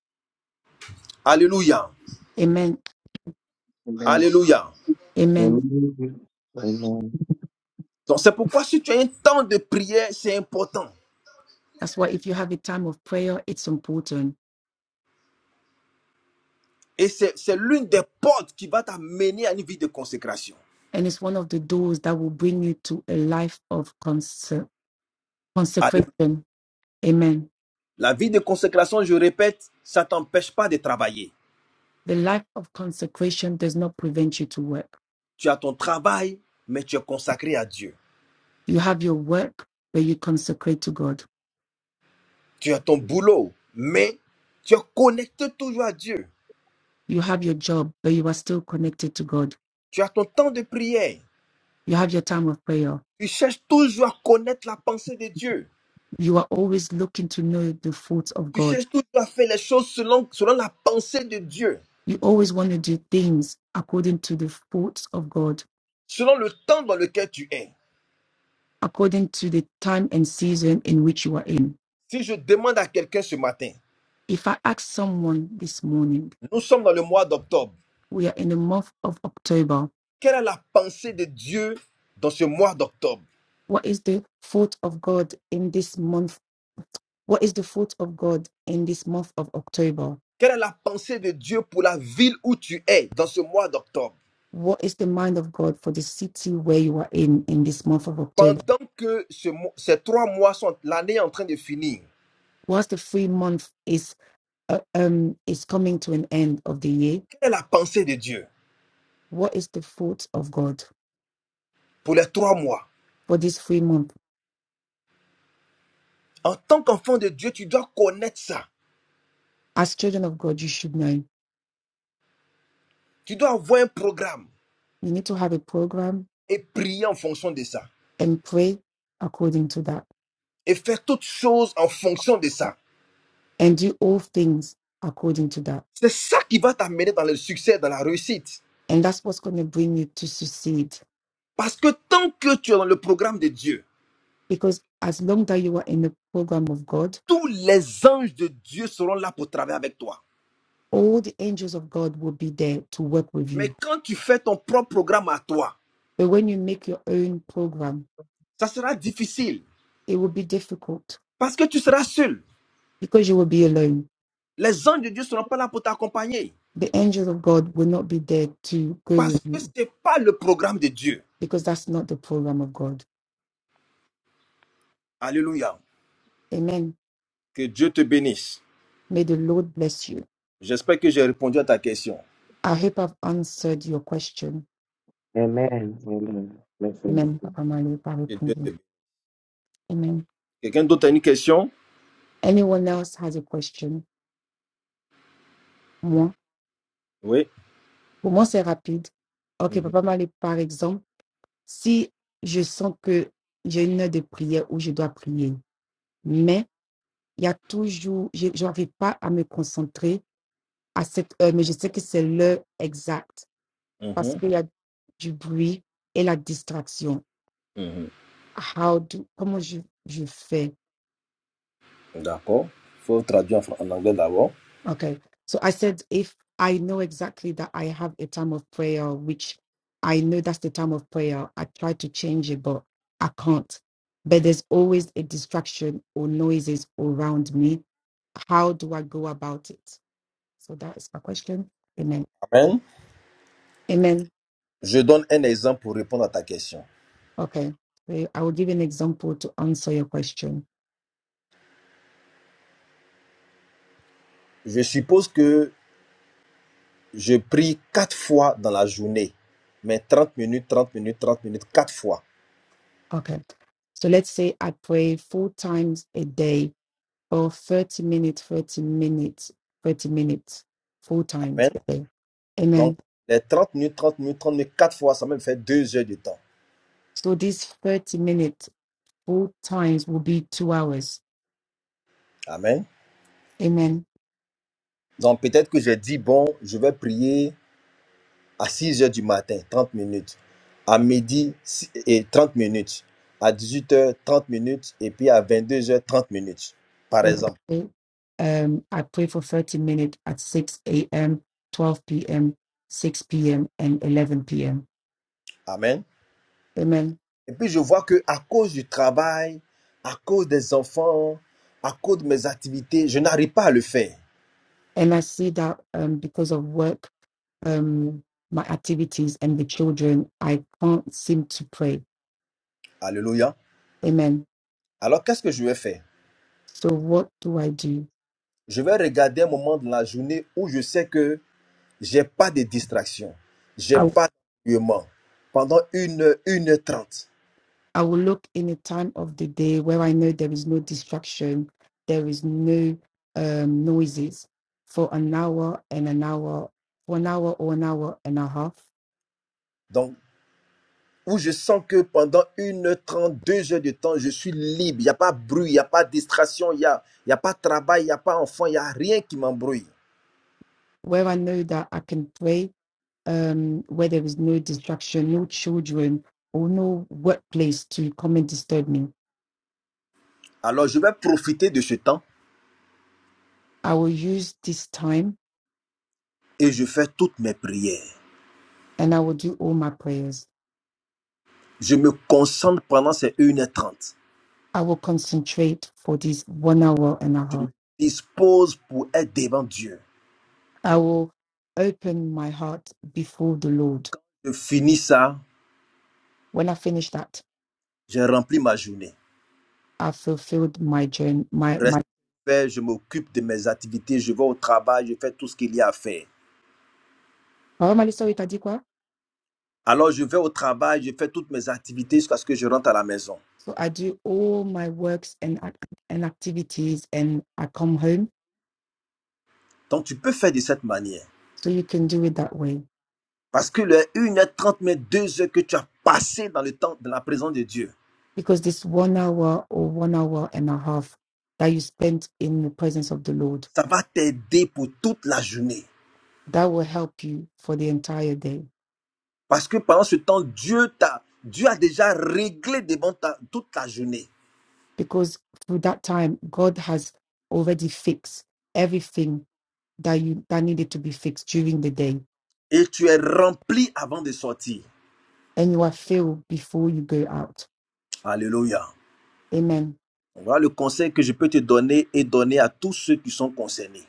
A: Alléluia.
B: Amen.
F: Amen.
A: Alléluia.
B: Amen.
F: Amen. Amen.
A: Donc c'est pourquoi si tu as un temps de prière, c'est important.
B: That's why if you have a time of prayer, it's important.
A: Et c'est c'est l'une des portes qui va t'amener à une vie de consécration.
B: And it's one of the doors that will bring you to a life of conse-
A: Alléluia.
B: consecration. Amen.
A: La vie de consécration, je répète, ça ne t'empêche pas de travailler.
B: The life of consecration does not prevent you to work.
A: tu as ton travail, mais tu es consacré à Dieu.
B: You have your work, but you consecrate to God.
A: Tu as ton boulot, mais tu es connecté toujours à Dieu.
B: You have your job, but you are still connected to God.
A: Tu as ton temps de prière.
B: You have your time of prayer
A: Tu cherches toujours à connaître la pensée de Dieu.
B: you are always looking to know the thoughts of
A: Tu
B: God.
A: cherches toujours à faire les choses selon, selon la pensée de Dieu,
B: You always want to do things according to the thoughts of God,
A: selon le temps dans lequel tu es.
B: according to the time and season in which you are in.
A: Si je demande à quelqu'un ce matin,
B: If I ask someone this morning,
A: nous sommes dans le mois d'octobre,
B: we are in the month of October.
A: quelle est la pensée de Dieu dans ce mois d'octobre
B: What is the thought of God in this month? What is the thought of God in this month of October?
A: Quelle est la pensée de Dieu pour la ville où tu es dans ce mois d'octobre
B: What is the mind of God for the city where you are in in this month of October?
A: Pendant que ce mo- ces trois mois sont, l'année est en train de finir,
B: Whilst the free month is uh, um is coming to an end of the year,
A: quelle est la pensée de Dieu
B: what is the fruit of God
A: pour les trois mois
B: for this free month?
A: En tant qu'enfant de Dieu, tu dois connaître ça.
B: As children of God, you should know.
A: Tu dois avoir un programme
B: You need to have a program
A: et prier en fonction de ça.
B: and pray according to that
A: Et faire toutes choses en fonction de ça.
B: and do all things according to that.
A: C'est ça qui va t'amener dans le succès, dans la réussite.
B: And that's what's going to bring you to succeed.
A: Parce que tant que tu es dans le programme de Dieu,
B: Because as long that you are in the program of God,
A: tous les anges de Dieu seront là pour travailler avec toi.
B: all the angels of God will be there to work with
A: Mais
B: you.
A: quand tu fais ton propre programme à toi,
B: But when you make your own program,
A: ça sera difficile
B: it will be difficult
A: parce que tu seras seul.
B: because you will be alone.
A: Les anges de Dieu ne seront pas là pour t'accompagner
B: The angels of God will not be there to go with
A: parce que ce
B: you
A: n'est pas le programme de Dieu.
B: because that's not the program of God
A: Alléluia.
B: Amen.
A: Que Dieu te bénisse.
B: May the Lord bless you.
A: J'espère que j'ai répondu à ta question.
B: I hope I've answered your question.
F: Amen. Amen. Blessings.
B: Amen.
F: to-
B: Papa Malo, par
A: Que Dieu te
B: répondu.
A: bénisse.
B: Amen.
A: Quelqu'un d'autre a une question
B: Anyone else has a question? Moi,
A: Oui.
B: pour moi, c'est rapide. Ok,
A: Mhm,
B: Papa Malo, par exemple, si je sens que j'ai une heure de prière où je dois prier, mais il y a toujours, je n'arrive pas à me concentrer à cette heure, mais je sais que c'est l'heure exacte parce
A: mhm,
B: qu'il y a du bruit et la distraction.
A: mhm.
B: How do, comment je, je fais?
A: D'accord. Il faut traduire en fran- en anglais d'abord.
B: Okay. So I said, if I know exactly that I have a time of prayer, which I know that's the time of prayer, I try to change it, but I can't. But there's always a distraction or noises around me. How do I go about it? So that is my question. Amen.
A: Amen.
B: Amen.
A: Je donne un exemple pour répondre à ta question.
B: Okay. So I will give an example to answer your question.
A: Je suppose que je prie quatre fois dans la journée, mais 30 minutes, 30 minutes, 30 minutes, quatre fois.
B: Okay. So let's say I pray four times a day Oh, 30 minutes, 30 minutes, 30 minutes, full times.
A: Amen.
B: per day,
A: Donc,
B: Amen.
A: les 30 minutes, 30 minutes, trente minutes, quatre fois, ça me fait deux heures de temps.
B: So these 30 minutes, full times will be two hours.
A: Amen.
B: Amen.
A: Donc peut-être que j'ai dit, bon, je vais prier à 6 heures du matin, 30 minutes, à midi si- et 30 minutes, à 18 heures, 30 minutes, et puis à 22 heures, 30 minutes, par
B: So let's
A: exemple.
B: say, um, I pray for 30 minutes at 6 a.m., 12 p.m., 6 p.m., and 11 p.m.
A: Amen.
B: Amen.
A: Et puis je vois que à cause du travail, à cause des enfants, à cause de mes activités, je n'arrive pas à le faire.
B: And I see that um, because of work, um, my activities, and the children, I can't seem to pray.
A: Alléluia.
B: Amen.
A: Alors qu'est-ce que je vais faire?
B: So what do I do?
A: Je vais regarder un moment de la journée où je sais que J'ai pas de distraction. J'ai
B: I
A: pas d'ennuiement. Pendant une heure, une heure trente.
B: I will look in a time of the day where I know there is no distraction, there is no um, noises for an hour and an hour, for an hour or an hour and a half,
A: Donc, où je sens que pendant une heure trente, deux heures de temps, je suis libre. Il n'y a pas bruit, il n'y a pas distraction, il n'y a, il y a pas travail, il n'y a pas enfant, il n'y a rien qui m'embrouille.
B: where I know that I can pray, um, where there is no distraction, no children or no workplace to come and disturb me.
A: Alors, je vais profiter de ce temps
B: I will use this time
A: et je fais toutes mes prières.
B: and I will do all my prayers.
A: Je me concentre pendant ces une h 30
B: I will concentrate for this one hour and a
A: Je me
B: half.
A: dispose pour être devant Dieu.
B: I will open my heart before the Lord.
A: Je finis ça,
B: When I finish that,
A: j'ai rempli ma journée.
B: I've fulfilled my journey. My
A: reste
B: my
A: fait, je m'occupe de mes activités, je vais au travail, je fais tout ce qu'il y a à faire.
B: normally sorry Tadikwa.
A: Alors je vais au travail, je fais toutes mes activités jusqu'à ce que je rentre à la maison.
B: So I do all my works and ac- and activities, and I come home.
A: Donc tu peux faire de cette manière.
B: So you can do it that way
A: Parce que les 1h30, mais 2 heures que tu as passé dans le temps de la présence de Dieu,
B: because this one hour or one hour and a half that you spent in the presence of the Lord
A: ça va t'aider pour toute la journée.
B: that will help you for the entire day
A: Parce que pendant ce temps, Dieu t'a, Dieu a déjà réglé devant ta, toute la journée.
B: because through that time God has already fixed everything that you that needed to be fixed during the day
A: Et tu es rempli avant de sortir.
B: and you are filled before you go out.
A: Alléluia.
B: Amen.
A: Voilà le conseil que je peux te donner et donner à tous ceux qui sont concernés.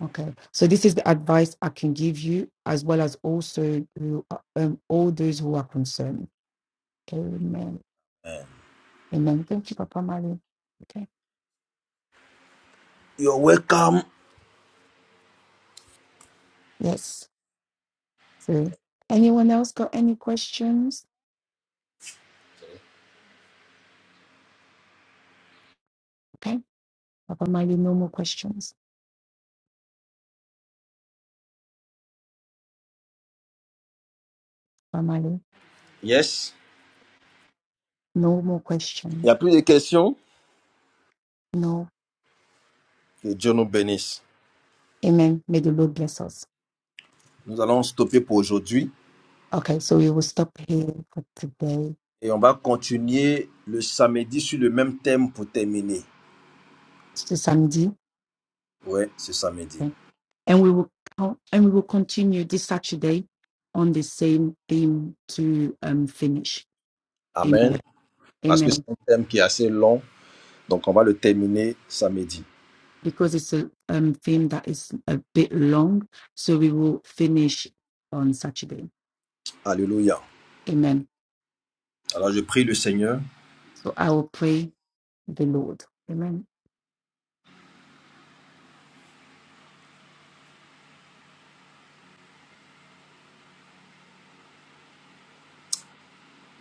B: Okay, so this is the advice I can give you, as well as also who, um, all those who are concerned. Amen.
A: Euh,
B: Amen. Thank you, Papa Mali. Okay.
A: You're welcome.
B: Yes. So, anyone else got any questions? Okay. Papa Mali, no more questions. Papa Mali,
A: Yes.
B: no more
A: Il n'y
B: questions.
A: a plus de questions.
B: No.
A: Que Dieu nous bénisse.
B: Amen. May the Lord bless us.
A: Nous allons stopper pour aujourd'hui
B: Okay, so we will stop here for today.
A: et on va continuer le samedi sur le même thème pour terminer.
B: It's to Sunday.
A: Ouais, c'est samedi.
B: and we will and we will continue this Saturday on the same theme to um, finish. Amen.
A: Amen. Parce que c'est
B: Amen.
A: un thème qui est assez long, donc on va le terminer samedi.
B: Because it's a um, theme that is a bit long, so we will finish on Saturday.
A: Alléluia.
B: Amen.
A: Alors je prie le Seigneur.
B: So I will pray the Lord. Amen.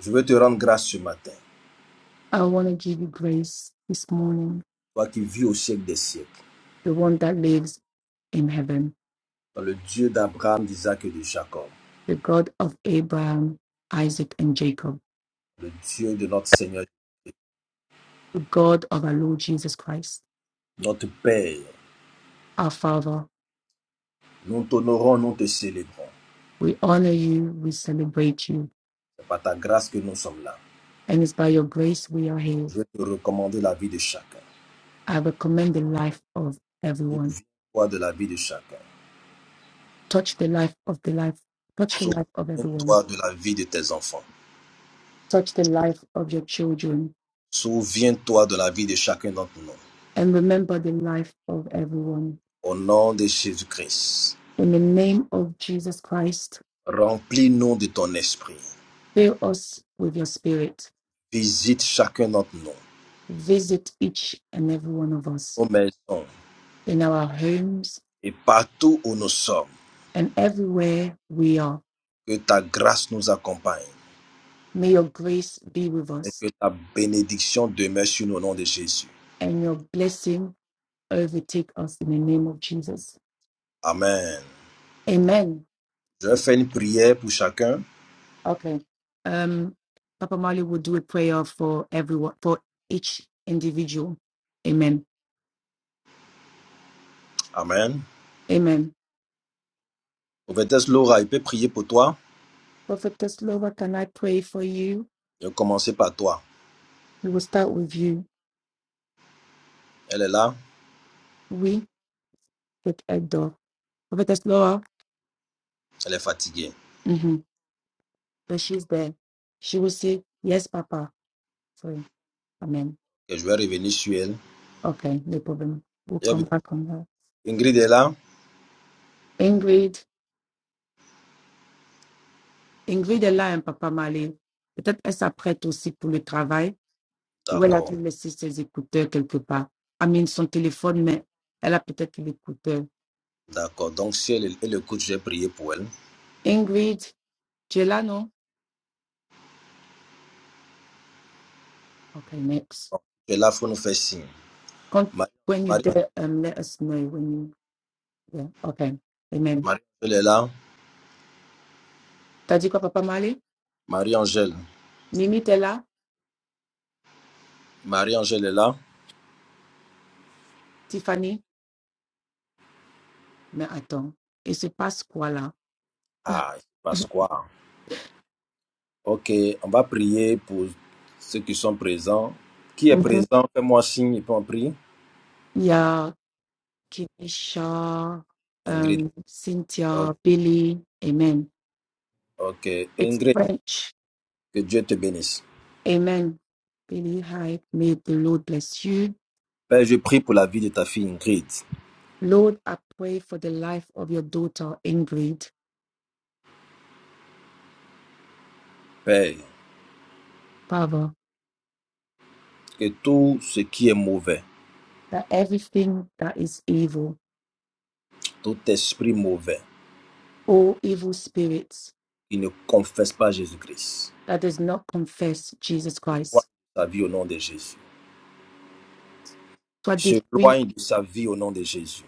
A: Je veux te rendre grâce ce matin.
B: I want to give you grace this morning,
A: Toi qui vis au siècle des siècles.
B: the one that lives in heaven,
A: dans le Dieu d'Abraham, d'Isaac et de Jacob.
B: the God of Abraham, Isaac, and Jacob,
A: Le Dieu de notre Seigneur,
B: the God of our Lord Jesus Christ,
A: notre Père.
B: our Father
A: Nous t'honorons, nous te célébrons.
B: We honor you, we celebrate you,
A: C'est par ta grâce que nous sommes là.
B: and it's by your grace we are here.
A: Je vais te recommander la vie de chacun.
B: I recommend the life of everyone.
A: Toi de la vie de chacun.
B: Touch the life of the life, touch the life of everyone,
A: Souviens-toi de la vie de tes enfants.
B: touch the life of your children,
A: Souviens-toi de la vie de chacun d'entre nous.
B: and remember the life of everyone.
A: Au nom de Jésus-Christ,
B: In the name of Jesus Christ,
A: remplis-nous de ton esprit.
B: fill us with your spirit.
A: Visite chacun d'entre nous,
B: Visit each and every one of us
A: nos maisons
B: in our homes
A: et partout où nous sommes.
B: and everywhere we are.
A: Que ta grâce nous accompagne
B: May your grace be with
A: et
B: us
A: que ta bénédiction demeure sur nous au nom de Jésus.
B: and your blessing overtake us in the name of Jesus.
A: Amen.
B: Amen.
A: Je vais faire une prière pour chacun.
B: Okay. Um, Papa Mali will do a prayer for everyone, for each individual. Amen.
A: Amen.
B: Amen.
A: Prophétesse Laura, il peut prier pour toi.
B: Prophetess Teslova, can I pray for you?
A: Je vais commencer par toi.
B: We will start with you.
A: Elle est là,
B: We with Edo. Prophetess Teslova,
A: elle est fatiguée.
B: mm-hmm. but she's there. She will say, Yes, Papa. Sorry. Amen.
A: Et je vais revenir sur elle.
B: Okay, no problem. We'll come back on her.
A: Ingrid est là?
B: Ingrid, Ingrid est là, hein, Papa Mali. Peut-être est-ce prête aussi pour le travail. Ou elle a
A: D'accord,
B: dû laisser ses écouteurs quelque part. Amine, son téléphone, mais elle a peut-être l'écouteur.
A: d'accord. Donc, si elle, elle écoute, je vais prier pour elle.
B: Ingrid, tu es là, non? Okay, next.
A: Elle es là, il faut nous faire signe.
B: Quand,
A: Marie,
B: when you
A: Marie,
B: there, um, let us know when you yeah. Okay, amen.
A: Marie-Angèle est là?
B: T'as dit quoi, Papa Malé?
A: Marie-Angèle.
B: Mimi, t'es là?
A: Marie-Angèle est là?
B: Tiffany? Mais attends, il se passe quoi là?
A: Ah, il se passe quoi? Ok, on va prier pour ceux qui sont présents. Qui est
B: Mhm.
A: présent? Fais-moi signe et puis on prie.
B: Il y a Kinisha,
A: Ingrid.
B: um,
A: O-
B: Cynthia, Billy, amen.
A: Ok,
B: It's
A: Ingrid,
B: French,
A: que Dieu te bénisse.
B: amen. Billy, hi, may the Lord bless you.
A: Père, je prie pour la vie de ta fille Ingrid.
B: Lord, I pray for the life of your daughter, Ingrid,
A: Père.
B: Father,
A: que tout ce qui est mauvais,
B: that everything that is evil,
A: tout esprit mauvais
B: all evil spirits
A: qui ne confesse pas Jésus-Christ,
B: that does not confess Jesus
A: se loin
B: Christ,
A: de sa vie au nom de Jésus.
B: so
A: Se
B: that we
A: loin de sa vie au nom de Jésus.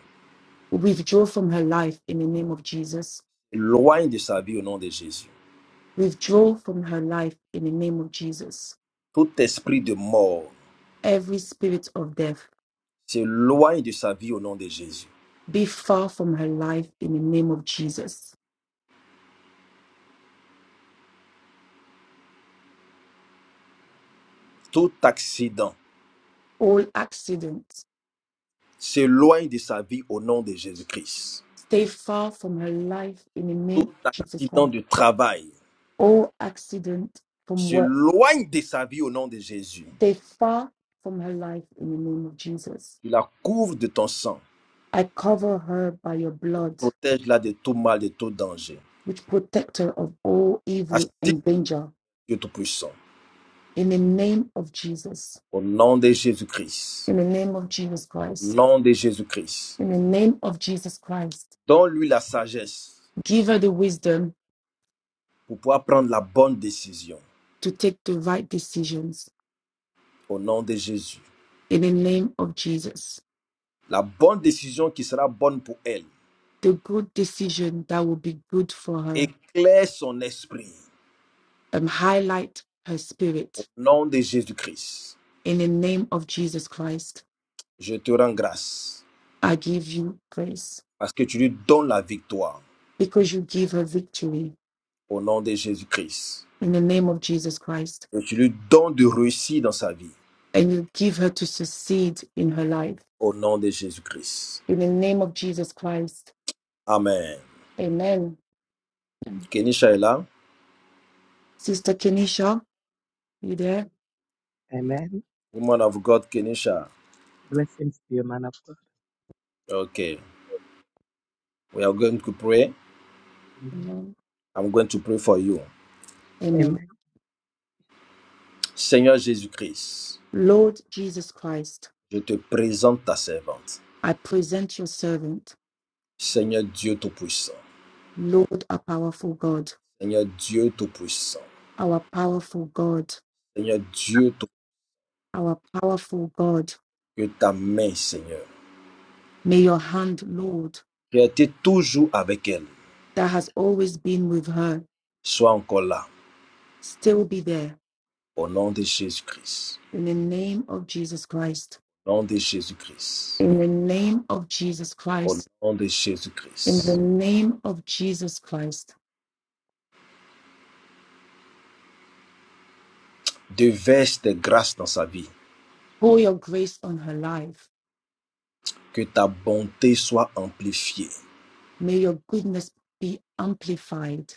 B: withdraw from her life in the name of Jesus.
A: Se loigne de sa vie au nom de Jésus.
B: Withdraw from her life in the name of Jesus.
A: Tout esprit de mort
B: Every spirit of death,
A: se loin de sa vie au nom de Jésus.
B: be far from her life in the name of Jesus.
A: Tout accident
B: All accidents,
A: se loin de sa vie au nom de Jésus-Christ.
B: stay far from her life in the name
A: Tout
B: of Jesus
A: accident
B: Christ.
A: de travail
B: All accidents,
A: s'éloigne de sa vie au nom de Jésus.
B: Stay far from her life in the name of Jesus.
A: Tu la couvres de ton sang.
B: I cover her by your blood,
A: Protège-la de tout mal, de tout danger.
B: which protect her of all evil
A: Assis
B: and danger.
A: Dieu Tout-Puissant,
B: In the name of Jesus.
A: au nom de Jésus-Christ,
B: In the name of Jesus
A: au
B: Christ.
A: nom de Jésus-Christ,
B: In the name of Jesus Christ.
A: donne-lui la sagesse
B: Give her the wisdom
A: pour pouvoir prendre la bonne décision,
B: to take the right decisions.
A: au nom de Jésus.
B: In the name of Jesus.
A: La bonne décision qui sera bonne pour elle.
B: The good decision that will be good for her.
A: Éclaire son esprit,
B: And highlight her
A: au
B: spirit.
A: nom de Jésus-Christ.
B: In the name of Jesus Christ.
A: Je te rends grâce
B: I give you praise.
A: parce que tu lui donnes la victoire,
B: because you give her victory
A: au nom de Jésus-Christ.
B: in the name of Jesus Christ
A: Et tu lui donnes de réussite dans sa vie,
B: and you give her to succeed in her life
A: au nom de Jésus-Christ.
B: in the name of Jesus Christ.
A: Amen.
B: Amen.
A: Kenisha est là.
B: Sister Kenisha, you there?
F: you. Amen.
A: Woman of God, Kenisha.
F: Blessings to you, man of God.
A: Ok. We are going to pray.
F: Amen.
B: Amen.
A: I'm going to pray for you.
B: Amen.
F: Amen.
A: Seigneur Jésus-Christ,
B: Lord Jesus Christ,
A: je te présente ta servante.
B: I present your servant,
A: Seigneur Dieu Tout-Puissant.
B: Lord, our powerful God,
A: Seigneur Dieu Tout-Puissant.
B: our powerful God,
A: Seigneur Dieu tout
B: our powerful God.
A: que ta main, Seigneur,
B: May your hand, Lord,
A: qui a été toujours avec elle,
B: that has always been with her,
A: soit encore là.
B: still be there
A: Au nom de Jésus-Christ.
B: in the name of Jesus Christ.
A: Au nom de Jésus-Christ.
B: In the name of Jesus
A: Au
B: Christ,
A: nom de
B: in the
A: Jésus-Christ.
B: name of Jesus Christ,
A: Déverse tes grâces dans sa vie.
B: pour your grace on her life.
A: Que ta bonté soit amplifiée.
B: May your goodness be amplified.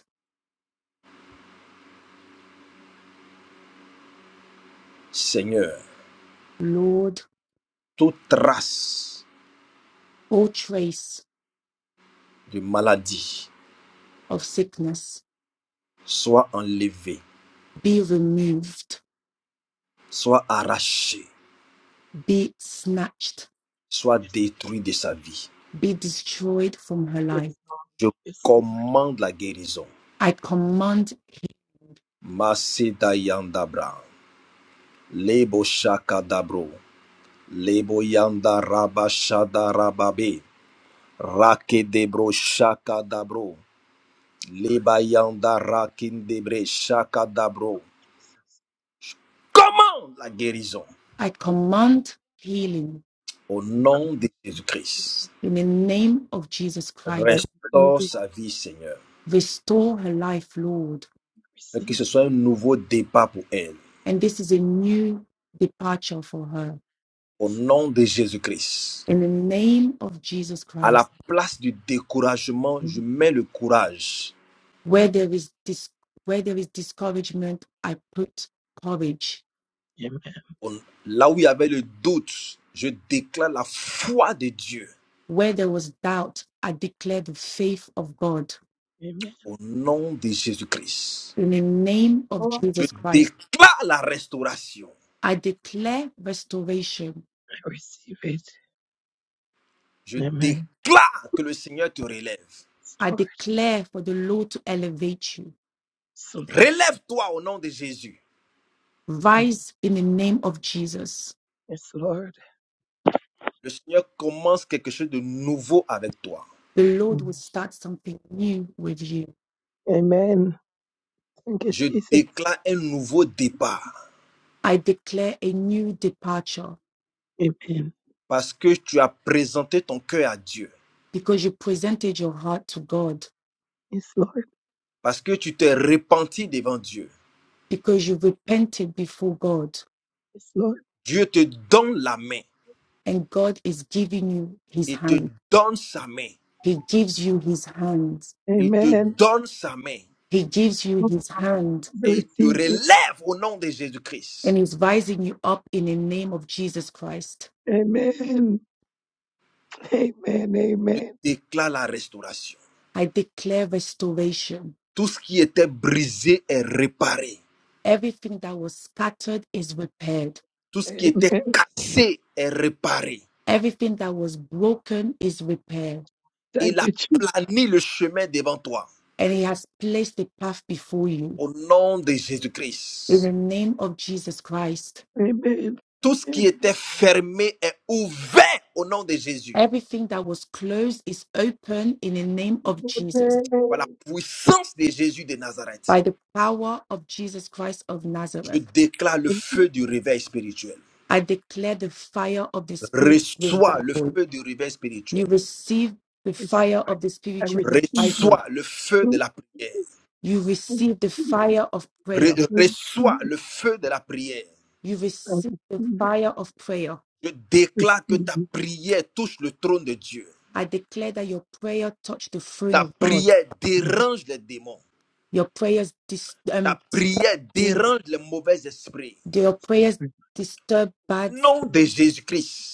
A: Seigneur,
B: Lord,
A: toute trace
B: all trace
A: de maladie,
B: of sickness
A: soit enlevé,
B: be removed,
A: soit arraché,
B: be snatched,
A: soit
F: Yes.
A: détruit de sa vie.
B: be destroyed from her
F: Yes,
B: life.
A: Je
F: Lord. Yes, Lord.
A: commande la guérison.
B: I command,
A: Masedayandabra, Lebo Shakadabro, Lebo Yanda Rabashadarababe, Rakedebro Shakadabro, Leba Yanda Rakindebre Shakadabro. Commande la guérison
B: I
F: Yes, Lord.
B: command healing
A: au
F: Thank
A: nom de
F: you, Jesus.
A: Jésus-Christ.
B: in the name of Jesus
F: I
B: Christ.
F: believe
A: Restaure
F: it.
A: sa vie, Seigneur.
B: Restore her life, Lord.
A: que
F: Receive
A: ce soit un
F: it.
A: nouveau départ pour elle.
B: And this is a new departure for her
A: Au nom de Jésus-Christ.
B: in the name of Jesus
A: À
B: Christ.
A: la place du découragement, je mets le courage.
B: Where there is dis- where there is discouragement, I put courage.
F: Amen.
A: Au- Là où il y avait le doute, je déclare la foi de Dieu.
B: Where there was doubt, I declare the faith of God.
F: Amen.
A: Au nom de Jésus-Christ.
B: In the name of
F: Lord,
A: Je
B: Jesus Christ,
A: déclare la restauration.
B: I declare restoration.
F: I receive it.
A: Je
F: Amen.
A: déclare que le Seigneur te relève.
F: Yes,
B: I
F: Lord.
B: declare for the Lord to elevate you.
F: Yes, Lord.
A: Relève-toi au nom de Jésus.
B: Rise in the name of Jesus.
F: Yes, Lord.
A: Le Seigneur commence quelque chose de nouveau avec toi.
B: The Lord will start something new with you.
F: Amen. Thank you,
A: Je
F: Jesus.
A: déclare un nouveau départ
B: I declare a new departure
F: Amen.
A: parce que tu as présenté ton cœur à Dieu.
B: because you presented your heart to God
F: Yes, Lord.
A: Parce que tu t'es repenti devant Dieu.
B: because you repented before God
F: Yes, Lord.
A: Dieu te donne la main.
B: and God is giving you his
A: et te
B: hand.
A: donne sa main.
B: He gives you his hand.
A: et te
F: Amen.
A: donne sa main.
B: He gives you
F: Lord,
B: his hand
F: I
A: Et il te
F: receive it.
A: relève au nom de
B: and
A: Jésus-Christ.
B: is rising you up in the name of Jesus Christ.
F: Amen. Amen.
A: Je
F: Amen.
A: déclare la restauration.
B: I declare restoration.
A: Tout ce qui était brisé est réparé.
B: Everything that was scattered is repaired.
A: Tout ce qui était
F: Amen.
A: cassé est réparé.
B: Everything that was broken is repaired.
A: Il
F: Thank
A: a
F: you, Jesus.
A: plané le chemin devant toi.
B: And he has placed the path before you
A: Au nom de
B: in
A: Jésus-Christ.
B: the name of Jesus Christ.
F: Amen.
A: Tout ce qui
F: Amen.
A: était fermé est ouvert au nom de Jésus.
B: Everything that was closed is open in the name of Jesus.
A: Par la puissance de Jésus de Nazareth.
B: By the power of Jesus Christ of
A: Je
B: Nazareth,
A: déclare le feu du réveil spirituel.
B: I declare the fire of the Spirit
A: Reçois le
B: revival.
A: feu du réveil
B: You
A: spirituel.
B: receive the
F: Yes,
B: fire of the
F: I
B: spiritual
F: receive it.
B: revival.
A: Reçois le feu
F: I receive
A: de la prière.
B: You
F: it.
B: receive the fire of prayer.
A: Re-
F: I receive
A: reçois
F: it.
A: le feu de la prière.
B: You
F: I
B: receive the
F: receive it.
B: fire of prayer.
A: Je
F: Receive
A: déclare que ta
F: it,
A: prière touche le trône de Dieu.
B: I declare that your prayer touched the throne
A: Ta
B: of God.
A: prière
F: Lord.
A: dérange les démons.
B: Your prayers dis-
A: Ta
B: um, disturb
A: prière
B: demon-
A: dérange les mauvais esprits.
B: your prayers disturb bad
A: Nom de
B: spirit.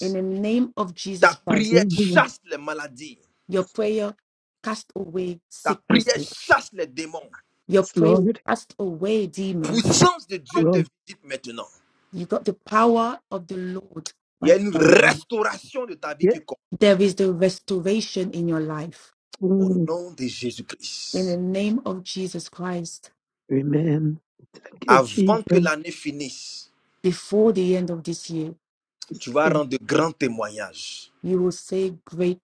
B: In the name of Jesus
A: Ta
B: Christ,
A: prière
F: Receive it.
A: chasse les maladies.
B: your prayer cast away
A: Ta
B: sickness.
A: prière chasse les démons.
B: Your praise
F: Lord,
B: cast away demons.
A: Puissance de Dieu te
F: Lord,
A: visite maintenant.
B: You got the power of the Lord
A: Il y a
B: by
A: une
B: tongue.
A: restauration de ta vie
F: Yes,
A: qui commence.
B: There is the restoration in your life.
A: Au
F: Lord,
A: nom de
B: In the
A: Jésus-Christ,
B: name of Jesus Christ,
F: amen. Thank you,
A: avant que
F: Jesus.
A: l'année finisse,
B: before the end of this year,
F: Yes,
A: tu vas
F: Lord.
A: rendre de grands témoignages
B: you will say great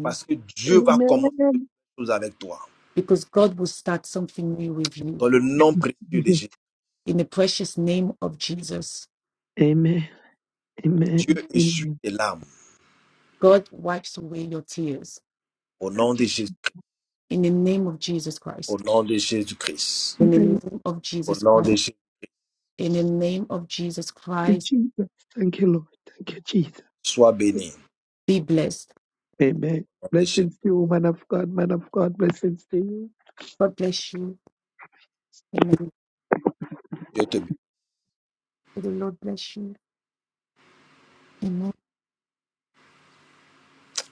A: parce que Dieu va
F: Amen.
A: commencer de nouvelles choses avec toi.
B: because God will start something new with you.
A: Dans le nom précieux de
F: Yes,
A: Jésus,
B: In the precious name of Jesus,
F: Amen.
A: Dieu
F: Amen.
A: essuie
F: Amen.
A: tes larmes.
B: God wipes away your tears.
A: Au nom
F: Thank
A: de
F: you,
A: Jésus-Christ,
B: In the name of Jesus
A: au
B: Christ.
A: nom de Jésus-Christ,
B: In the
F: amen.
B: name of
A: au
B: Jesus
A: nom de
B: Christ.
A: Jésus,
B: In the name of Jesus
F: Thank you,
B: Christ,
F: Jesus. Thank you, Lord. Thank you, Jesus.
A: sois béni.
B: be blessed.
F: Amen.
A: Au nom de Jésus,
F: Blessings to you, man of God, man of God. Blessings to you.
B: God bless you. Amen.
A: Dieu te,
B: May the Lord bless you. Amen.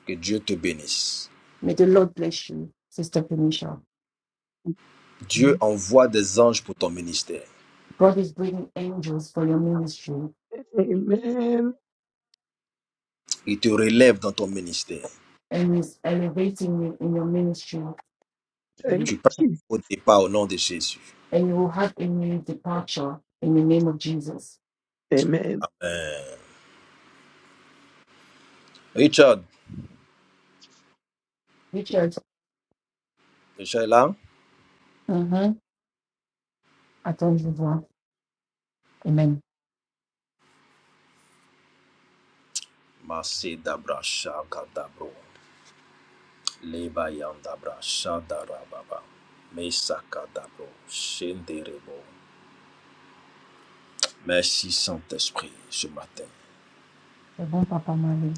A: que Dieu te bénisse.
B: May the Lord bless you, Sister Felicia.
A: Dieu envoie des anges pour ton ministère.
B: God is bringing angels for your ministry
F: Amen.
A: Il te relève dans ton ministère.
B: and is elevating you in your ministry.
F: Thank
A: Tu
F: you,
B: And
A: prends
F: Jesus.
A: au départ au nom de Jésus.
B: you will have a new departure in the name of Jesus.
F: Amen.
A: Amen. Richard,
B: Richard.
A: Richard est là?
B: Mhm. Attends, je vois. Amen.
A: Masi dabra shaka dabro. Leba yam dabra shada rababa. Mesaka dabro. Shenderebo. Merci Saint-Esprit ce matin.
B: C'est bon, Papa Mali.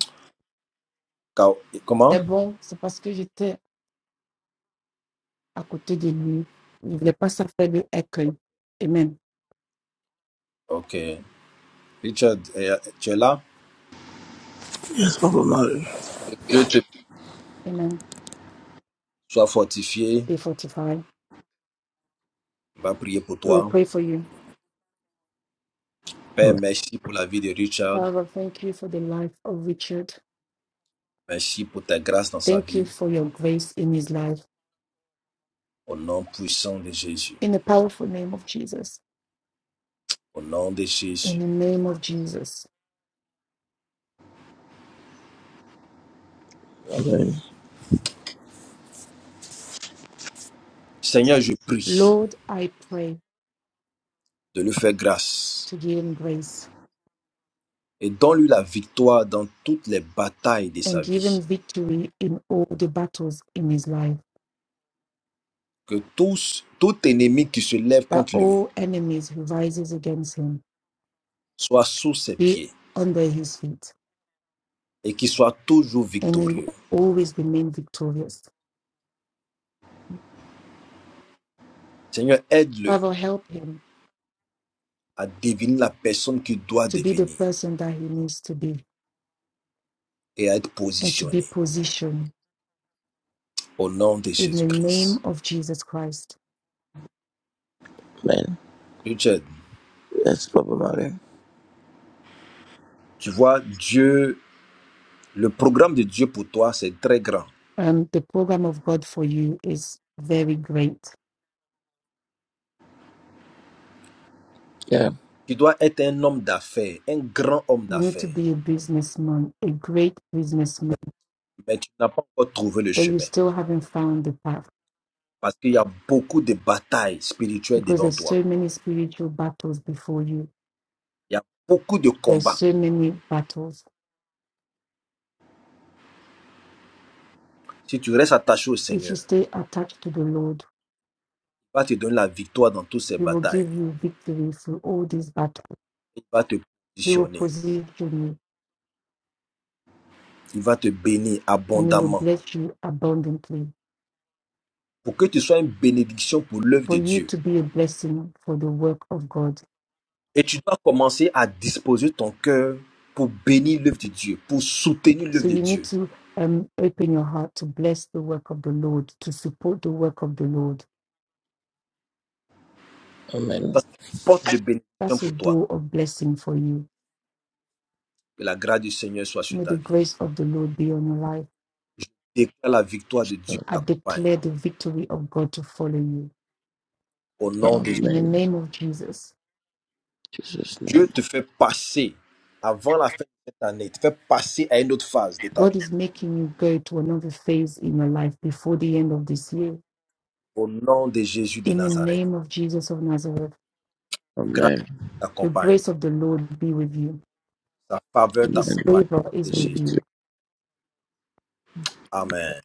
A: Ka- Comment?
B: C'est bon, c'est parce que j'étais à côté de lui. Je ne voulais pas ça faire de écueil. Amen.
A: Ok. Richard, eh, tu es là?
G: Yes, Papa Mari.
A: Dieu te
B: Amen.
A: sois fortifié.
B: Be fortified.
A: On va prier pour
B: We will
A: toi.
B: pray for you.
A: Père,
G: Amen.
A: merci pour la vie de Richard.
B: Father, thank you for the life of Richard.
A: Merci pour ta grâce dans sa
B: Thank you
A: vie.
B: for your grace in his life.
A: Au nom puissant de Jésus.
B: In the powerful name of Jesus.
A: Au nom de
B: In
A: Jésus.
B: the name of Jesus.
G: Amen.
A: Seigneur, je prie
B: Lord, I pray
A: de lui faire grâce
B: to give him grace
A: et donne-lui la victoire dans toutes les batailles de
B: and
A: sa
B: give him
A: vie.
B: victory in all the battles in his life,
A: Que tous, tout ennemi qui se lève
B: that
A: contre lui
B: all enemies who rises against him
A: soit sous ses
B: be
A: pieds
B: under his feet
A: et qu'il soit toujours
B: and he will
A: victorieux.
B: always remain victorious.
A: Seigneur, aide-le
B: Father, help him
A: à devenir la personne qu'il doit
B: to be the
A: devenir
B: person that he needs to be
A: et à être
B: and to be
A: positionné
B: positioned
A: au nom de
B: in the name
A: Jésus-Christ.
B: of Jesus Christ.
G: Amen.
A: Richard,
G: Yes, Papa Mari.
A: tu vois, Dieu, le programme de Dieu pour toi, c'est très grand.
B: Um, the program of God for you is very great.
G: Yeah.
A: Tu dois être un homme d'affaires, un grand homme
B: You need to
A: d'affaires,
B: be a businessman, a great businessman,
A: mais tu n'as pas encore trouvé le
B: but you
A: chemin
B: still haven't found the path
A: parce qu'il y a beaucoup de batailles spirituelles
B: because
A: devant
B: there's
A: toi.
B: so many spiritual battles before you.
A: Il y a beaucoup de
B: There's
A: combats.
B: so many battles.
A: Si tu restes attaché au
B: If you
A: Seigneur, il
B: stay attached to the Lord,
A: va te donner la victoire dans toutes ces
B: He will
A: batailles.
B: give you victory through all these battles.
A: Il va te
B: He will
A: positionner.
B: position you
A: Il va te bénir
B: and He will
A: abondamment
B: bless you abundantly
A: pour que tu sois une bénédiction pour l'œuvre
B: for
A: de
B: you
A: Dieu.
B: to be a blessing for the work of God.
A: Et tu dois commencer à disposer ton cœur pour bénir l'œuvre de Dieu, pour soutenir
B: So
A: l'œuvre de
B: you need
A: Dieu.
B: to um, open your heart to bless the work of the Lord, to support the work of the Lord.
A: Ça,
G: Amen.
A: c'est une porte de bénédiction
B: That's a
A: pour toi.
B: door of blessing for you.
A: Que la grâce du Seigneur soit sur
B: May the
A: ta vie.
B: grace of the Lord be on your life.
A: Je déclare la victoire de Dieu
B: I
A: t'accompagne.
B: declare the victory of God to follow you.
A: Au nom de Dieu,
B: In the
G: Amen.
B: name of Jesus,
G: Jesus'
A: Dieu
G: name.
A: te fait passer avant la fin de cette année, te fait passer à une autre phase de ta vie.
B: God is making you go to another phase in your life before the end of this year.
A: Au nom de Jésus de
B: In the
A: Nazareth,
B: name of Jesus of Nazareth,
A: grâce
G: Amen.
B: the
A: t'accompagne,
B: grace of the Lord be with you.
A: ta faveur
B: His
G: Amen.
A: t'accompagne.
B: favor
A: Au nom
B: is
A: de
B: with
A: Jésus.
B: you.
A: Amen.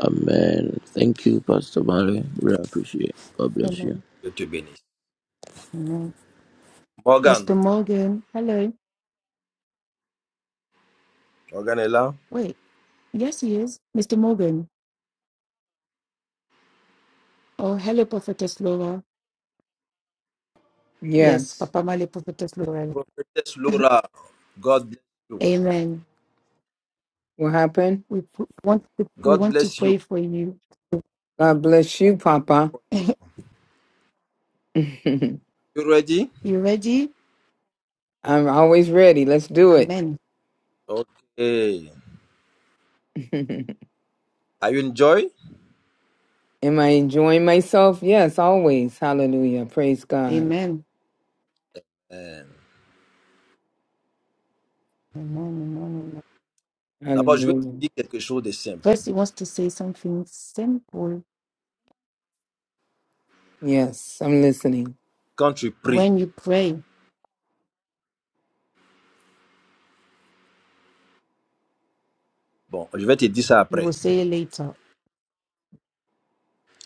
G: Amen. Thank you, Pastor Mari. We appreciate. it. God bless you.
B: Amen.
A: Je te bénisse.
B: Amen.
A: Morgan,
B: Mr. Morgan, hello.
A: Morgan est là.
B: Wait. Yes, he is. Mr. Morgan. Oh, hello, Prophetess Laura. Yes,
E: Yes.
B: Papa Male, Prophetess Laura.
A: Prophetess Laura, God bless you.
B: Amen.
E: What happened?
B: We p- want to, we
A: God
B: want to
A: bless you.
B: pray for you.
E: God bless you, Papa.
B: <laughs> you
E: <laughs> I'm
A: You ready?
B: ready?
E: always ready. Let's do it.
B: Amen.
A: Okay.
E: <laughs>
A: Are you enjoy?
E: Am I enjoying myself? Yes, always. Hallelujah. Praise God.
B: Amen.
A: Euh,
B: Amen. Amen. Amen.
A: D'abord, je vais te
E: Hallelujah.
A: dire quelque chose de simple.
B: First, he wants to say something simple.
E: Yes, I'm listening.
A: Quand tu pries,
B: When you pray,
A: bon, je vais te dire ça
B: he will
A: après.
B: say it later.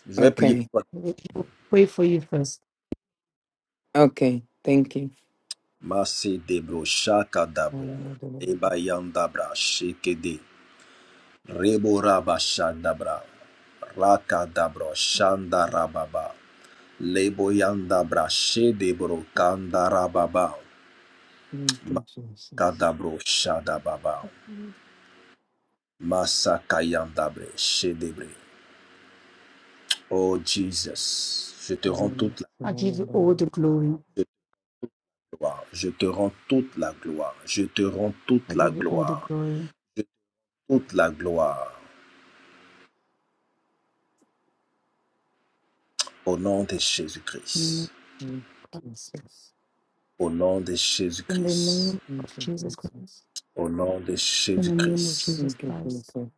A: Je vais prier pour
E: Okay.
A: toi.
B: He will he will pray for you first.
E: Okay. Thank you.
A: Masé debro, shaka dabro, eba yandabra, shekede, rebo raba shadabra. Lakadabra Shandarababa. Leboyanda Brashedebro Kandarababa.
E: Thank you, Jesus.
A: Makadabro Shadababa.
B: Mm.
A: Masakayandabre Shedebre. Oh Jesus, je te
E: Thank
A: rends toute
B: I give you all
E: you,
B: the glory.
A: la gloire. Je te rends toute la gloire. Je te rends toute
B: I
A: la
B: give you all the
A: gloire.
B: glory.
A: Je te rends toute la gloire. Au nom de
B: In the name
A: Jésus-Christ.
B: of Christ.
E: Jesus.
A: Au nom de
B: In the
A: Jésus-Christ.
B: name
E: Thank
B: of
E: you,
B: Jesus Christ.
E: Jesus.
A: Au nom de
B: In the name of
A: Jésus-Christ.
B: Jesus
E: Thank you,
B: Christ,
E: Jesus.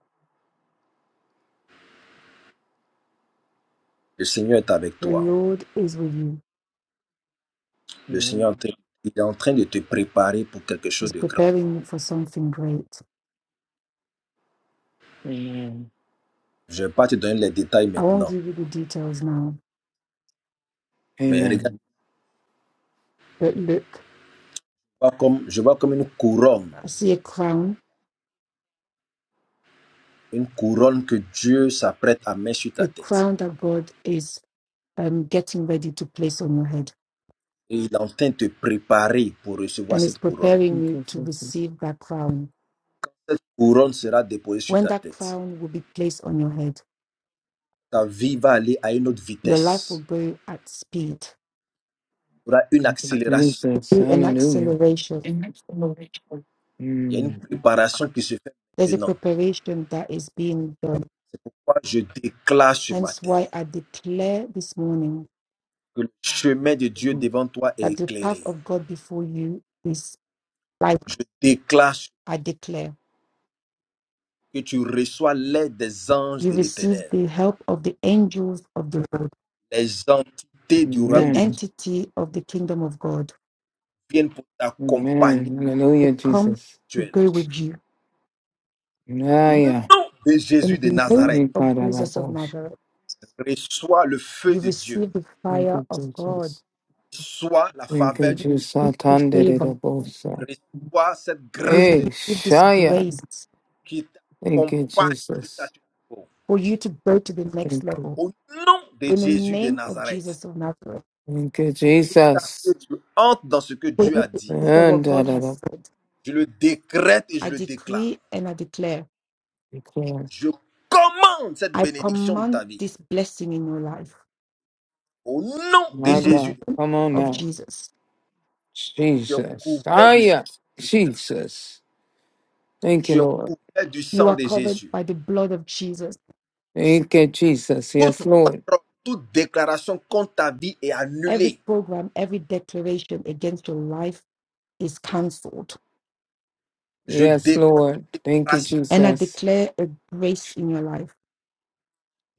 A: Le Seigneur est avec
B: the
A: toi.
B: Lord is with you.
A: Le
E: Amen.
A: Seigneur est en train- il est en train de te préparer pour quelque chose
B: He's
A: de grand.
B: preparing you for something great.
E: Amen.
A: Je ne vais pas te donner les détails
B: I won't
A: maintenant,
B: give you the details now,
A: mais regarde,
E: Amen.
B: but look,
A: je vois comme, je vois comme une couronne,
B: I see a crown,
A: une couronne que Dieu s'apprête à mettre sur ta
B: a
A: tête.
B: crown that God is um, getting ready to place on your head,
A: Et il est en train de te préparer pour recevoir
B: and is
A: cette couronne.
B: preparing
E: Thank
B: you
E: you,
B: to
E: Jesus.
B: receive that crown.
A: Couronne sera déposée sur
B: When
A: ta
B: that
A: tête.
B: crown will be placed on your head,
A: Ta vie va aller à une autre
B: your life will
A: vitesse.
B: go at speed,
A: Il y aura une
E: Thank you,
A: accélération.
E: Jesus.
B: through an
E: Hallelujah.
B: acceleration.
E: Mm.
A: Il y a une préparation qui se fait
B: There's a
A: maintenant.
B: preparation that is being done.
A: C'est pourquoi je déclare ce
B: Hence,
A: matin
B: why I declare this morning
A: que le chemin de Dieu
E: Amen.
A: devant toi est
B: that the path
A: éclairé.
B: of God before you is light,
A: Je déclare
B: I declare.
A: que tu reçois l'aide des anges
B: You
A: de
B: receive
A: l'éternel.
B: the help of the angels of the Lord,
A: Les entités du royaume
B: the
A: de Dieu
B: entity of the kingdom of God.
A: viennent pour
E: Amen.
A: t'accompagner
B: They
E: Hallelujah,
B: come
E: Jesus.
B: to
A: actuellement.
B: go with you.
A: Au nom
E: Hallelujah.
A: de
B: In
A: Jésus de
B: the name
A: Nazareth,
B: of Jesus of Nazareth,
A: reçois le feu
B: you
A: de Dieu,
B: receive the
E: Thank
B: fire
E: you,
B: of
E: Jesus.
B: God,
A: reçois la
E: Thank you,
A: faveur de
E: Jesus.
B: the favor.
E: Atanderabosa.
A: Dieu, reçois cette
B: You
A: grâce
E: Hey,
A: de Dieu
B: receive this
E: Shaya.
B: grace
A: qui
E: Thank you,
A: t'accompagne jusqu'à
E: Jesus.
A: ce jour.
B: for you to go to the next
E: Thank you.
B: level.
A: Au nom de
B: In the
A: Jésus de
B: name of
A: Nazareth,
B: Jesus of Nazareth,
E: Thank you,
A: jusqu'à ce
E: Jesus.
A: que tu entres dans ce que
B: for you
A: Dieu a
B: to
A: dit.
B: enter
E: And
B: what
E: da
B: God
E: da da.
B: has said,
A: Je le décrète et je
B: I
A: le déclare.
B: decree and I declare
E: Declare.
A: Je commande cette
B: I
A: bénédiction de
B: command
A: ta vie.
B: this blessing in your life
A: Au nom de
B: in
E: My
B: the name
A: Jésus
E: God. Come on
B: of
E: now.
B: Jesus.
A: Tu es
E: Jesus.
A: couvert du sang
E: Shaya.
A: de Christ.
E: Jesus. Thank you,
A: Tu es
E: Lord.
A: couvert du
B: You
A: sang
B: are
A: de
B: covered
A: Jésus.
B: by the blood of Jesus.
E: Thank you, Jesus. Yes,
A: Toute
E: Lord.
A: parole, toute déclaration contre ta vie est
B: Every
A: annulée.
B: program, every declaration against your life is cancelled.
A: Je
E: Yes,
A: déclare
E: Lord. Thank you,
A: séparation.
B: And I
E: Jesus.
B: declare a grace in your life.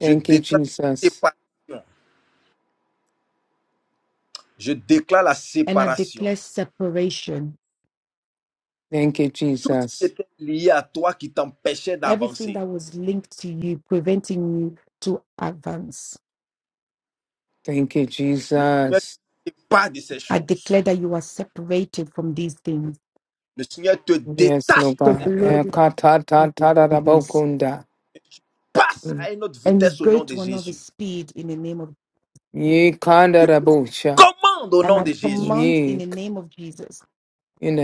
A: Je
E: you,
A: déclare
E: Jesus.
A: séparation. Je déclare la
B: And I
A: séparation
B: declare separation.
E: Thank you,
A: qui
E: Jesus.
A: était liée à toi qui t'empêchait
B: Everything
A: d'avancer.
B: that was linked to you, preventing you to advance.
E: Thank you,
A: Le Seigneur
E: Jesus.
A: ne pas de ces
B: I declare
A: choses.
B: that you are separated from these things.
A: Le Seigneur te
E: Yes,
A: détache
E: Lord
A: de
B: So
A: ces
B: the
E: God.
A: choses.
B: Lord
E: Eh,
B: is
E: ka ta ta
B: with you
E: ta da
B: from
E: da bo
B: this.
E: kunda.
A: Et tu passes
E: Mm.
A: à une autre
B: And you
A: vitesse au
B: go
A: nom de
B: to another
A: Jésus.
B: speed in the name of
E: Ye kanda
A: Je
E: da
A: te
E: bo sha.
A: commande au
B: And
A: nom
B: I
A: de Jésus.
B: command in
E: Ye
B: the
E: k-
B: name of Jesus,
E: in the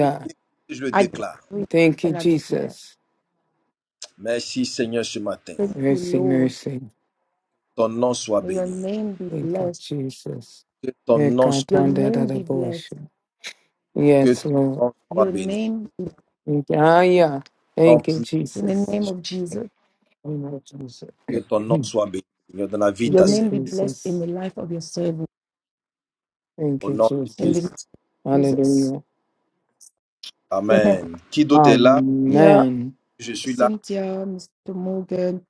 A: Je le déclare. Je le
B: I
A: déclare.
B: decree
E: Thank you,
B: and I declare,
E: Jesus.
A: Merci Seigneur ce matin.
B: thank you,
E: Mercy,
B: Lord.
E: mercy.
A: Ton nom soit
B: May your
A: béni.
B: name be
E: Thank you,
B: blessed.
E: Jesus.
A: Que ton
E: Eh,
A: nom
E: ka
A: soit,
B: Your
E: ta da da
B: name
E: da
B: be
E: bo
B: blessed.
A: que
E: Yes,
A: ton
E: Lord.
A: nom soit
B: Your
A: béni.
B: name be,
E: Thank you, Ah, yeah.
A: Au Nom
E: Thank you,
A: puissant
B: in
A: de
B: the
E: Jesus.
B: name
A: Jésus.
B: of Jesus.
E: Thank you, Jesus.
A: Que ton
E: <clears throat>
A: nom soit béni, Seigneur, dans la vie de
B: Your
E: Thank
A: ta
E: you,
B: name be
A: servante.
B: blessed in
E: Jesus.
B: the life of your servant.
E: Thank
A: Au
E: you,
A: nom de
B: In
A: Jésus.
B: the name
E: Jesus.
B: of Jesus.
E: Hallelujah.
B: Amen.
A: Amen. Qui d'autre est là?
B: Yeah,
E: Amen.
A: Je suis là.
B: Cynthia, Mr. Morgan.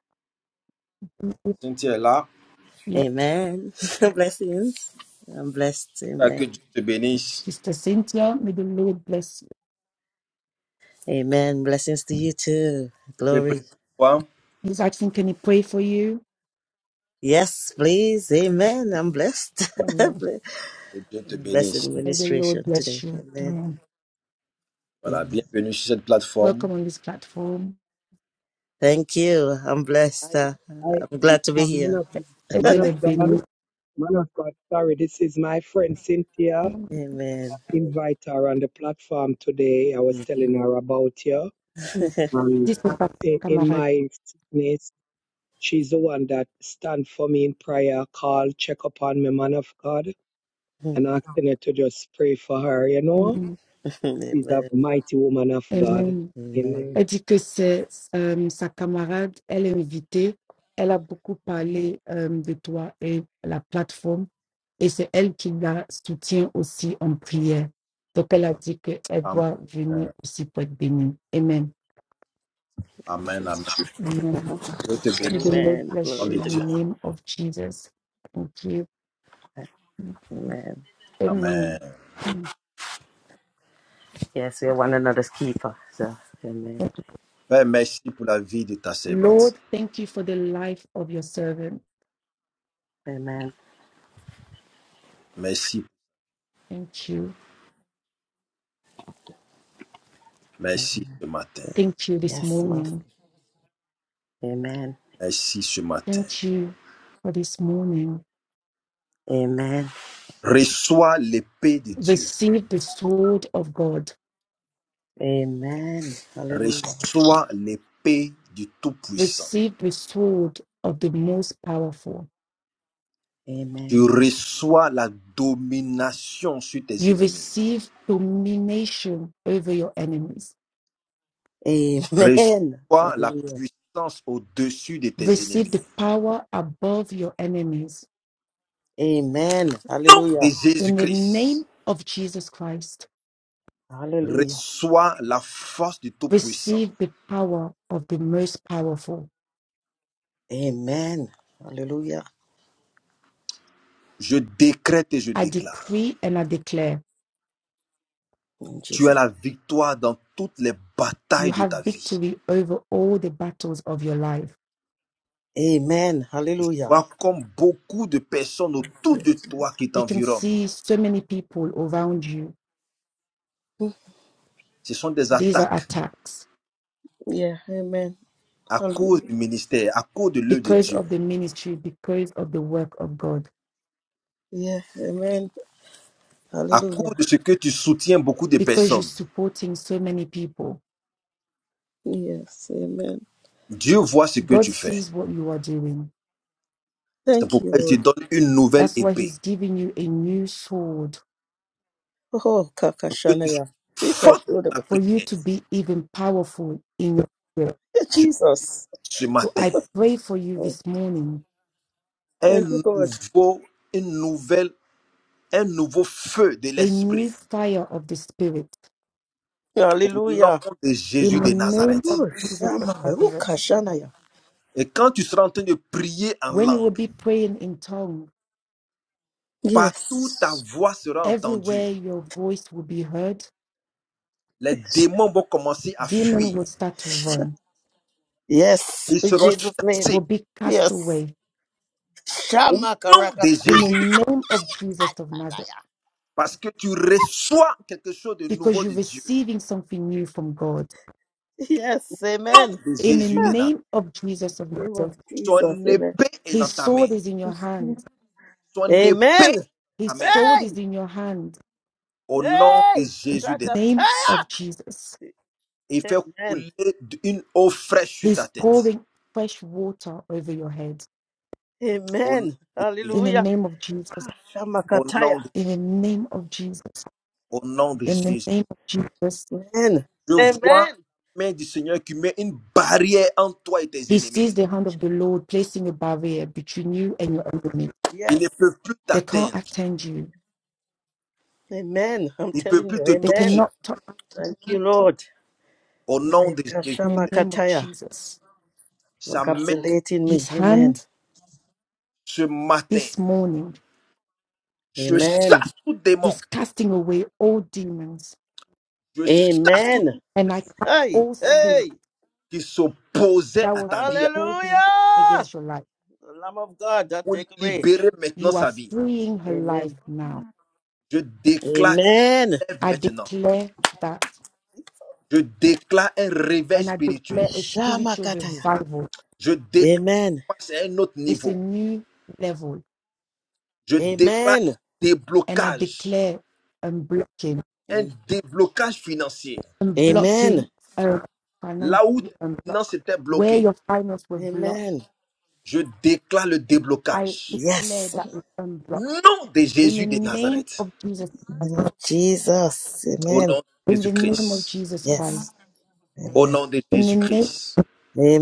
A: Cynthia est là.
B: Yes,
H: Amen. <laughs> Blessings. I'm blessed.
A: Ah,
H: Amen.
A: Que Dieu te bénisse.
B: Sister Cynthia, may the Lord bless you.
H: Amen. Blessings to you too.
A: Je peux
H: Glory.
A: prier pour toi.
B: He's asking, can he pray for you?
H: Yes, please. Amen. I'm blessed. <laughs>
B: Amen.
A: Que Dieu te
H: blessed
A: bénisse.
B: May the Lord
H: administration today.
B: bless you.
H: Amen.
B: Amen.
A: Voilà.
H: Amen.
A: Bienvenue sur cette plateforme.
B: Welcome on this platform.
H: Thank you. I'm blessed.
F: I,
H: Uh,
F: I,
H: I'm glad to be
F: I'm man
H: here.
F: of,
B: Que
F: man
B: Dieu
F: of
B: les
F: God.
B: bénisse.
F: Man of God, sorry, this is my friend Cynthia.
H: Amen.
F: Invite her on the platform today. I was telling her about you.
B: Mm.
F: And
B: Dis son papa,
F: in, in
B: camarade.
F: my sickness, she's the one that stand for me in prayer, call, check upon me, man of God,
H: <laughs>
F: and asking her to just pray for her, you know?
B: Mm.
F: She's a
H: Amen.
F: mighty woman of God.
B: Amen.
H: Amen.
B: Elle
F: Amen.
B: dit que c'est euh, sa camarade, elle est invitée. Elle a beaucoup parlé euh, de toi et la plateforme. Et c'est elle qui la soutient aussi en prière. Donc elle a dit qu'elle
A: Amen.
B: doit venir aussi pour être bénie. Amen.
A: Amen. Amen.
B: Amen.
A: Dieu te
B: May
A: bénisse.
B: the Lord
H: Amen.
A: Au
B: bless
A: nom
B: you
H: Glory
A: de
B: in
H: to
A: Dieu.
H: God.
B: the name of Jesus. Thank you.
H: Amen.
A: Amen.
B: Amen.
H: Yes, we're one another's keeper. So, amen.
A: Père, merci pour la vie de ta servante.
B: Lord, thank you for the life of your servant.
H: Amen.
A: Merci.
B: Thank you.
H: Amen.
A: Merci ce matin.
B: Thank you this
H: Yes, Master.
B: morning.
H: Amen.
A: Ainsi ce matin.
B: Thank you for this morning.
H: Amen.
A: Reçois l'épée de Dieu.
B: Receive the sword of God.
H: Amen. Hallelujah.
A: Reçois l'épée du Tout-Puissant.
B: Receive the sword of the most powerful.
A: Tu
H: Amen.
A: reçois la domination sur tes
B: You
A: ennemis.
B: receive domination over your enemies.
H: Amen.
A: Reçois la
H: Hallelujah.
A: puissance au-dessus de tes
B: Receive
A: ennemis.
B: the power above your enemies.
H: Amen.
A: Nom de
H: Hallelujah.
B: In the name
A: Jésus-Christ.
B: of Jesus Christ,
H: Hallelujah.
A: Reçois la force du Tout-Puissant.
B: receive the power of the most powerful.
H: Amen. Hallelujah.
A: Je décrète et je
B: I
A: déclare.
B: decree and I declare
H: In
A: Tu as
H: Jesus.
A: la victoire dans toutes les
B: you
A: batailles de
B: have
A: ta vie.
B: victory over all the battles of your life
H: Amen. Hallelujah.
A: Vois comme beaucoup de personnes autour de toi qui
B: You can
A: t'environnent
B: see so many people around you.
A: Ce sont des
B: These are
A: attaques
B: attacks
H: Yeah. Amen.
A: à cause
H: Hallelujah.
A: du ministère, à cause de l'œuvre de
B: because
A: Dieu,
B: of the ministry, because of the work of God,
H: Yeah. Amen.
A: à cause
H: Hallelujah.
A: de ce que tu soutiens beaucoup de
B: because you're
A: personnes.
B: supporting so many people.
H: Yes. Amen.
A: Dieu voit ce que
B: God
A: tu fais.
B: sees what you are doing.
A: C'est
H: Thank you,
A: pourquoi il te
H: Lord.
A: donne une nouvelle
B: That's why
A: épée
B: He's giving you a new sword
H: Oh,
A: pour que tu sois
H: Kakashanaya.
A: forte dans la
H: Ikashudaba.
B: for you
A: prière.
B: to be even powerful in your spirit.
H: Yeah,
A: Je dis
H: Jesus.
A: ce
B: So I
A: matin,
B: pray for you this morning
A: un
H: Thank you, God.
A: nouveau, une nouvelle, un nouveau feu de
B: a new
A: l'esprit
B: fire of the Spirit
A: au nom
H: Hallelujah.
A: de
B: in
A: Jésus
B: the
A: de
B: name
A: Nazareth.
B: of
H: Oh,
B: Jesus of Nazareth.
H: Shama.
A: Et quand tu seras en train de prier en
B: When you will
A: langue,
B: be praying in tongues,
A: partout ta
H: Yes.
A: voix sera
B: everywhere
A: entendue.
B: your voice will be heard
A: Les démons vont commencer à
B: demon
A: fuir.
B: will start to run,
H: Yes.
A: Ils
H: In
A: seront
H: Jesus' name.
B: will
A: chassés
B: be cast
H: Yes.
B: away
A: au nom de
H: Shamakarakatadaya.
B: in the
A: Jésus de-
B: name of Jesus of Nazareth,
A: parce que tu reçois quelque chose de
B: because
A: nouveau
B: you're
A: de Dieu.
B: receiving something new from God.
A: Au
H: Yes. Amen.
A: nom de
B: In the
A: Jésus de
H: Ah,
A: Nazareth.
B: name of Jesus of
H: Name of
B: Nazareth,
H: Jesus.
A: Son
H: Amen.
A: épée est dans
B: his
A: ta main.
B: sword is in your hand.
A: Son épée
H: Amen.
A: est dans ta
B: His
A: main.
B: sword
H: Hey.
B: is in your hand.
A: Au nom de
H: Hey.
A: Jésus de Nazareth.
B: Name of
H: Shakataya.
B: Jesus.
A: Et fait
H: Amen.
A: couler une eau fraîche sur
B: He's
A: ta tête.
B: pouring fresh water over your head.
A: Au nom
H: Amen.
A: de Jésus.
B: In the
H: Hallelujah.
B: name of Jesus.
A: Au nom
H: Shamakataya.
A: de,
B: In the name of Jesus.
A: au nom de
B: In the
A: Jésus.
B: name of Jesus.
H: Amen.
A: Je vois
H: Amen.
A: la main du Seigneur qui met une barrière entre toi et tes
B: He
A: ennemis.
B: sees the hand of the Lord placing a barrier between you and your enemy.
A: Il
H: Yes.
A: ne peut plus
B: They can't
A: t'atteindre.
B: attend you
H: Amen. I'm
A: Il ne peut
H: telling
A: plus
H: you.
A: te
B: They
H: Amen.
A: toucher.
B: cannot touch
H: Thank you, Lord.
A: Au nom de Jésus.
B: him in the name of
H: Shamakataya.
B: Jesus.
H: For
A: sa main
H: capsulating me.
B: His
H: Amen.
B: hand
A: ce matin.
B: this morning,
A: Je
H: Amen.
A: chasse tout démon,
B: he's casting away all demons
A: je chasse tout
H: Amen.
B: and I
A: esprit
B: cast
H: Hey,
B: all
H: hey.
B: spirit
A: qui s'opposait
B: that
A: à
B: was
A: ta vie
B: opposing
H: Hallelujah.
B: against your life.
H: The Lamb of God that
A: pour
H: take away.
A: libérer maintenant
B: You are
A: sa vie.
B: freeing her life
H: Amen.
B: now.
A: Je déclare qu'elle
H: Amen.
A: lève
B: I
A: maintenant.
B: declare that
A: Je déclare un réveil
B: and I declare
A: spirituel.
B: a spiritual
H: Shamakataya.
B: revival.
A: Je déclare
H: Amen.
A: qu'elle passe à un autre
B: It's a
A: niveau.
B: new level.
A: Je déclare
H: Amen.
A: un
B: And I
A: déblocage,
B: declare unblocking,
A: un
H: Am-
A: déblocage financier.
H: Amen.
B: unblocking, uh,
A: Là où
B: financially
A: tes
B: unblock.
A: finances étaient
B: Where
A: bloquées,
B: your finance were blocked
H: Amen.
A: je déclare le
B: I
A: déblocage.
B: declare
H: Yes.
B: that it's
A: Au
B: unblocked.
A: nom de
B: In the
A: Jésus de
B: name
A: Nazareth,
B: of Jesus
H: In the
B: Christ,
H: name of Jesus.
A: au nom
H: Amen.
A: de
B: in the name of
A: Jésus-Christ.
B: Jesus
H: Yes.
B: Christ,
A: Au
H: Amen.
A: nom de
B: in the name of
A: Jésus-Christ,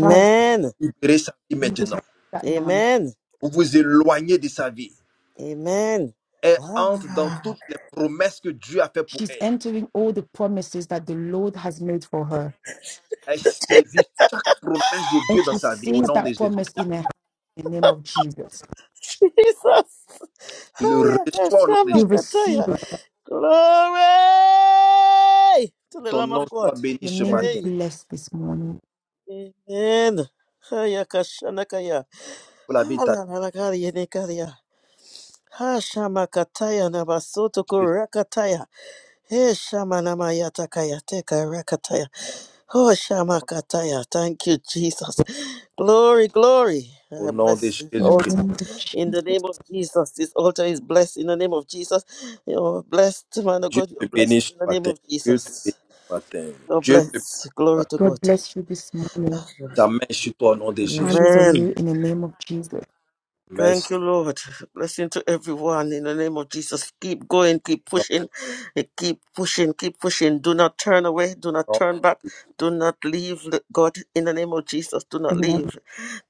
B: Christ,
A: libérez sa vie
B: you receive
A: maintenant.
B: that now.
H: Amen.
A: Vous vous éloignez de sa vie.
H: Amen.
A: Elle entre dans
H: Ah,
A: toutes les promesses que Dieu a faites pour
B: She's
A: elle.
B: entering all the promises that the Lord has made for her.
A: Elle saisit chaque promesse de
B: And
A: Dieu dans
B: she
A: sa vie au
B: sees
A: nom de
B: that promise
A: Jésus-Christ.
B: in her hand in the name of Jesus.
H: <laughs> Jesus.
A: Tu le
H: Hiya,
A: reçois au nom de
B: You
A: Jésus.
H: Shamakataya.
B: receive it.
H: Glory to the
A: Ton
H: Lamb
A: nom
H: of God.
A: soit béni
B: Your
A: ce
B: name be
A: matin.
H: Hey,
B: blessed this morning.
H: amen. Haya kashanakaya.
A: Pour la vie de ta
H: Hala na nakari yenekaria. Hashamakataya na basoto
A: Jésus.
H: kurakataya. Hey, Shamanamaya Takaya Teka Rakataya. Oh, Shamakataya. Thank you, Jesus. Glory, glory.
A: Au
H: I
A: nom de
H: bless this
B: In the
A: Jésus-Christ.
H: altar
B: name of
H: in the
B: Jesus,
H: name of Jesus. This altar is blessed in the name of Jesus. You're blessed, man of
A: Dieu
H: God. You're
A: te bénit
H: blessed
A: ce
H: in the name
A: matin.
H: of
A: Dieu te bénit
H: Jesus.
A: ce matin.
H: You're
A: Dieu te bénit
H: blessed.
A: ce
H: Glory
A: matin.
H: to
B: God
H: God.
B: bless you this morning.
A: Sa main est sur toi au nom de
B: His hand
A: Jésus.
B: is on
H: Amen.
B: you in the name of Jesus.
A: Merci.
H: Thank you, Lord. Blessing to everyone in the name of Jesus. Keep going, keep
A: Au
H: pushing,
A: nom
H: eh, keep pushing, keep pushing. Do not turn away, do not
A: de
H: turn back,
A: Jésus.
H: do not leave the- God in the name of Jesus. Do not
B: Amen.
H: leave,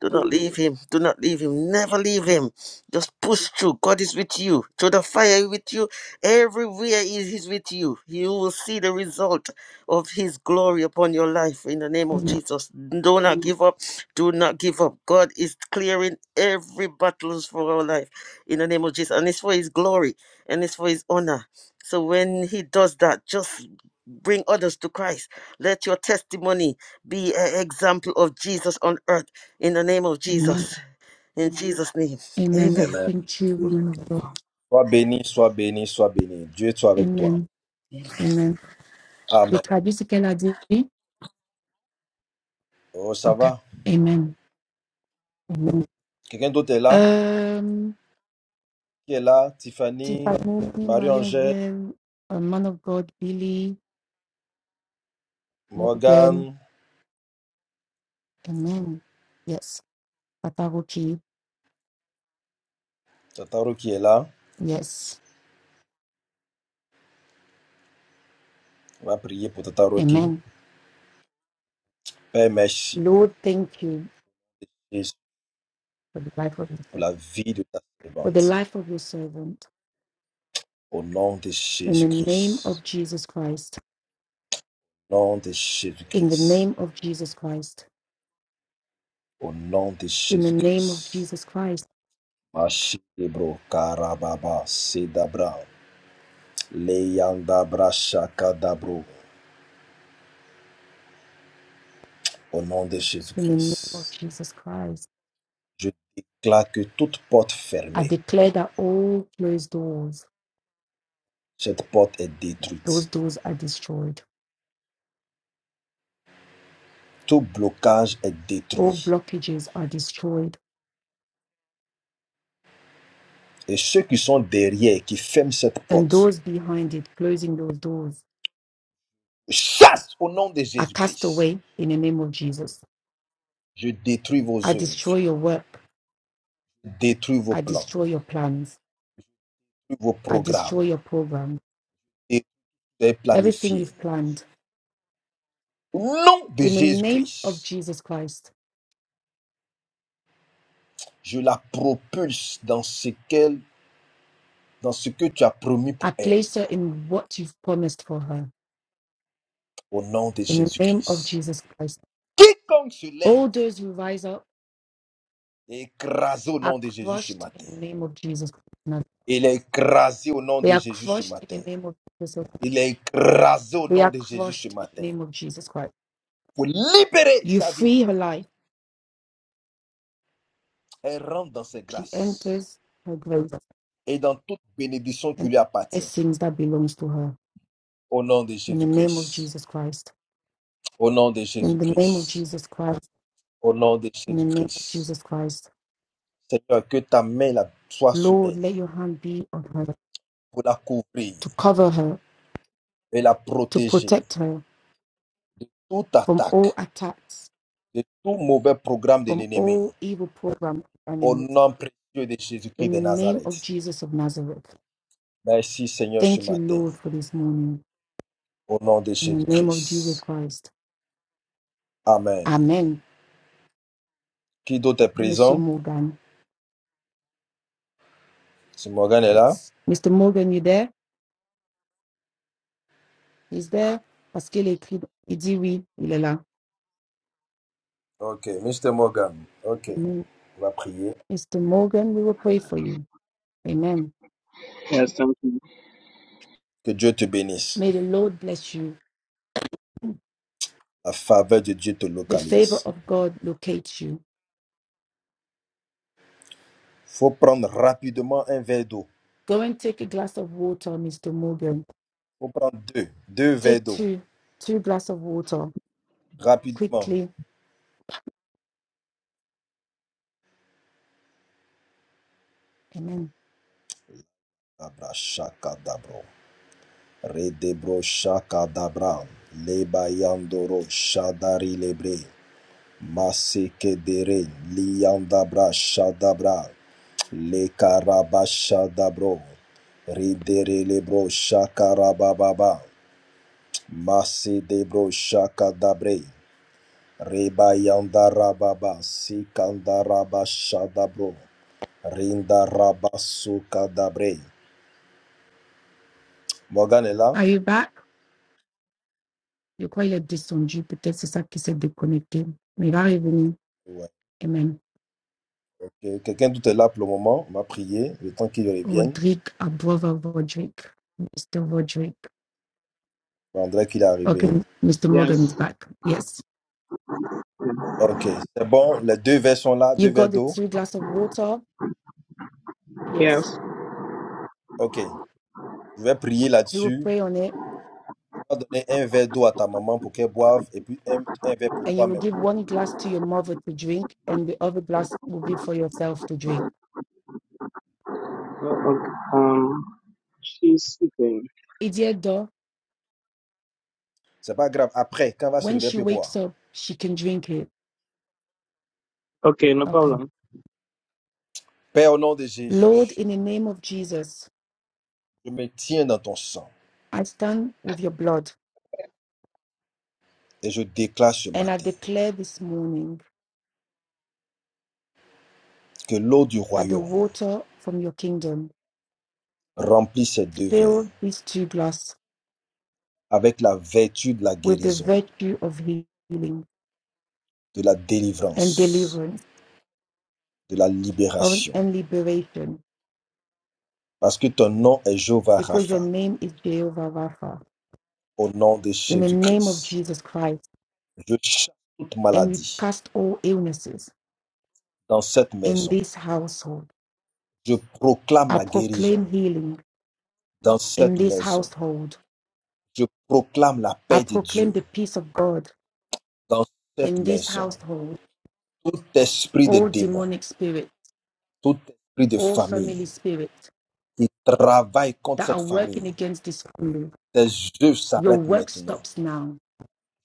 H: do not leave Him, do not leave Him, never leave Him. Just push through. God is with you. Through the fire with you. Everywhere He is He's with you. You will see the result of his glory upon your life in the name of
B: Amen.
H: Jesus. Do not give up. Do not give up. God is clearing every battles for our life in the name of Jesus. And it's for his glory and it's for his honor. So when he does that, just bring others to Christ. Let your testimony be an example of Jesus on earth in the name of
B: Amen.
H: Jesus. In Jesus' name. Amen.
B: Amen.
A: Amen.
B: Thank you, woman of God.
A: Sois béni, sois béni, sois béni. Dieu soit avec toi.
B: Amen. Amen. The
A: Amen.
B: traduit ce qu'elle a dit.
A: Oh, ça
B: Okay.
A: va.
B: Amen. Amen.
A: Quelqu'un d'autre est là?
B: Um,
A: Qui est là? Tiffany,
B: Tiffany,
A: Marie-Angèle,
B: Marionville, a man of God, Billy, Morgan.
A: Morgane,
B: Amen. Yes. Pataruchi.
A: Tata Rocky est là.
B: Yes.
A: On va prier pour Tata Rocky.
B: Amen.
A: Père, merci
B: Lord, thank you
A: Jésus,
B: for the life of your
A: pour la
B: servant.
A: vie de ta
B: For the
A: servante.
B: life of your servant.
A: Au nom de
B: In the name
A: Jésus-Christ.
B: of Jesus Christ.
A: Au nom de
B: In the
A: Jésus-Christ.
B: name of Jesus Christ.
A: Au nom de
B: In the name of
A: Jésus-Christ.
B: Jesus Christ.
A: Machibro, Karababa, Sedabra, Leyandabra, Shakadabro. Au nom de
B: In the name of
A: Jésus-Christ.
B: Jesus Christ.
A: Je déclare que toute porte
B: I
A: fermée.
B: declare that all closed doors,
A: Cette porte est
B: those
A: détruite.
B: doors are destroyed.
A: Tout blocage est
B: All
A: détruit.
B: blockages are destroyed
A: Et ceux qui sont derrière, qui ferment cette
B: and
A: porte,
B: those behind it, closing those doors,
A: chasse au nom de
B: are cast
A: Jésus-Christ.
B: away in the name of Jesus.
A: Je détruis
B: I
A: vos œuvres,
B: destroy your work.
A: je détruis vos
B: I
A: plans,
B: destroy your plans.
A: je détruis vos
B: I
A: programmes,
B: destroy your program.
A: et les
B: Everything
A: planifiés.
B: you've planned.
A: Au nom de
B: In the name of
A: Jésus-Christ,
B: Jesus Christ,
A: je la propulse dans ce, qu'elle, dans ce que tu as promis
B: I
A: pour elle.
B: place her in what you've promised for her.
A: Au nom de
B: In the name of
A: Jésus-Christ.
B: Jesus Christ.
A: Quiconque se lève
B: All those who rise up
A: est écrasé au
B: are
A: nom de Jésus ce
B: crushed in
A: matin.
B: the name of Jesus Christ.
A: Il est écrasé au nom
B: They
A: de
B: are
A: Jésus ce
B: crushed in
A: matin.
B: the name of Jesus.
A: Il est écrasé au
B: They
A: nom
B: are
A: de Jésus ce
B: crushed in the
A: matin.
B: name of Jesus Christ.
A: Pour libérer
B: You
A: sa vie,
B: free her life.
A: elle rentre dans ses
B: She
A: grâces
B: enters her grave.
A: et dans toute bénédiction
B: and
A: qui lui
B: all
A: appartient.
B: blessings that belongs to her.
A: Au nom de
B: In the name of
A: Jésus-Christ.
B: Jesus Christ.
A: Au nom de
B: In the name of
A: Jésus-Christ.
B: Jesus Christ.
A: Au nom de
B: In the name of
A: Jésus-Christ.
B: Jesus Christ.
A: Seigneur, que ta main la- soit sur
B: Lord,
A: elle
B: let your hand be on her
A: pour la couvrir
B: to cover her,
A: et la
B: to
A: protéger
B: protect her
A: de toute
B: from all
A: attaque,
B: attacks,
A: de tout mauvais programme de
B: from
A: l'ennemi.
B: all evil program
A: Au
B: enemies.
A: nom précieux de Jésus-Christ
B: In the
A: de
B: name of
A: Nazareth.
B: Jesus of Nazareth.
A: Merci Seigneur ce
B: Thank you,
A: matin.
B: Lord, for this morning.
A: Au nom de
B: In the name of Jesus
A: Jésus-Christ.
B: Christ.
A: Amen.
B: Amen.
A: Qui d'autre est
B: Monsieur
A: présent?
B: Morgan.
A: Si Morgan est là?
B: Yes. Mr. Morgan, you there? He's there. Parce qu'il est écrit, il dit oui, il est là.
A: Ok, Monsieur Morgan. Ok,
B: Amen.
A: on va prier.
B: Mr. Morgan, we will pray for you. Amen.
I: Yes, thank you.
A: Que Dieu te bénisse.
B: May the Lord bless you.
A: La faveur de Dieu te
B: The favor
A: localise.
B: of God locate you.
A: Faut prendre rapidement un verre d'eau.
B: Go and take a glass of water, Mr. Morgan.
A: Faut prendre deux. Deux verres
B: Take
A: d'eau.
B: two, two glass of water
A: Rapidement.
B: quickly. Amen.
A: Abra shakadabro. Redebro shakadabra. Lebayandoro shadari lebre. Masekedere liandabra shadabra le karabashadabro ridere lebro shakarabababa masedebro shakadabre rebayandarababa sikandarabashadabro rindarabasukadabre. Morgan est là?
B: Are you back? Je crois qu'il est descendu. Peut-être c'est ça qui s'est déconnecté. Mais il va revenir.
A: Ouais.
B: Amen.
A: Que- Quelqu'un d'autre est là pour le moment? On va prier le temps qu'il revienne.
B: Rodrigue Abrova Rodrigue. Mr. Rodrigue.
A: On dirait qu'il est arrivé.
B: Okay, Mr. Morgan is
I: Yes,
B: back. Yes.
A: Ok, c'est bon. Les deux vers sont là, deux
B: You've
A: vers
B: got the
A: d'eau.
B: two glass of water. Yes.
I: yes.
A: Ok, je vais prier
B: He will
A: là-dessus. Tu
B: pray on it
A: vas donner un verre d'eau à ta maman pour qu'elle boive et puis un, un verre pour
B: and you will
A: toi-même.
B: give one glass to your mother to drink, and the other glass will be for yourself to drink.
I: Uh, okay. Um, she's sleeping.
B: Idiedo,
A: C'est pas grave. Après, quand elle va se
B: when
A: réveiller, elle
B: she
A: peut
B: wakes
A: boire.
B: up, she can drink it.
I: Okay, no
B: Okay.
I: problem.
A: Père, au nom de
B: Lord,
A: Jésus,
B: in the name of Jesus,
A: je me tiens dans ton sang
B: I stand with your blood,
A: et je déclare ce
B: and I
A: matin
B: declare this morning
A: que l'eau du
B: that the
A: royaume
B: water from your kingdom
A: remplit ces deux verres
B: fill these two glasses
A: avec la vertu de la
B: with the
A: guérison,
B: virtue of healing
A: de la
B: and
A: délivrance,
B: deliverance
A: de la libération.
B: and liberation,
A: Parce que ton nom est Jéhovah
B: because your
A: Rapha,
B: name is Jehovah Rapha.
A: au nom de
B: In the name of
A: Jésus-Christ.
B: Jesus Christ.
A: Je chasse toute
B: and you
A: maladie
B: cast all illnesses
A: dans cette
B: in
A: maison.
B: this household.
A: Je proclame
B: I
A: la guérison
B: proclaim healing
A: dans
B: in
A: cette
B: this
A: maison.
B: household.
A: Je proclame la
B: I
A: paix de
B: proclaim
A: Dieu
B: the peace of God
A: dans cette
B: in this
A: maison.
B: household.
A: Tout esprit de
B: All
A: démon,
B: demonic spirit,
A: tout esprit de
B: all
A: famille
B: family spirits
A: qui travaille contre
B: that are
A: cette famille,
B: working against this family,
A: tes yeux
B: your
A: s'arrêtent
B: work
A: maintenant.
B: stops now.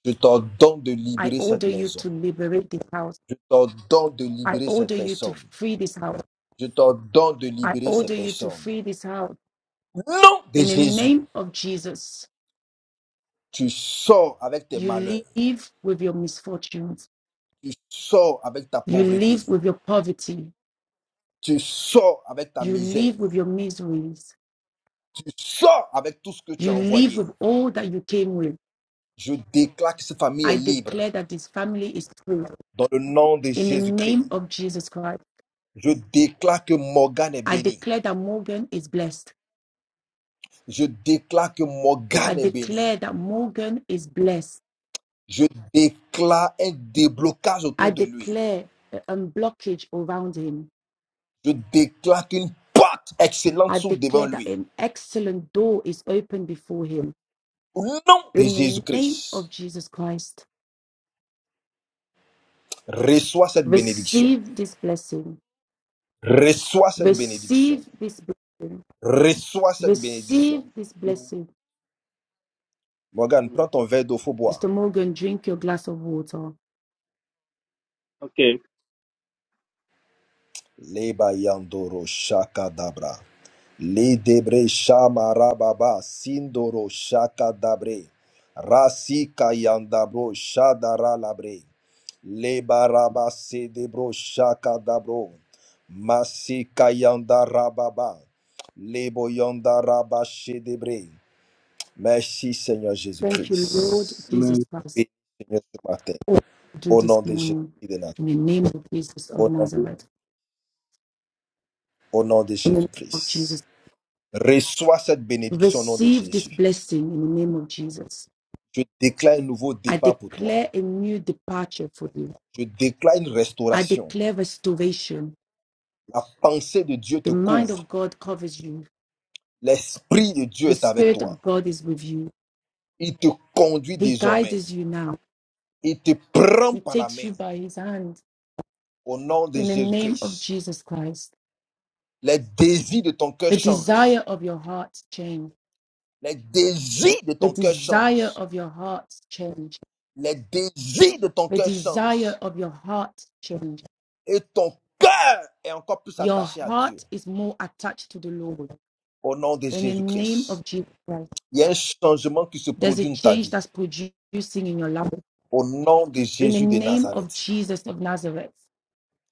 A: Je t'ordonne de
B: I
A: libérer cette
B: order you
A: maison.
B: to liberate this house.
A: Je t'ordonne de
B: I
A: libérer cette
B: order you to
A: personne.
B: free this house.
A: Je t'ordonne de
B: I
A: libérer ces
B: order you to
A: personnes.
B: free this house.
A: Nom de
B: In the
A: Jésus,
B: name of Jesus,
A: tu sors avec tes
B: you
A: malheurs.
B: live with your misfortunes.
A: Tu sors avec ta
B: You
A: pauvreté.
B: live with your poverty.
A: Tu sors avec ta
B: You
A: misère.
B: live with your miseries.
A: Tu sors avec tout ce que tu as
B: You live
A: envoyé.
B: with all that you came with.
A: Je déclare que cette famille est
B: I
A: libre
B: declare that this family is free.
A: dans le nom de
B: In the name
A: Jésus-Christ.
B: of Jesus Christ,
A: Je déclare que Morgane est
B: I
A: bénie.
B: declare that Morgan is blessed.
A: Je déclare que
B: I
A: Morgane est bénie.
B: declare that Morgan is blessed.
A: Je déclare un déblocage
B: I
A: autour de lui.
B: declare a a blockage around him.
A: Je déclare qu'une porte excellente
B: I
A: s'ouvre devant
B: declare that
A: lui.
B: an excellent door is open before him.
A: Au nom de
B: In the name of
A: Jésus-Christ,
B: Jesus Christ,
A: reçois cette bénédiction.
B: receive this blessing.
A: Reçois cette bénédiction.
B: Receive this blessing.
A: Reçois cette
B: Receive
A: bénédiction.
B: this
I: Amen.
B: blessing
A: Morgane, prends
I: Amen.
A: ton verre d'eau, faut boire.
B: Mr. Morgan, drink your glass of water.
I: Okay.
A: Leba yandoro shakadabra. Ledebre shamarababa sindoro shakadabre rasika yandabro shadaralabre lebaraba sedebro shakadabro masika yandarababa lebo yandaraba shedebre. Merci Seigneur
B: Thank you, Lord
A: Jésus-Christ.
I: Amen.
B: Jesus Christ,
A: Oui, Seigneur ce matin,
B: for what you do
A: au
B: this
A: nom de Jésus
B: morning.
A: de Nazareth,
B: In the name of Jesus of
A: au nom,
B: Nazareth,
A: au nom de
B: in the name of
A: Jésus-Christ.
B: Jesus,
A: Reçois cette bénédiction au nom de
B: receive this
A: Jésus.
B: blessing in the name of Jesus.
A: Je déclare un nouveau
B: I
A: départ pour toi.
B: declare a new departure for you.
A: Je déclare une
B: I
A: restauration.
B: declare restoration.
A: La pensée de Dieu
B: The
A: te
B: mind
A: couvre.
B: of God covers you.
A: L'Esprit de Dieu
B: The
A: est avec
B: Spirit
A: toi.
B: of God is with you.
A: Il te conduit
B: He
A: désormais.
B: guides you now.
A: Il te prend
B: He
A: par la
B: takes
A: main
B: you by His hand
A: au nom de
B: in the name of
A: Jésus-Christ.
B: Jesus Christ.
A: Les désirs de ton cœur
B: The desire
A: changent.
B: of your heart changes
A: Les désirs de
B: The
A: ton cœur
B: desire
A: changent.
B: of your heart change.
A: Les désirs de ton
B: The
A: cœur
B: desire
A: changent.
B: of your heart change.
A: Et ton cœur est encore plus
B: Your
A: attaché à Dieu
B: heart is more attached to the Lord.
A: au nom de
B: In the name
A: Jésus-Christ.
B: of Jesus Christ,
A: Il y a un changement qui se
B: there's a
A: produit dans ta
B: change that's
A: vie
B: producing in your life.
A: au nom de
B: In the
A: Jésus de
B: name of
A: Nazareth.
B: Jesus of Nazareth,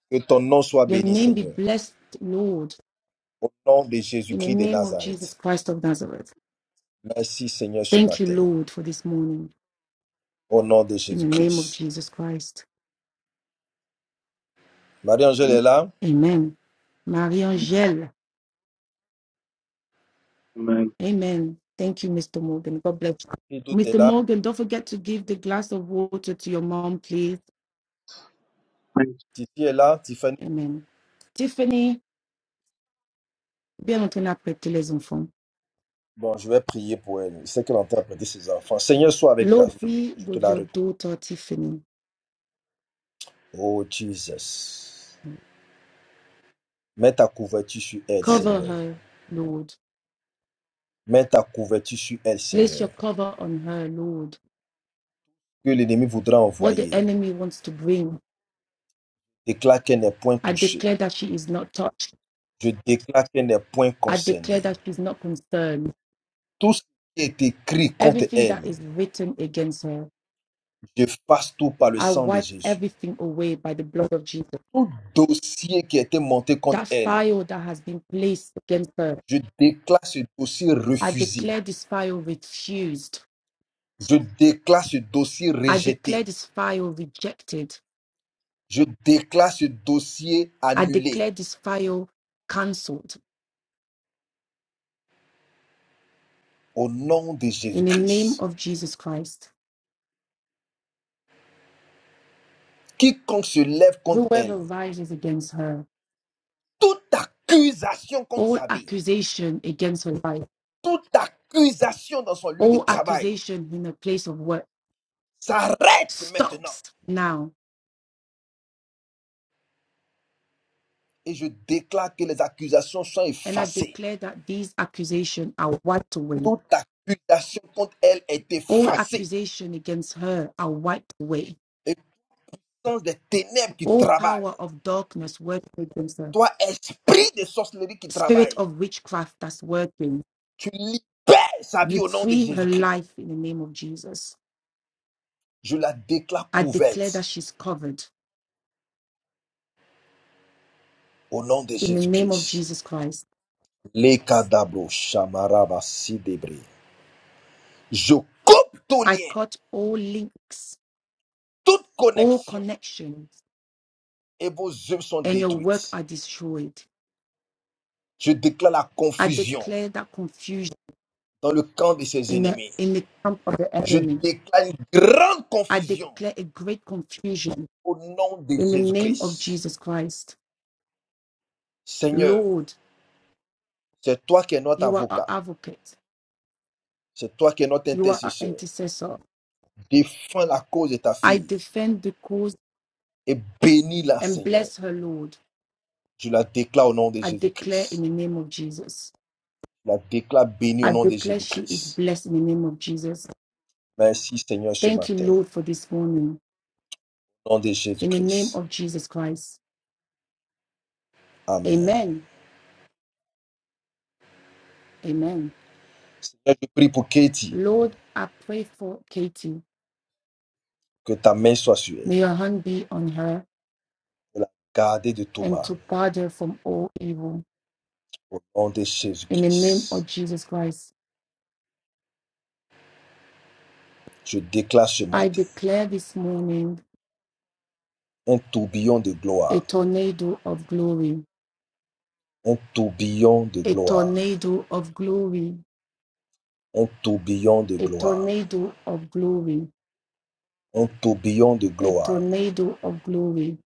A: Que ton nom soit
B: your
A: béni,
B: name be
A: Seigneur.
B: blessed, Lord.
A: Au nom de
B: In the
A: Jésus-Christ de
B: name of Jesus
A: Nazareth.
B: Christ of Nazareth.
A: Merci Seigneur ce
B: Thank you,
A: matin.
B: Lord, for this morning.
A: Au nom de
B: In the name of
A: Jésus-Christ.
B: Jesus Christ.
A: Marie-Angèle
I: Amen.
A: est là.
B: Amen. Marie-Angèle.
I: Amen.
B: Amen. Thank you, Mr. Morgan. God bless
A: tout
B: you.
A: est
B: Mr.
A: là.
B: Morgan, don't forget to give the glass of water to your mom, please.
I: Amen.
A: Titi est là. Tiffany.
B: Amen. Tiffany, bien entendu apprêter les enfants.
A: Bon, je vais prier pour elle. Je sais qu'elle est en train de prêter ses enfants. Seigneur, sois avec ta
B: Lord,
A: fille.
B: be
A: Je te
B: with
A: la
B: your
A: recommande.
B: daughter, Tiffany.
A: Oh Jesus. Mets ta couverture sur elle,
B: Cover
A: Seigneur.
B: her, Lord.
A: Mets ta couverture sur elle,
B: Place
A: Seigneur.
B: your cover on her, Lord.
A: Que l'ennemi voudra
B: What the
A: envoyer.
B: enemy wants to bring,
A: Déclare qu'elle n'est point
B: I
A: touchée.
B: declare that she is not touched.
A: Je déclare qu'elle n'est point
B: I declare
A: concernée.
B: that she's not concerned.
A: Tout ce qui est écrit contre
B: Everything
A: elle
B: that is written against her,
A: Je fasse tout par le
B: I
A: sang de
B: wipe
A: Jésus.
B: everything away by the blood of Jesus.
A: Dossier qui a été monté contre
B: that
A: elle,
B: fire that has been placed against her.
A: je déclare ce dossier
B: I
A: refusé.
B: declare this fire refused.
A: Je déclare ce dossier
B: I declare
A: rejeté.
B: this fire rejected.
A: Je déclare ce dossier
B: I
A: annulé
B: declare this fire cancelled
A: au nom de
B: in the name
A: Jésus-Christ.
B: of Jesus Christ.
A: Quiconque se lève contre
B: Whoever
A: elle,
B: rises against her,
A: toute accusation contre
B: all
A: sa vie,
B: accusation against her life,
A: toute accusation dans son lieu de
B: all
A: travail
B: accusation in her place of work
A: s'arrête maintenant.
B: stops now.
A: Et je déclare que les accusations sont
B: And I
A: effacées.
B: declare that these accusations are wiped away.
A: Toute accusation contre elle est
B: All
A: effacée.
B: accusation against her are wiped away
A: Et puissance des ténèbres qui
B: All
A: travaille.
B: power of darkness working against her,
A: Toi, esprit de sorcellerie qui
B: spirit
A: travaille,
B: of witchcraft that's working,
A: tu libères sa vie
B: you
A: au nom de
B: free her
A: Jésus-Christ.
B: life in the name of Jesus.
A: Je la déclare
B: I declare
A: couverte
B: that she's covered
A: au nom de
B: in the name of
A: Jésus-Christ.
B: Jesus Christ.
A: Les cadabros, chamarabas, sidébris. Je coupe tout
B: I
A: lien,
B: cut all links,
A: toute
B: all
A: connexion,
B: connections,
A: et vos œuvres sont
B: and your work
A: détruites.
B: are destroyed.
A: Je déclare la
B: I
A: confusion
B: declare that confusion
A: dans le camp de ses
B: in the,
A: ennemis.
B: in the camp of the
A: Je
B: enemy.
A: déclare une grande
B: I
A: confusion
B: declare a great confusion
A: au nom de
B: in the name of
A: Jésus-Christ.
B: Jesus Christ.
A: Seigneur,
B: Lord,
A: c'est toi qui es notre
B: you are our
A: avocat.
B: advocate,
A: C'est toi qui es notre
B: you are our
A: intercesseur.
B: intercessor.
A: Défends la cause de ta
B: I
A: fille
B: defend the cause
A: et bénis-la,
B: and
A: Seigneur.
B: bless her, Lord.
A: Je la déclare au nom de
B: I declare in
A: Jésus-Christ.
B: the name of Jesus.
A: Je la déclare bénie au
B: I
A: nom de
B: declare she is
A: Jésus-Christ.
B: blessed in the name of Jesus.
A: Merci, Seigneur, ce
B: Thank you,
A: matin.
B: Lord, for this morning.
A: Au nom de
B: In the name
A: Jésus-Christ.
B: of Jesus Christ.
A: Amen.
B: Amen. Amen.
A: Seigneur, je prie pour Katie,
B: Lord, I pray for Katie.
A: que ta main soit sur elle.
B: May your hand be on her
A: De la garde de tout
B: and
A: mal.
B: to guard her from all evil.
A: Au nom de
B: In the name of
A: Jésus-Christ.
B: Jesus Christ.
A: Je déclare ce
B: I
A: matin
B: declare this morning
A: un tourbillon de
B: a
A: gloire.
B: tornado of glory.
A: Un tourbillon de
B: A
A: gloire.
B: tornado of glory
A: Un tourbillon de
B: a
A: gloire.
B: tornado of glory,
A: Un tourbillon de
B: a
A: gloire
B: tornado of glory,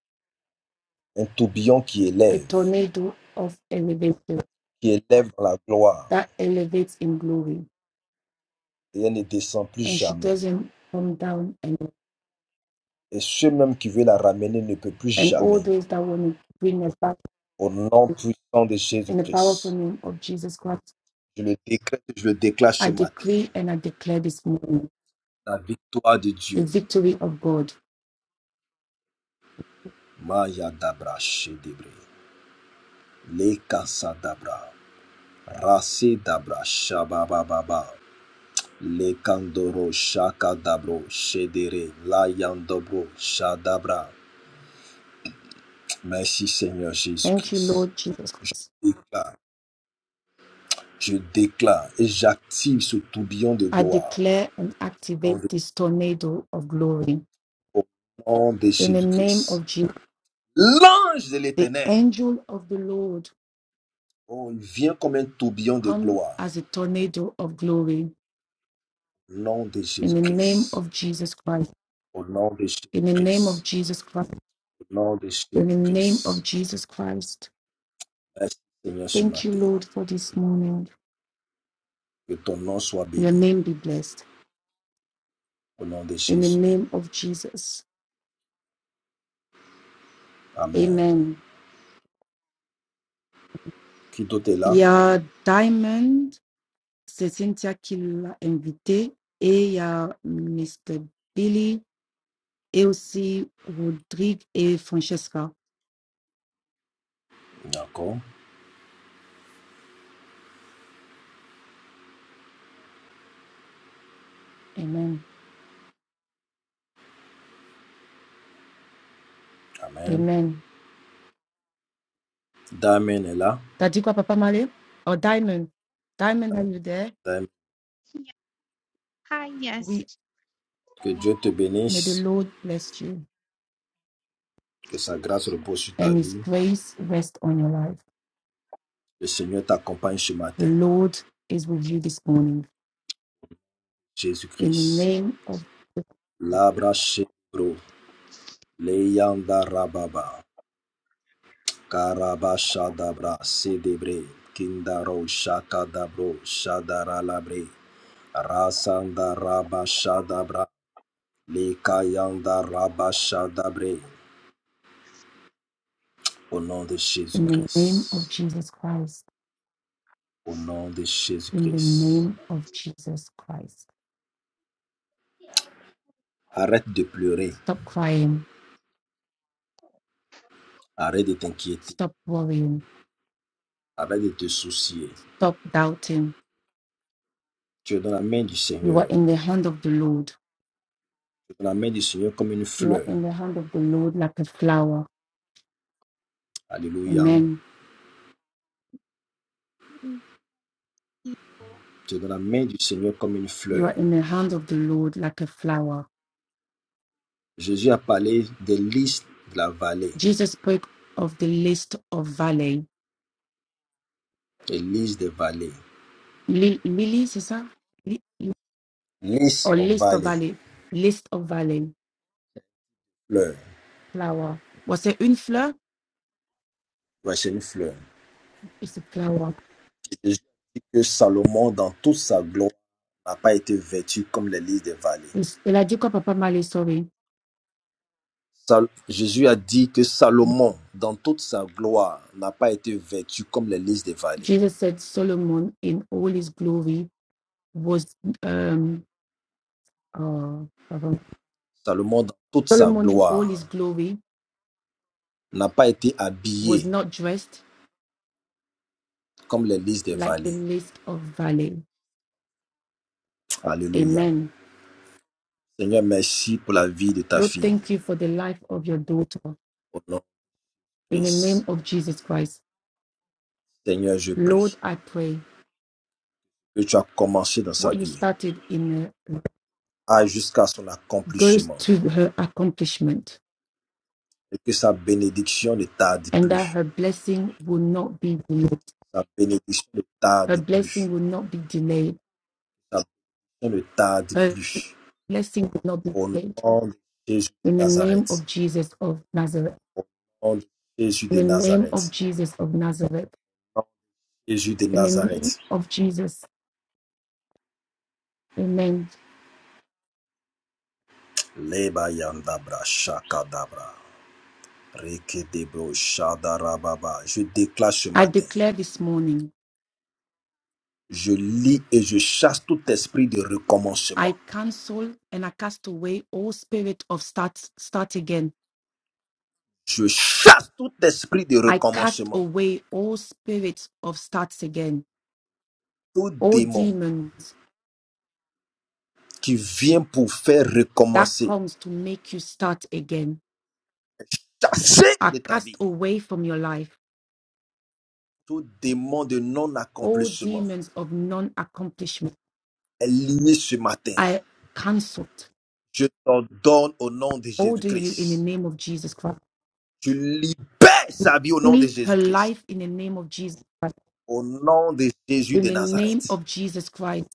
A: un tourbillon qui
B: a
A: élève,
B: tornado of elevation
A: qui élève dans la gloire,
B: that elevates in glory.
A: et elle ne descend plus
B: And she
A: jamais.
B: doesn't come down and
A: Et ceux même qui veulent la ramener ne peut plus
B: and all
A: jamais.
B: those that want to bring us back
A: Au nom puissant de
B: in the powerful
A: Jésus-Christ,
B: name of Jesus Christ.
A: je le décrète, je le déclare
B: I
A: ce matin.
B: decree and I declare this morning
A: La victoire de
B: the
A: Dieu.
B: victory of God
A: Maya dabra shedebre, le kasa dabra, rase dabra shabababa, le kandoro shaka dabro shedere, la yandobro shadabra. Merci Seigneur
B: Thank you,
A: Jésus-Christ.
B: Lord Jesus Christ.
A: Déclare Je déclare et j'active ce tourbillon de
B: I
A: gloire
B: declare and
A: en-
B: activate this tornado of glory.
A: au nom de
B: In the name
A: Jésus-Christ.
B: of Jesus,
A: L'ange de
B: the
A: l'éternel,
B: angel of the Lord
A: oh, il vient comme un tourbillon de
B: come
A: gloire
B: as a tornado of glory.
A: au nom de
B: In the name
A: Jésus-Christ.
B: of Jesus Christ.
A: Au nom de
B: In the name of
A: Jésus-Christ.
B: Jesus Christ.
A: Au nom de
B: In the name of
A: Jésus-Christ.
B: Jesus Christ.
A: Merci Seigneur ce
B: Thank you,
A: matin.
B: Lord, for this morning.
A: Que ton nom soit
B: Your
A: béni.
B: name be blessed.
A: Au nom de
B: In the
A: Jésus.
B: name of Jesus.
A: Amen.
B: Amen.
A: Qui d'autre est
B: Il
A: là?
B: y a Diamond, c'est Cynthia qui l'a invité. Et il y a Mr. Billy et aussi Rodrigue et Francesca.
A: D'accord.
B: Amen.
A: Amen.
B: Amen.
A: Damien est là.
B: Dadikwa Papa Male or Diamond. Diamond, are you there?
A: Damien,
J: Yeah. Hi, yes.
B: We
A: Que Dieu te
B: may the
A: bénisse.
B: Lord bless you
A: Que sa grâce repose sur ta
B: and his
A: vie.
B: grace rest on your life.
A: Le Seigneur t'accompagne ce
B: The
A: matin.
B: Lord is with you this morning. In the
A: Jésus-Christ.
B: name of
A: Labra Shebro, Leyanda Rababa, Karaba Shadabra, Sedebre, Kindaro Shakadabro, Shadara Labre, Rasanda Rabba Lekayanda Rabba au nom de
B: in the name of
A: Jésus-Christ.
B: Jesus Christ.
A: Au nom de
B: In the
A: Jésus-Christ.
B: name of Jesus Christ.
A: Arrête de pleurer,
B: Stop crying.
A: arrête de t'inquiéter,
B: Stop worrying.
A: arrête de te soucier.
B: Stop doubting.
A: Tu es dans la main du
B: You are
A: Seigneur.
B: in the hand of the Lord.
A: Tu es dans la main du Seigneur comme une
B: You are
A: fleur.
B: in the hand of the Lord like a flower.
A: Alléluia.
B: Amen.
J: Y- y-
A: C'est dans la main du Seigneur comme une
B: You are
A: fleur.
B: in the hand of the Lord like a flower.
A: Jésus a parlé des lys de la vallée,
B: Jesus spoke of the list of valley.
A: des lys des vallées.
B: Li- lilies, is that? Li- li-
A: Lys
B: Or
A: en
B: list of
A: vallée,
B: valley. List of valley.
A: fleur.
B: Flower. Was it une fleur?
A: Ouais, c'est une fleur.
B: It's a flower.
A: Jésus dit que Salomon, dans toute sa gloire, n'a pas été vêtu comme les lys des vallées.
B: It's- Elle a dit quoi, Papa Malé, sorry.
A: Sal- Jésus a dit que Salomon, dans toute sa gloire, n'a pas été vêtu comme les lys des vallées.
B: Jesus said Solomon in all his glory was, um, oh, pardon.
A: Salomon, dans toute sa
B: Solomon in all
A: gloire,
B: his glory
A: n'a pas été
B: was
A: habillé
B: not dressed
A: comme les lys des
B: like the
A: vallées.
B: list of valley.
A: Alléluia.
B: Amen.
A: Seigneur, merci pour la vie de ta
B: Lord,
A: fille.
B: thank you for the life of your daughter
A: Au nom de
B: in the name
A: Christ.
B: of Jesus Christ.
A: Seigneur, je
B: Lord,
A: prie
B: I pray
A: que tu as commencé dans sa
B: what you
A: vie,
B: started in her
A: à jusqu'à son
B: goes
A: accomplissement,
B: to her accomplishment
A: et que sa bénédiction ne tarde
B: and that
A: plus.
B: her blessing will not be delayed.
A: Sa bénédiction ne
B: Her
A: tarde plus.
B: blessing will not be delayed.
A: Sa bénédiction ne tarde
B: Her
A: plus.
B: blessing will not be
A: Au
B: delayed.
A: nom de Jésus de
B: In the name of
A: Nazareth.
B: Jesus of Nazareth.
A: Au nom de Jésus
B: In
A: de
B: the name of
A: Nazareth.
B: Jesus of Nazareth.
A: Jésus de
B: In the name
A: Nazareth.
B: of Jesus. Amen.
A: Leba yandabra shakadabra. Rekedebro shadarababa. Je déclare ce
B: I
A: matin.
B: declare this morning,
A: Je lis et je chasse tout esprit de
B: I
A: recommencement.
B: cancel and I cast away all spirit of start, start again
A: Je chasse tout esprit de
B: I cast
A: recommencement.
B: away all spirits of starts again,
A: Tout
B: all
A: démon
B: demons
A: qui vient pour faire
B: that
A: recommencer.
B: comes to make you start again.
A: chasser
B: I
A: de ta
B: cast
A: vie.
B: away from your life
A: Tout démon de
B: all
A: non-accomplissement
B: demons of non-accomplishment.
A: est lié ce matin.
B: I cancelled
A: Je t'ordonne au nom de
B: order you in the
A: Jésus-Christ.
B: name of Jesus Christ.
A: Tu libères sa vie au nom de
B: Free her
A: Jésus-Christ.
B: life in the name of Jesus Christ.
A: Au nom de Jésus
B: In
A: de
B: the name
A: Nazareth.
B: of Jesus Christ.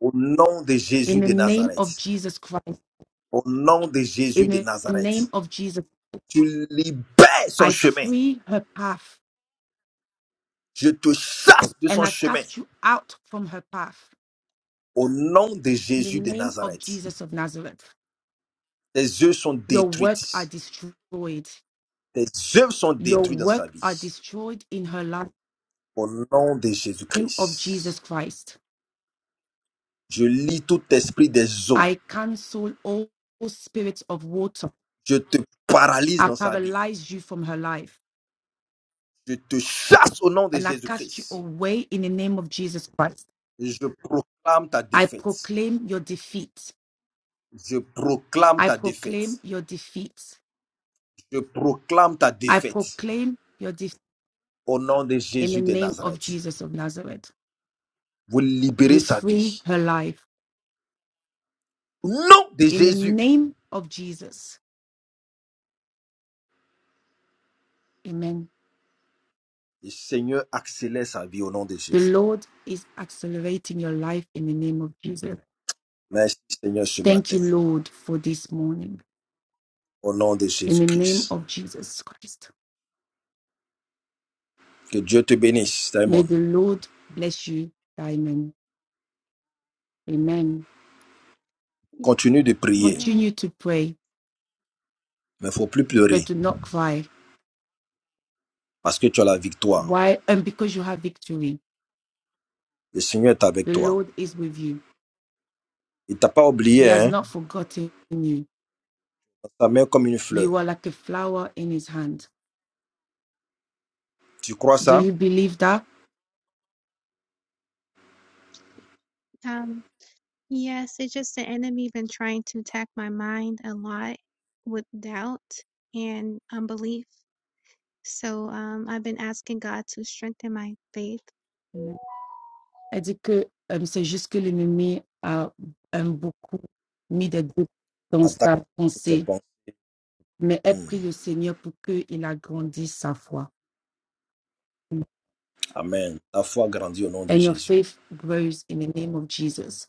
A: Au nom de
B: In
A: Jésus
B: the
A: de
B: name of
A: Nazareth.
B: Jesus Christ.
A: Au nom de
B: In
A: Jésus de
B: the name
A: Nazareth.
B: of Jesus.
A: Tu libères son
B: I
A: chemin.
B: free her path
A: Je te chasse de
B: and
A: son
B: I
A: chemin.
B: cast you out from her path.
A: Au nom de
B: In the
A: Jésus de
B: name of
A: Nazareth,
B: Jesus of Nazareth,
A: tes œuvres sont
B: your work are
A: détruites.
B: destroyed.
A: Tes œuvres sont
B: Your
A: détruites dans sa
B: work are
A: vie.
B: destroyed in her life. In
A: Au nom de
B: the name of
A: Jésus-Christ,
B: Jesus Christ,
A: je lis tout esprit des eaux.
B: I cancel all spirits of water.
A: Je te paralyse
B: I
A: dans sa vie.
B: paralyze you from her life
A: Je te chasse au nom de
B: and I cast you
A: Jésus-Christ.
B: away in the name of Jesus Christ.
A: Je proclame ta
B: I
A: défaite.
B: proclaim your defeat.
A: Je proclame
B: I
A: ta
B: proclaim
A: défaite.
B: your defeat.
A: Je proclame ta
B: I
A: défaite.
B: proclaim your defeat
A: Au nom de
B: in the
A: Jésus de
B: name of
A: Nazareth,
B: Jesus of Nazareth.
A: vous
B: You
A: libérez sa
B: free
A: vie.
B: her life
A: Au nom de
B: in the
A: Jésus,
B: name of Jesus. Amen.
A: Et Seigneur, accélère sa vie au nom de
B: The
A: Jésus.
B: Lord is accelerating your life in the name of Jesus.
A: Merci Seigneur ce
B: Thank you,
A: matin,
B: Lord, for this morning.
A: au nom de
B: In the name
A: Jésus-Christ.
B: of Jesus Christ,
A: Que Dieu te bénisse,
B: may
A: Simon.
B: the Lord bless you, Diamond. Amen.
A: Continue de prier,
J: y-
B: Continue to pray,
A: mais il ne faut plus pleurer,
B: but do not cry.
A: parce que tu as la victoire.
B: Why? And because you have victory,
A: Le Seigneur est avec
B: the
A: toi.
B: Lord is with you.
A: Il ne t'a pas
B: He
A: oublié,
B: has
A: hein?
B: not forgotten you.
A: Ta main comme une fleur.
B: You are like a flower in his hand.
A: Tu crois
B: Do
A: ça?
B: you believe that?
J: Um, yes, it's just the enemy been trying to attack my mind a lot with doubt and unbelief. So, um, I've been asking God to strengthen my faith.
B: Non. Elle dit que euh, c'est juste que l'ennemi a euh, beaucoup mis des doutes dans
A: Attaque
B: sa
A: le
B: pensée,
A: serpent.
B: mais elle
A: Hmm.
B: prie le Seigneur pour qu'il agrandisse sa foi.
A: Amen. Ta foi grandit au nom de
B: And your
A: Jésus.
B: faith grows in the name of Jesus.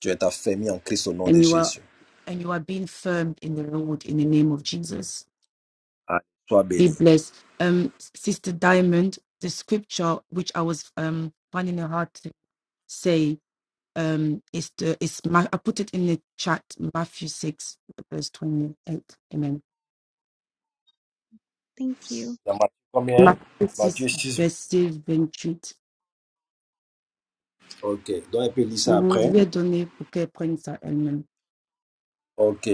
A: Tu es affermi en Christ au nom
B: And
A: de
B: you are
A: Jésus.
B: and you are being firm in the Lord in the name of Jesus.
A: Allez, sois
B: Be
A: béni.
B: blessed. Um, Sister Diamond, the scripture which I was um finding it hard to say um is the is Ma- I put it in the chat Matthew six verse twenty eight. Amen.
J: Thank you.
A: Dans
B: Matthew
A: Matthieu
B: six
A: 6.
B: verse 28.
A: Ok, donc elle peut lire ça
B: Mm-hmm. Je
A: après.
B: vais donner pour qu'elle prenne ça elle-même.
A: Ok.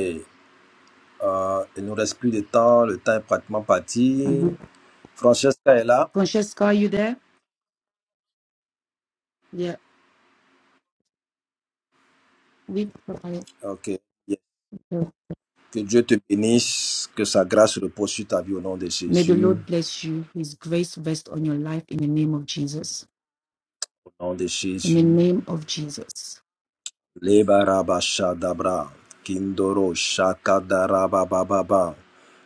A: Euh, il nous reste plus de temps, le temps est pratiquement parti.
B: Mhm.
A: Francesca est là.
B: Francesca, are you there? Yeah. We
A: Ok. Que Dieu te bénisse, que sa grâce repose sur ta vie au nom de
B: May the
A: Jésus.
B: Lord bless you. His grace rest on your life in the name of Jesus.
A: Au nom de
B: In the
A: Jésus.
B: name of Jesus.
A: Lebarabashadabra, Kindoro Shakadarabababa,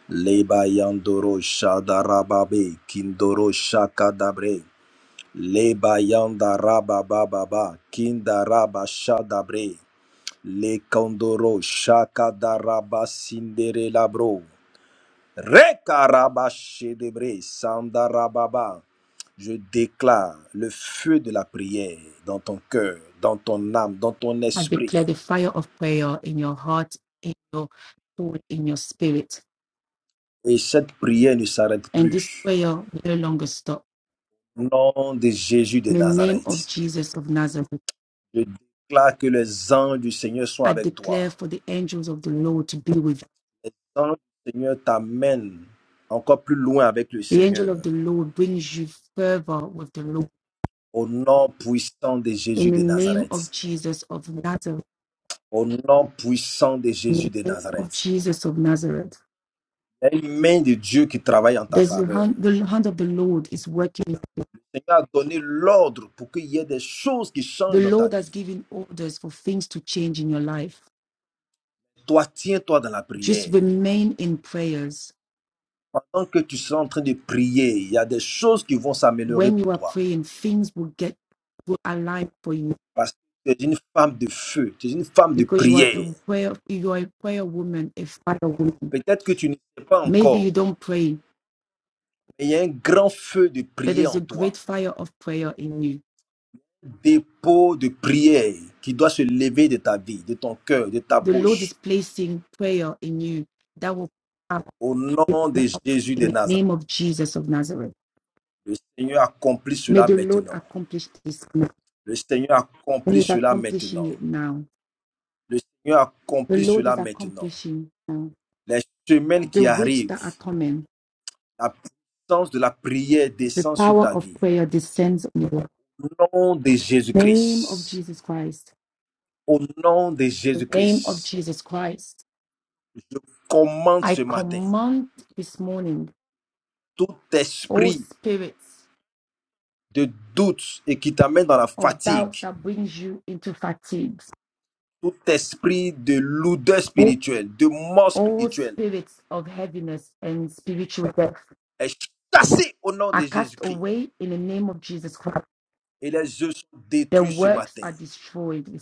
A: Lebayandoro Shadarababe, Kindoro Shakadabre, Lebayandarabababa, Kindarabashadabre, Le Kondoro Shaka Daraba Sindere Labro. Rekaraba debre Sandarababa. Je déclare le feu de la prière dans ton cœur, dans ton âme, dans ton
B: I
A: esprit.
B: declare the fire of prayer in your heart, in your soul, in your spirit.
A: Et cette prière ne s'arrête
B: And this
A: plus.
B: prayer will no longer stop.
A: Au Nom de Jésus de
B: In the name of
A: Nazareth.
B: Jesus of Nazareth,
A: Je déclare que les anges du Seigneur sont
B: I
A: avec
B: declare
A: toi.
B: for the angels of the Lord to be with you.
A: Les anges du Seigneur t'amènent encore plus loin avec le
B: The angel of
A: Seigneur.
B: the Lord brings you further with the Lord.
A: Au nom puissant de
B: In
A: Jésus
B: the
A: de
B: name
A: Nazareth.
B: of Jesus of Nazareth,
A: Au nom puissant de
B: in
A: Jésus de
B: the name of
A: Nazareth.
B: Jesus of Nazareth,
A: Il y a une main de Dieu qui travaille en ta
B: there's the
A: faveur.
B: hand,
A: Le
B: the hand of the Lord is working.
A: Seigneur a donné l'ordre pour qu'il y ait des choses qui
B: The
A: changent dans ta
B: Lord has
A: vie.
B: given orders for things to change in your life.
A: Toi, tiens-toi dans la
B: Just
A: prière.
B: remain in prayers
A: Pendant que tu seras en train de prier, il y a des choses qui vont s'améliorer
B: when
A: pour
B: you are
A: toi.
B: praying, things will get will align for you
A: Parce que tu es une femme de feu, tu es une femme de
B: because you are
A: prière.
B: a prayer you are a prayer woman, a fire woman.
A: Peut-être que tu ne sais pas
B: Maybe you
A: encore,
B: don't pray,
A: mais il y a un grand feu de
B: but there's
A: prière
B: a
A: en
B: great
A: toi.
B: fire of prayer in you.
A: Un dépôt de prière qui doit se lever de ta vie, de ton cœur, de ta
B: The Lord is
A: bouche
B: placing prayer in you that will have
A: Au nom de Jésus
B: in
A: de
B: the
A: Nazareth,
B: name of Jesus of Nazareth.
A: le Seigneur accomplit
B: May
A: cela
B: the Lord
A: maintenant.
B: accomplish this now.
A: Le Seigneur
B: And
A: accomplit
B: He's
A: cela
B: accomplishing
A: maintenant.
B: it now.
A: Le Seigneur
B: The
A: accomplit
B: Lord is
A: cela maintenant.
B: accomplishing now.
A: Les semaines
B: The
A: qui
B: weeks that are
A: arrivent,
B: coming,
A: la puissance de la prière
B: the
A: descend sur
B: power
A: ta
B: of
A: vie.
B: prayer descends on you.
A: Au nom de
B: Name of
A: Jésus-Christ,
B: Jesus Christ.
A: au nom de
B: the name of
A: Jésus-Christ,
B: Jesus Christ.
A: je commande
B: I
A: ce matin
B: command this morning,
A: tout
B: all
A: esprit
B: spirits
A: de doute et qui t'amène dans la
B: of doubt
A: fatigue,
B: that brings you into fatigues,
A: tout esprit de lourdeur
B: all,
A: spirituelle, de mort
B: all
A: spirituelle,
B: spirits of heaviness and spiritual death
A: est chassé au nom de
B: are cast
A: Jésus-Christ.
B: away in the name of Jesus Christ.
A: Et les yeux sont
B: Their
A: détruits ce
B: works
A: matin.
B: are destroyed.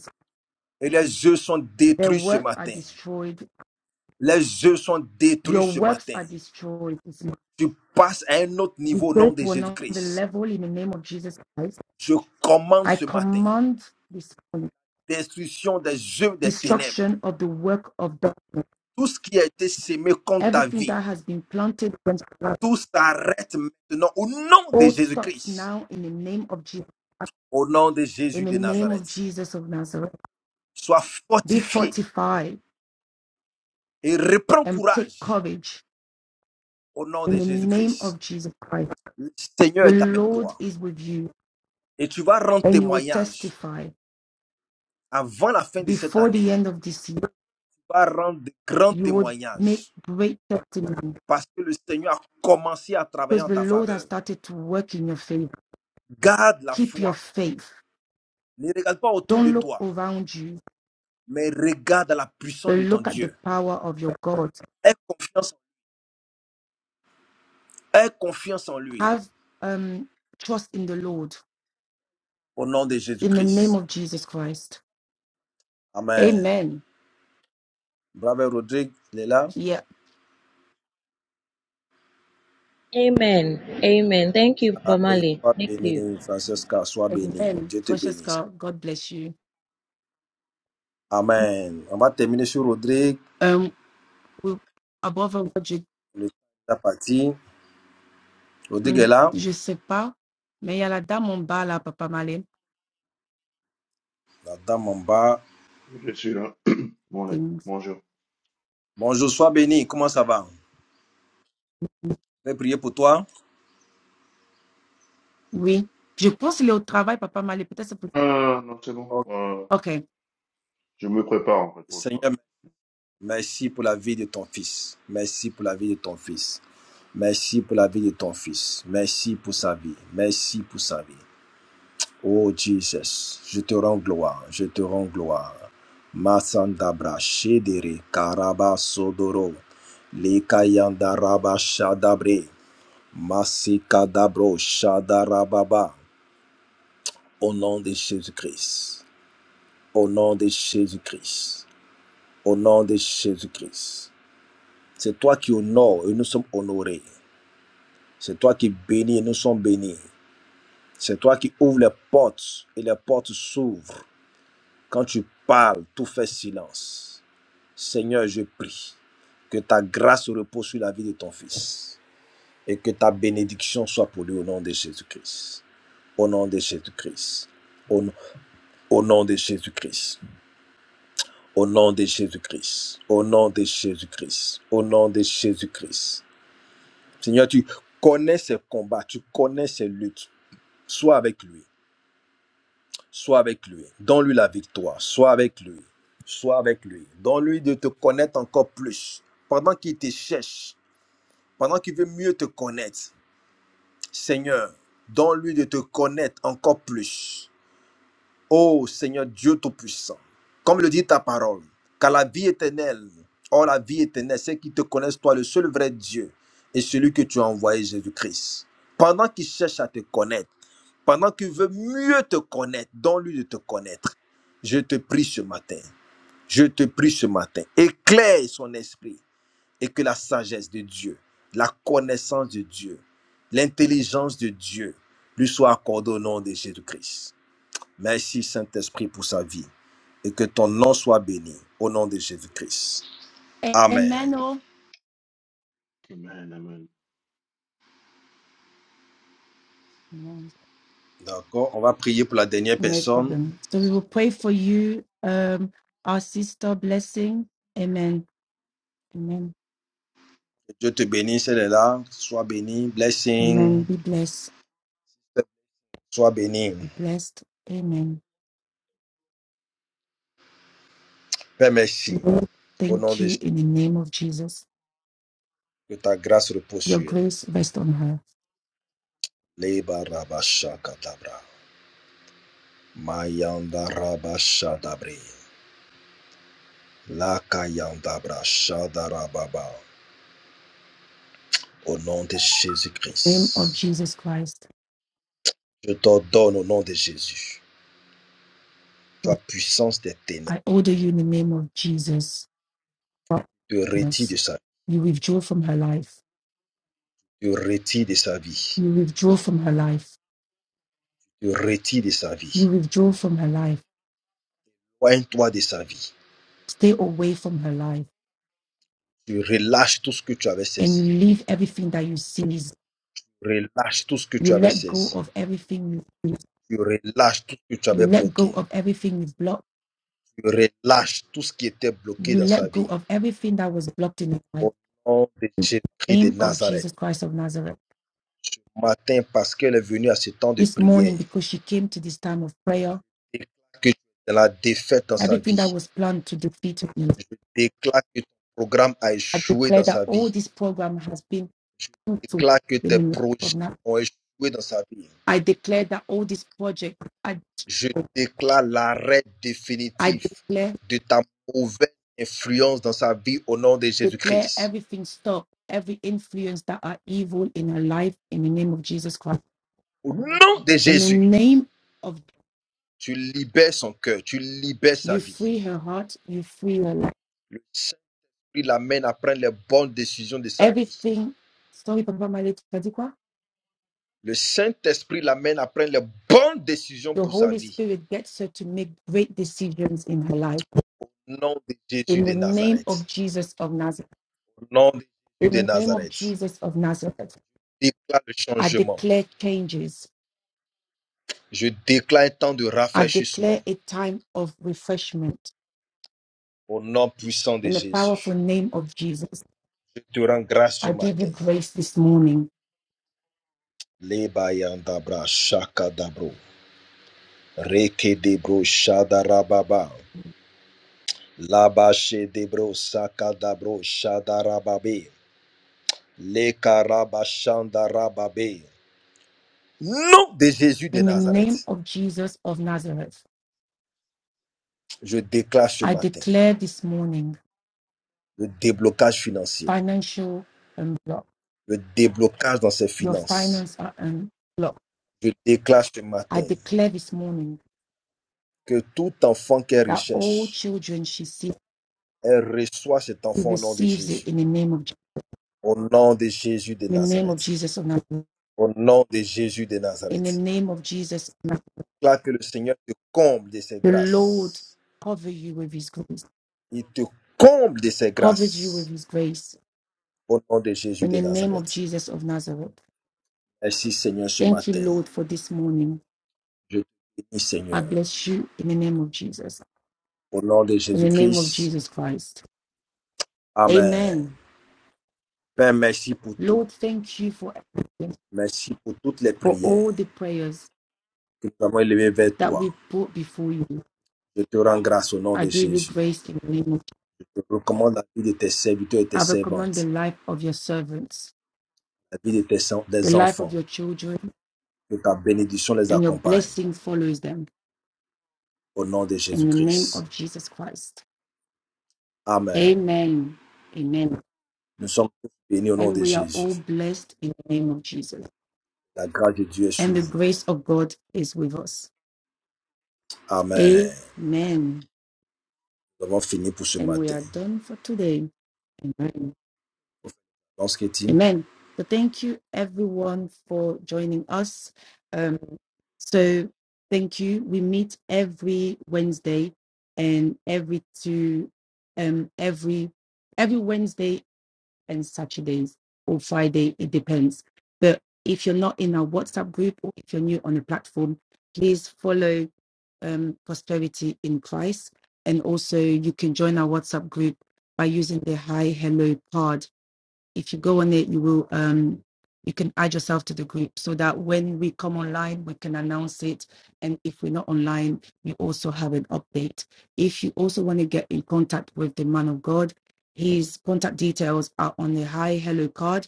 A: Et les yeux sont
B: Their
A: détruits ce
B: work are
A: matin.
B: destroyed.
A: Les yeux sont détruits
B: Your
A: ce
B: works
A: matin.
B: are destroyed. The
A: Tu passes à un autre niveau au nom
B: grave
A: de
B: will not be
A: Jésus-Christ.
B: leveled in the name of Jesus Christ.
A: Je commande
B: I
A: ce matin
B: command this morning,
A: destruction des yeux des ténèbres.
B: destruction of the work of darkness
A: Tout ce qui a été sémé contre ta
B: Everything
A: vie,
B: that has been planted
A: tout s'arrête maintenant au nom de
B: all stops
A: Jésus-Christ.
B: now in the name of Jesus.
A: Au nom de Jésus
B: In the
A: de
B: name of
A: Nazareth.
B: Jesus of Nazareth,
A: Sois
B: be
A: fortifié
B: fortified
A: et reprends
B: and take
A: courage
B: courage
A: au nom de
B: in the name
A: Jésus-Christ.
B: of Jesus Christ.
A: Le Seigneur
B: The
A: est avec
B: Lord
A: toi.
B: is with you,
A: Et tu vas rendre
B: and you will
A: témoignage
B: testify
A: avant la fin de cette
B: before
A: année.
B: the
A: Tu
B: end of this year.
A: vas rendre de grands
B: You will make
A: témoignages
B: great testimony
A: parce que le Seigneur a commencé à travailler
B: because
A: en
B: the
A: ta
B: Lord has
A: faveur.
B: started to work in your faith.
A: Garde la
B: Keep your
A: foi.
B: faith.
A: Ne regarde pas autour
B: Don't
A: de
B: look
A: toi,
B: around you,
A: mais regarde à la puissance
B: but
A: de ton
B: look at the
A: Dieu.
B: power of your God.
A: Aie confiance, aie confiance en lui.
B: Have um, trust in the Lord
A: Au nom de
B: in the name
A: Jésus-Christ.
B: of Jesus Christ.
A: Amen.
B: Amen.
A: Bravo Rodrigue, il est là.
B: Yeah.
K: Amen. Amen. Thank you,
A: Allez,
K: Pamali.
A: sois
K: Thank you.
A: béni, Francesca, sois béni.
B: Amen.
A: Dieu te bénisse.
B: Francesca, God bless you.
A: Amen. On va terminer sur Rodrigue.
B: Um, we, above all, je,
A: Le temps est parti. Prodigue est
B: mhm,
A: là,
B: je sais pas, mais il y a la dame en bas là, Papa Malé.
A: la dame en bas.
L: Je suis là. Morning.
B: C'est-
L: Bonjour.
A: Bonjour, sois béni, comment ça va? Je vais prier pour toi.
B: Oui. Je pense qu'il est au travail, Papa Malé. Peut-être c'est pour-
L: Ah, non, c'est bon.
A: Oh,
L: Euh,
B: OK.
L: je me prépare en fait pour le travail.
A: Seigneur, merci pour la vie de ton fils. Merci pour la vie de ton fils. Merci pour la vie de ton fils. Merci pour sa vie. Merci pour sa vie. Oh Jesus, je te rends gloire. Je te rends gloire. Masandabra Shedere Karaba Sodoro Likayandaraba Shadabre Masikadabro Shadarababa Au nom de Jésus-Christ. Au nom de Jésus-Christ. Au nom de Jésus-Christ. C'est toi qui honores et nous sommes honorés. C'est toi qui bénis et nous sommes bénis. C'est toi qui ouvres les portes et les portes s'ouvrent. Quand tu parles, tout fait silence. Seigneur, je prie que ta grâce repose sur la vie de ton fils et que ta bénédiction soit pour lui au nom de Jésus-Christ. Au nom de Jésus-Christ. Au, au nom de Jésus-Christ. Au nom de Jésus-Christ. Au nom de Jésus-Christ. Au nom de Jésus-Christ. Seigneur, tu connais ses combats, tu connais ses luttes. Sois avec lui. Sois avec lui. Donne-lui la victoire. Sois avec lui. Sois avec lui. Donne-lui de te connaître encore plus. Pendant qu'il te cherche, pendant qu'il veut mieux te connaître. Seigneur, donne-lui de te connaître encore plus. Ô Seigneur Dieu Tout-Puissant, comme le dit ta parole, car la vie éternelle, oh la vie éternelle, c'est qui te connaissent, toi, le seul vrai Dieu, et celui que tu as envoyé, Jésus-Christ. Pendant qu'il cherche à te connaître, pendant qu'il veut mieux te connaître, donne lui de te connaître, je te prie ce matin, je te prie ce matin, éclaire son esprit et que la sagesse de Dieu, la connaissance de Dieu, l'intelligence de Dieu lui soit accordée au nom de Jésus-Christ. Merci Saint-Esprit pour sa vie et que ton nom soit béni au nom de Jésus-Christ. Amen.
B: Amen. oh.
L: Amen, amen.
B: Amen.
A: D'accord, on va prier pour la dernière
B: No
A: personne.
B: problem. So we will pray for you, um, our sister blessing. Amen. Amen.
A: Que Dieu te bénisse, elle est là. Sois béni.
B: Amen.
A: Blessing.
B: Be blessed.
A: Sois béni.
B: Be blessed. Amen.
A: Père, merci.
B: Lord,
A: Au nom
B: thank
A: de
B: you
A: Jésus,
B: in the name of Jesus.
A: que ta grâce repose
B: Your
A: sur elle.
B: grace rest on her.
A: Leba rabasha katabra. Mayanda rabasha dabri. Lakayandabra shadarababa. Au nom de
B: In the name of
A: Jésus-Christ.
B: Jesus Christ.
A: Je t'ordonne au nom de Jésus. Toi,
B: Lord,
A: puissance des ténèbres,
B: I order you in the name of Jesus.
A: te retire de
B: Darkness,
A: sa vie,
B: You withdraw from her life.
A: te retire de sa vie,
B: You withdraw from her life.
A: te retire de sa
B: You
A: vie.
B: withdraw from her life.
A: Poigne-toi de sa vie.
B: Stay away from her life.
A: Tu relâches tout ce que tu avais
B: And you
A: saisi.
B: leave everything that you seize.
A: Tu relâches tout ce que tu
B: You
A: avais
B: let go
A: saisi.
B: of everything you seize.
A: Tu relâches tout ce que tu
B: You
A: avais
B: let go
A: bloqué.
B: of everything you've blocked.
A: Tu relâches tout ce qui était bloqué
B: You
A: dans sa
B: let go
A: vie.
B: of everything that was blocked in your life.
A: Au nom de Jésus-Christ de
B: Name of
A: Nazareth.
B: Jesus Christ of Nazareth.
A: Matin, parce qu'elle est venue à ce temps de
B: this morning
A: prière,
B: because she came to this time of prayer.
A: je déclare que tu es dans la défaite dans sa
B: Everything that
A: vie.
B: was planned to defeat me,
A: Je déclare que ton programme a
B: I
A: échoué
B: declare
A: dans
B: that
A: sa vie.
B: all this program has been
A: Je
B: fruitful
A: déclare que
B: in
A: tes
B: the name
A: projets
B: of God.
A: ont échoué dans sa vie.
B: I declare that all this project, I,
A: Je déclare l'arrêt
B: I
A: définitif
B: declare,
A: de ta mauvaise influence dans sa vie au nom de
B: declare
A: Jésus-Christ.
B: everything stop, every influence that are evil in her life in the name of Jesus Christ.
A: Au nom de
B: In the
A: Jésus,
B: name of
A: tu libères son cœur, tu libères sa
B: you
A: vie.
B: free her heart, you free her life.
A: Le Saint-Esprit l'amène à prendre les bonnes décisions de sa vie.
B: Everything, sorry, Papa Malik Kadikwa,
A: Le Saint-Esprit l'amène à prendre les bonnes décisions
B: the
A: pour sa
B: Holy
A: vie.
B: Spirit gets her to make great decisions in her life
A: Au nom de Jésus
B: In
A: de
B: the name of
A: Nazareth.
B: Jesus of Nazareth,
A: Au nom de Jésus
B: in
A: de
B: the name of
A: Nazareth.
B: Jesus of Nazareth,
A: Déclare le
B: I
A: changement.
B: declare changes.
A: Je déclare un temps de
B: I declare
A: rafraîchissement
B: a time of refreshment.
A: au nom puissant de
B: In the powerful
A: Jésus.
B: name of Jesus,
A: Je te rends grâce ce
B: I give you
A: matin.
B: grace this morning.
A: Lebayandabra shakadabro. Reke debro shadarababa. Labashe debro sakadabro shadarababe. Lekarabashandarababe. Nom de Jésus de
B: In the name
A: Nazareth.
B: of Jesus of Nazareth,
A: Je déclare ce
B: I
A: matin
B: declare this morning
A: le déblocage financier,
B: financial unblock.
A: le déblocage dans ses
B: Your
A: finances.
B: finances are unblocked.
A: Je déclare ce
B: I
A: matin
B: declare this morning
A: que tout enfant qu'elle
B: that all
A: recherche,
B: children she sees,
A: Elle reçoit cet
B: she
A: enfant au nom de
B: receives it
A: Jésus.
B: in the name of Je-
A: Au nom de Jésus de
B: in the name of
A: Nazareth.
B: Jesus of Nazareth.
A: Au nom de Jésus de
B: in the
A: Nazareth.
B: name of Jesus. The
A: Là que le Seigneur te comble de ses
B: Lord
A: grâces.
B: cover you with his grace,
A: Il te comble de ses
B: covers you with
A: grâces.
B: his grace
A: Au nom de Jésus
B: in
A: de
B: the name of
A: Nazareth.
B: Jesus of Nazareth.
A: Merci Seigneur ce
B: Thank you,
A: matin.
B: Lord, for this morning.
A: Je te bénis
B: I
A: Seigneur.
B: bless you in the name of Jesus,
A: Au nom de
B: in the name of
A: Jésus-Christ.
B: Jesus Christ.
A: Amen.
B: Amen.
A: Père, merci pour tout.
B: Lord, thank you for everything,
A: Merci pour toutes les
B: for
A: prières
B: all the prayers
A: que nous avons élevées vers
B: that
A: toi.
B: we brought before you.
A: Je te rends grâce au nom
B: I
A: de
B: give you
A: Jésus.
B: grace in the name of Jesus.
A: Je te recommande la vie de tes serviteurs et tes
B: I recommend the
A: servantes.
B: life of your servants,
A: la vie de tes
B: the
A: des
B: life of
A: enfants.
B: your children,
A: Que ta bénédiction les
B: and your
A: accompagne.
B: blessing follows them
A: Au nom de
B: in the name
A: Jésus-Christ.
B: of Jesus Christ.
A: Amen.
B: Amen. Amen.
A: Nous sommes tous bénis au nom
B: And
A: de
B: we are all
A: Jésus.
B: blessed in the name of Jesus.
A: La grâce de Dieu est sur
B: And the
A: vous.
B: grace of God is with us.
A: Amen.
B: Amen.
A: Nous avons fini pour ce
B: And we
A: matin.
B: are done for today. Amen.
A: Lorsque dit
B: Amen. So thank you everyone for joining us. Um, so thank you. We meet every Wednesday and every two um every every Wednesday and Saturdays or Friday, it depends. But if you're not in our WhatsApp group or if you're new on the platform, please follow um, Prosperity in Christ. And also, you can join our WhatsApp group by using the Hi Hello Pod if you go on it, you will um you can add yourself to the group so that when we come online, we can announce it. And if we're not online, you also have an update. If you also want to get in contact with the man of God, his contact details are on the Hi Hello card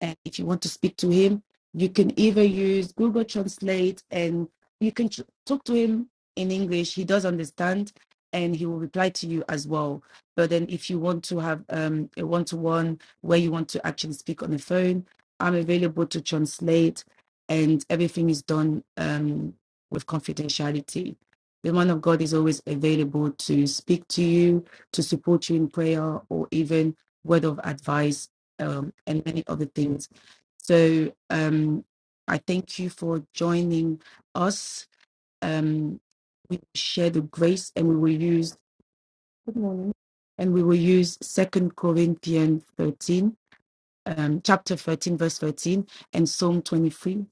B: and if you want to speak to him, you can either use Google Translate and you can tr- talk to him in English. He does understand and he will reply to you as well. But then if you want to have um, a one to one where you want to actually speak on the phone, I'm available to translate and everything is done um, with confidentiality. The man of God is always available to speak to you, to support you in prayer, or even word of advice um, and many other things. So um, I thank you for joining us. Um, we share the grace and we will use good morning. And we will use Second Corinthians 13, um, chapter 13, verse 13, and Psalm 23,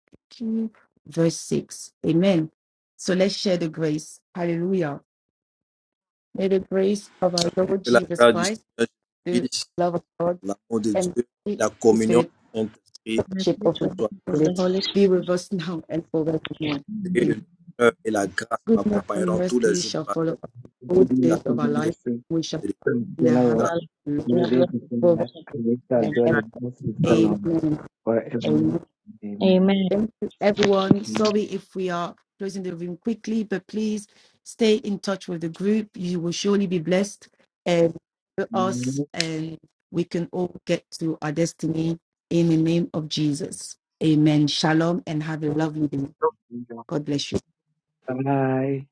B: verse 6. Amen. So let's share the grace. Hallelujah. May the grace of our Lord
A: que la
B: Jesus
A: grâce du
B: Christ,
A: Seigneur
B: the
A: Jésus-Christ,
B: love of God,
A: l'amour de
B: and the
A: Dieu,
B: sweet
A: la
B: Holy Spirit
A: communion du Saint-Esprit,
K: In
B: Shape of the
A: soient
K: of the
B: Spirit
K: Holy
B: be with
K: Spirit,
B: us now and forevermore. Amen.
A: le bonheur et la grâce
B: Goodness and
A: m'accompagneront tous les
B: mercy
A: jours de
B: shall
A: ma
B: follow us all the
A: vie.
B: days of our life. We shall in our house of the Lord
F: Amen.
B: forever and ever.
A: Amen.
B: Amen. Amen.
F: Amen.
K: Amen.
B: Thank you, everyone.
F: Mm-hmm.
B: Sorry if we are closing the room quickly, but please stay in touch with the group. You will surely be blessed and with us, and we can all get to our destiny in the name of Jesus. Amen. Shalom and have a lovely day. God bless you.
F: Bye.